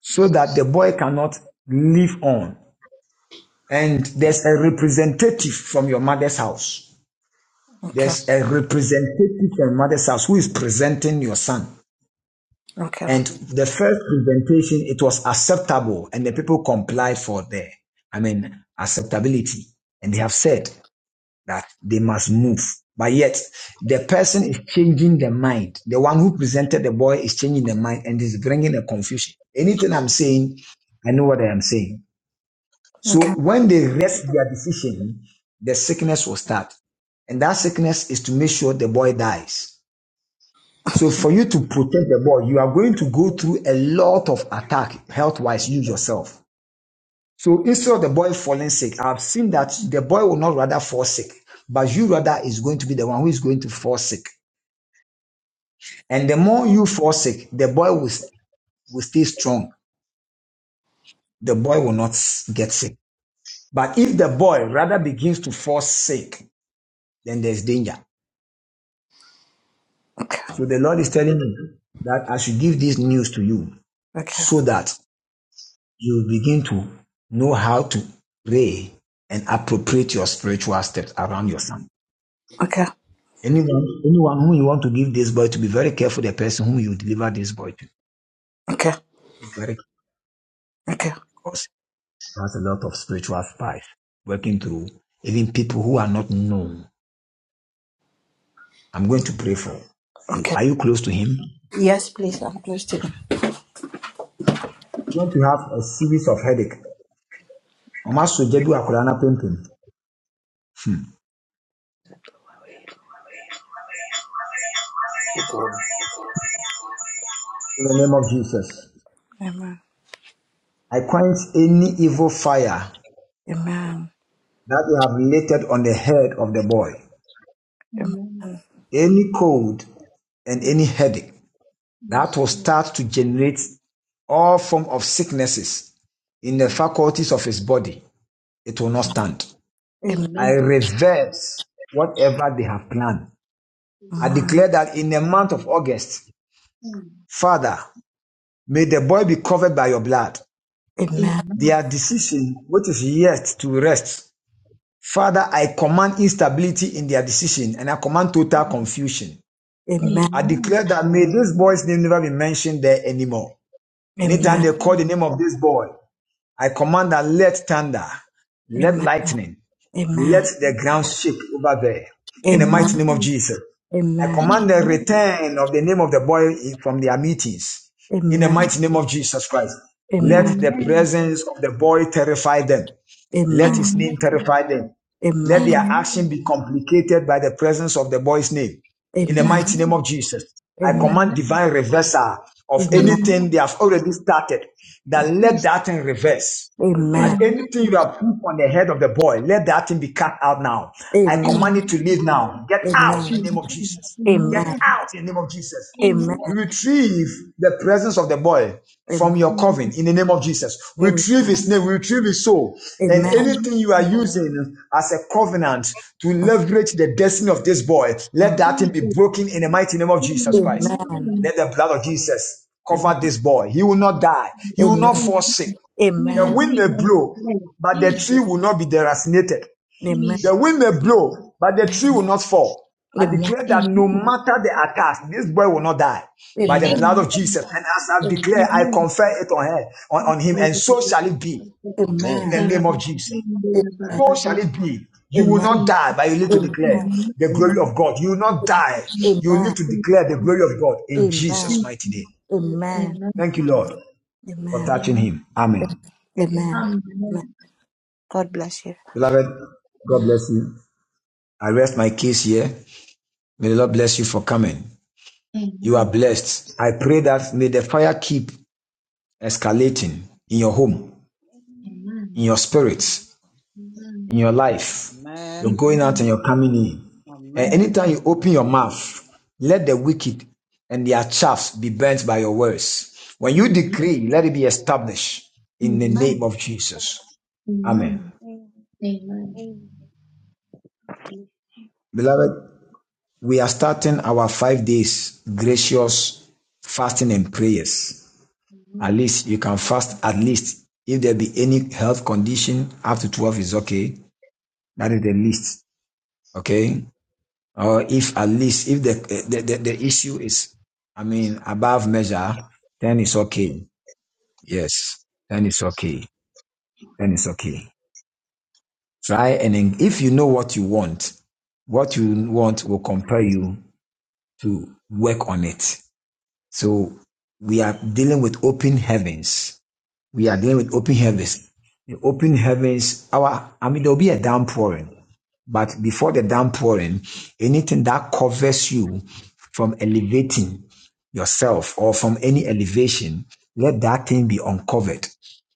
F: so that
G: Jesus
F: the boy cannot live on. And there's a representative from your mother's house.
I: Okay.
F: There's
G: Jesus
F: a representative from your mother's house who is presenting your son.
I: Okay. Okay.
F: And the first presentation, it was acceptable, and the people complied for the, I mean, acceptability. And they have said that they must move. But yet, the person is changing the mind. The one who presented the boy is changing the mind and is bringing a confusion. Anything I'm saying, I know what I am saying.
I: Okay.
F: So when they rest their decision, the sickness will start. And that sickness is to make sure the boy dies. So for you to protect the ball, you are going to go through a lot of attack health wise, you yourself. So instead of the boy falling sick, I've seen that the boy will not rather fall sick, but you rather is going to be the one who is going to fall sick. And the more you fall sick, the boy will, will stay strong. The boy will not get sick. But if the boy rather begins to fall sick, then there's danger.
I: Okay.
F: So the Lord is telling me that I should give this news to you
I: Okay.
F: so that you will begin to know how to pray and appropriate your spiritual steps around your son. Anyone, anyone whom you want to give this boy to, be very careful the person whom you deliver this boy to.
I: Okay.
F: Be very careful
I: Okay.
F: because he has a lot of spiritual spies working through, even people who are not known. I'm going to pray for you.
I: Okay.
F: Are you close to him?
I: Yes, please. I'm close to you.
F: You're going to have a series of headache. Ɔma so gya bi wɔ no In the name of Jesus,
I: Amen.
F: I quench any evil fire
I: Amen.
F: that you have laid on the head of the boy.
G: Amen
I: Amen.
F: any cold and any
G: Yes
F: headache that
G: Yes
F: will
G: Yes
F: start to generate all form of sicknesses in the faculties of his body it will not
G: Yes.
F: stand
I: Amen.
F: i
G: Amen
F: reverse whatever they have planned i
I: Amen.
F: declare that in the month of august
G: Amen
F: father may the boy be covered by your blood their decision which is yet to rest father i command instability in their decision and i command total confusion
I: Amen.
F: i
G: Amen
F: declare that may this boy's name never be mentioned there anymore Anytime
I: Amen.
F: they call
G: Amen
F: the name of this boy, I command that let thunder, let
I: Amen.
F: lightning, let
I: Amen.
F: the ground shake over there. In the mighty
I: Amen.
F: name
G: Amen.
F: of Jesus, I
I: Amen.
F: command the
G: Amen.
F: return of the name of the boy from their meetings. In the
I: Amen.
F: mighty name
G: Jesus.
F: of Jesus Christ,
I: Amen.
F: let
G: Amen.
F: the presence of the boy terrify them. Let
I: Amen.
F: his name
G: Amen.
F: terrify them. Let
I: Amen.
G: Amen.
F: their action be complicated by the presence of the boy's name. In the
I: Amen.
F: mighty name
G: Amen.
F: of Jesus, I
I: Amen.
F: command
G: Amen.
F: divine reversal
I: Amen.
F: of
I: Amen.
F: anything
G: Amen.
F: they have already started. That let
G: Jesus.
F: that thing reverse. And
I: Amen.
F: anything
G: Amen.
F: you have put on the head of the boy, let that thing be cut out now. I
I: Amen.
G: Amen.
F: command it to
G: Amen.
F: leave now. Get out in the name of
G: Amen.
F: Jesus.
G: Amen.
F: Get
I: Amen.
F: out in the name of Jesus.
I: Amen.
G: Amen.
F: Retrieve the presence of the boy from
I: Amen.
F: your coven
G: Amen.
F: in the name of Jesus. Retrieve his name, retrieve his soul, and anything you are using as a covenant to leverage the destiny of this boy, let that thing be
G: Jesus.
F: broken in the mighty name of Jesus Christ.
G: Amen.
F: Let the blood of Jesus cover this boy. He will not die, he will not fall
G: Amen.
F: sick.
I: Amen.
G: We
F: The
G: will
I: Amen. Mhm.
F: wind
G: leave
F: may
G: on the
F: blow,
G: prayer.
F: but the
G: Jesus.
F: tree will not be deracinated.
G: Jesus.
F: The wind may blow, but the tree will not fall. I declare that no
G: Amen.
F: matter the attack, this boy will not die by
I: Amen.
F: the blood of
G: Amen.
F: Jesus. And as I've
I: Amen. Amen.
G: Amen.
F: declared, I confer it on her, on, on him, and so shall it be
I: Amen. Amen. Amen. Amen. Amen. Amen. Amen. Amen.
F: in the name of Jesus.
G: Amen.
F: So
I: Amen.
F: shall it be. You will not die, but you need to declare
G: Amen.
F: the glory of God. You will not die. You
I: Amen.
F: will need to
G: Amen.
F: declare the glory of God
I: Amen.
F: in Jesus' mighty name.
G: Amen.
F: Thank you, Lord, for touching
G: Amen.
F: him. Amen.
I: Amen. Amen.
G: Amen.
I: Amen. Amen. God bless
F: Beloved, God
I: you.
F: bless you. I rest my case here. May the Lord bless you for coming. You are
G: Amen.
F: blessed. I pray that may the fire keep escalating in your home,
E: Bless
G: Amen.
F: in your spirit,
G: Amen.
F: in your life, You're
B: Amen.
F: going out
G: Amen.
F: and you're coming in. And
B: Amen.
G: Amen.
F: anytime you open your mouth, let the wicked and their chaffs be burnt by your words. When you
G: Amen.
F: decree, let it be established
G: Amen.
F: in the
G: Amen.
B: Amen.
F: name of Jesus. Amen.
G: Amen. Amen. Amen.
F: Beloved, we are starting our five days gracious fasting and prayers. At least you can fast at least if there be any health condition after 12 is okay. That is the least. Okay. Or if at least if the the, the, the issue is I mean above measure, then it's okay. Yes. Then it's okay. Then it's okay. Try and then if you know what you want, what you want will compel you to work on it. So we are dealing with open heavens We are dealing with open
E: her.
F: heavens. In open heavens, our I mean there'll be a downpouring. But before the downpouring, anything that covers you from elevating yourself or from any elevation, let that thing be uncovered.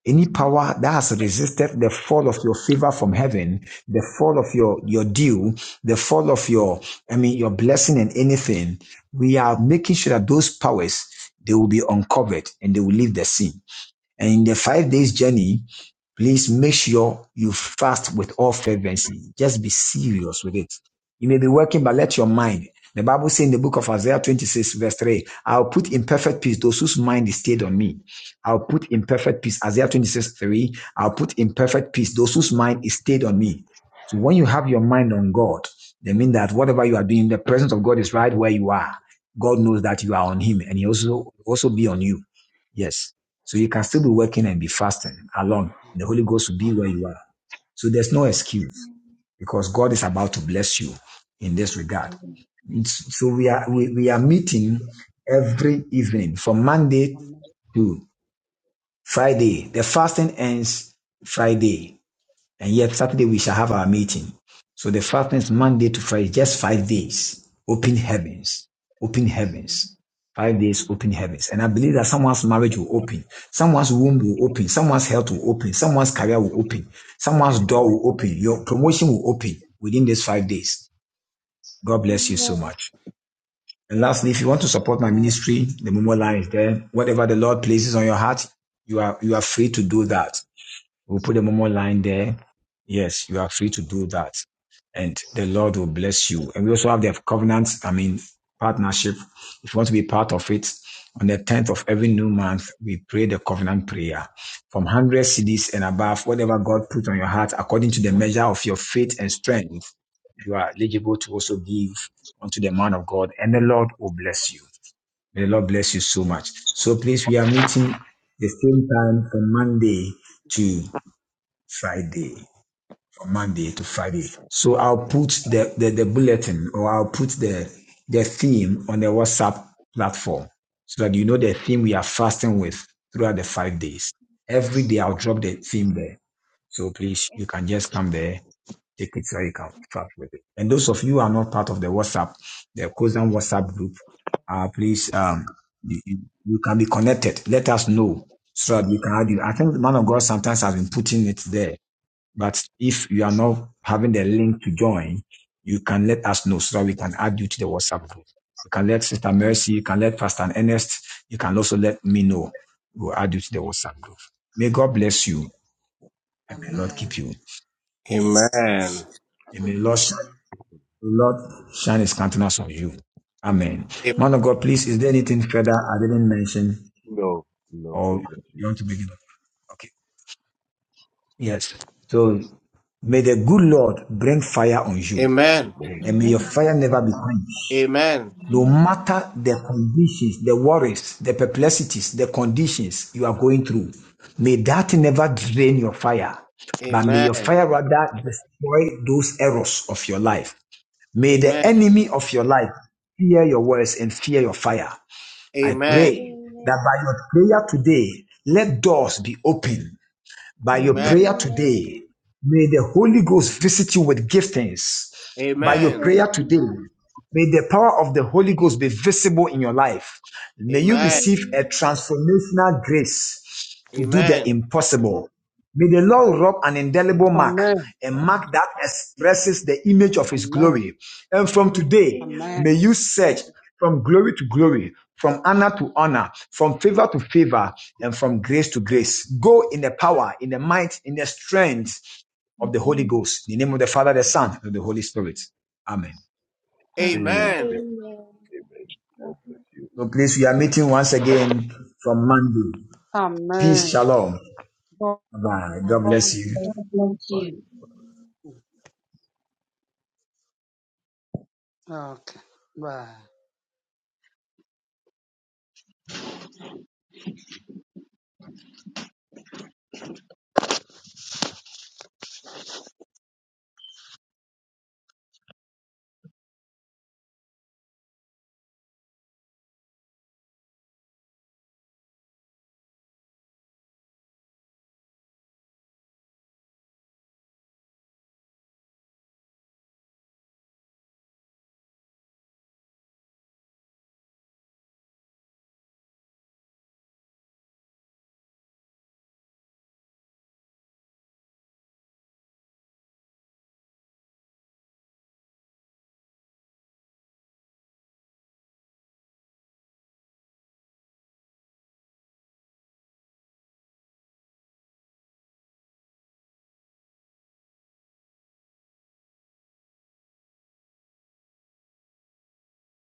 F: Any power that has resisted the fall of your favor from heaven, the fall of your, your due, the fall of your, I mean, your blessing and anything, we are making sure that those powers, they will be uncovered and they will leave the scene. And in the five days journey, please make sure you fast with all fervency. Just be serious with it. You may be working, but let your mind. The Bible says in the book of Isaiah 26, verse 3, I'll put in perfect peace those whose mind is stayed on me. I'll put in perfect peace. Isaiah 26, 3, I'll put in perfect peace those whose mind is stayed on me. So when you have your mind
E: Mm,
F: on God, they mean that whatever you are doing, the presence of God is right where you are. God knows that you are on Him and He also also be on you. Yes. So you can still be working and be fasting alone. And the Holy Ghost will be where you are. So there's no excuse
E: mm, mm,
F: because God is about to bless you in this regard.
E: mm, Amen.
F: So we are
E: Amen. Amen.
F: we, we are
E: Amen.
F: meeting every evening from Monday to Friday. The fasting ends Friday. And yet Saturday we shall have our meeting. So the fasting is Monday to Friday, just five days. Open heavens. Open heavens. Five days, open heavens. And I believe that someone's marriage will open. Someone's womb will open. Someone's health will open. Someone's career will open. Someone's door will open. Your promotion will open within these five days. God bless you so
E: Amen.
F: much. And lastly, if you want to support my
B: Amen.
F: ministry, the Momo line is there. Whatever the Lord places on your heart, you are, you are free to do that. We'll put a Momo line there. Yes, you are free to do that. And the Lord will bless you. And we also have the covenant, I mean, partnership. If you want to be part of it, on the 10th of every new month, we pray the covenant prayer from 100 CDs and above, whatever God put on your heart, according to the measure of your faith and strength, you are eligible to also give unto the man of God, and the Lord will bless you. May the Lord bless you so much. So please, we are meeting the same time from Monday to. Friday, from Monday to Friday. So I'll put the, the, the bulletin or I'll put the, the theme on the WhatsApp platform so that you know the theme we are fasting with throughout the five days. Every day I'll drop the theme there. So please,
E: Yes,
F: you can just come there, take it so you can fast with it. And those of you who are not part of the WhatsApp, the Kozan WhatsApp group, uh, please, um, you, you you can be connected. Let us know so that we can add you. I think the man of God sometimes has been putting it there but if you are not having the link to join, you can let us know so that we can add you to the WhatsApp group. You can let Sister Mercy, you can let Pastor Ernest, you can also let me know. We'll add you to the WhatsApp group. May God bless you
E: Lord.
F: and may the Lord
E: Amen.
F: keep
B: Amen.
F: you.
E: Amen.
D: Amen.
E: God
F: And may the
E: bless
F: Lord shine,
B: Amen.
E: you.
F: the Lord shine his countenance on you. Amen.
D: A-
F: Man of
E: Amen.
F: God, please, is there anything further I didn't mention
C: No, no,
F: or
C: God bless you.
F: you want to begin? Okay. Yes. So may the good Lord bring fire on you
D: Amen.
C: Amen,
F: and may your fire never
E: Amen.
F: be quenched.
D: Amen. Amen.
F: No
E: Amen.
F: matter the conditions, the worries, the perplexities, the conditions you are going through, may that never drain your fire, but may your
D: Amen.
F: fire
E: Amen.
F: rather destroy those errors of your life. May the enemy
E: Amen.
F: of your life fear your words and fear your fire. I
D: Amen.
F: pray that
E: Amen.
F: by your prayer today, let doors be opened
G: Amen.
F: by your
C: amen,
D: Amen.
G: Amen.
F: prayer
E: Amen.
F: today, may the Holy Ghost visit you with giftings. By
C: amen,
F: your
D: Amen.
F: prayer today, may the power of the Holy Ghost be visible in your life. May you
D: Amen.
F: receive a
E: Amen.
F: transformational grace to do the
D: Amen.
F: impossible. May the Lord rub an indelible mark,
B: Amen.
F: a mark that expresses the image of His
B: Amen.
F: glory. And from today,
B: Amen.
E: Amen.
F: may you search from glory to glory, from honor to honor, from favor to favor, and from grace to grace. Go in the power, in the might, in the strength of the Holy Ghost. In the name of the Father, the Son, and the Holy Spirit. Amen.
D: Amen.
C: amen,
E: Amen.
C: amen. God bless
E: Amen.
C: you.
F: So please, we are meeting once again from Monday. Peace,
B: Amen.
F: shalom.
B: God
F: Bye. God bless you.
B: bless.
G: Amen.
C: Bye.
E: Amen.
B: Okay. Bye.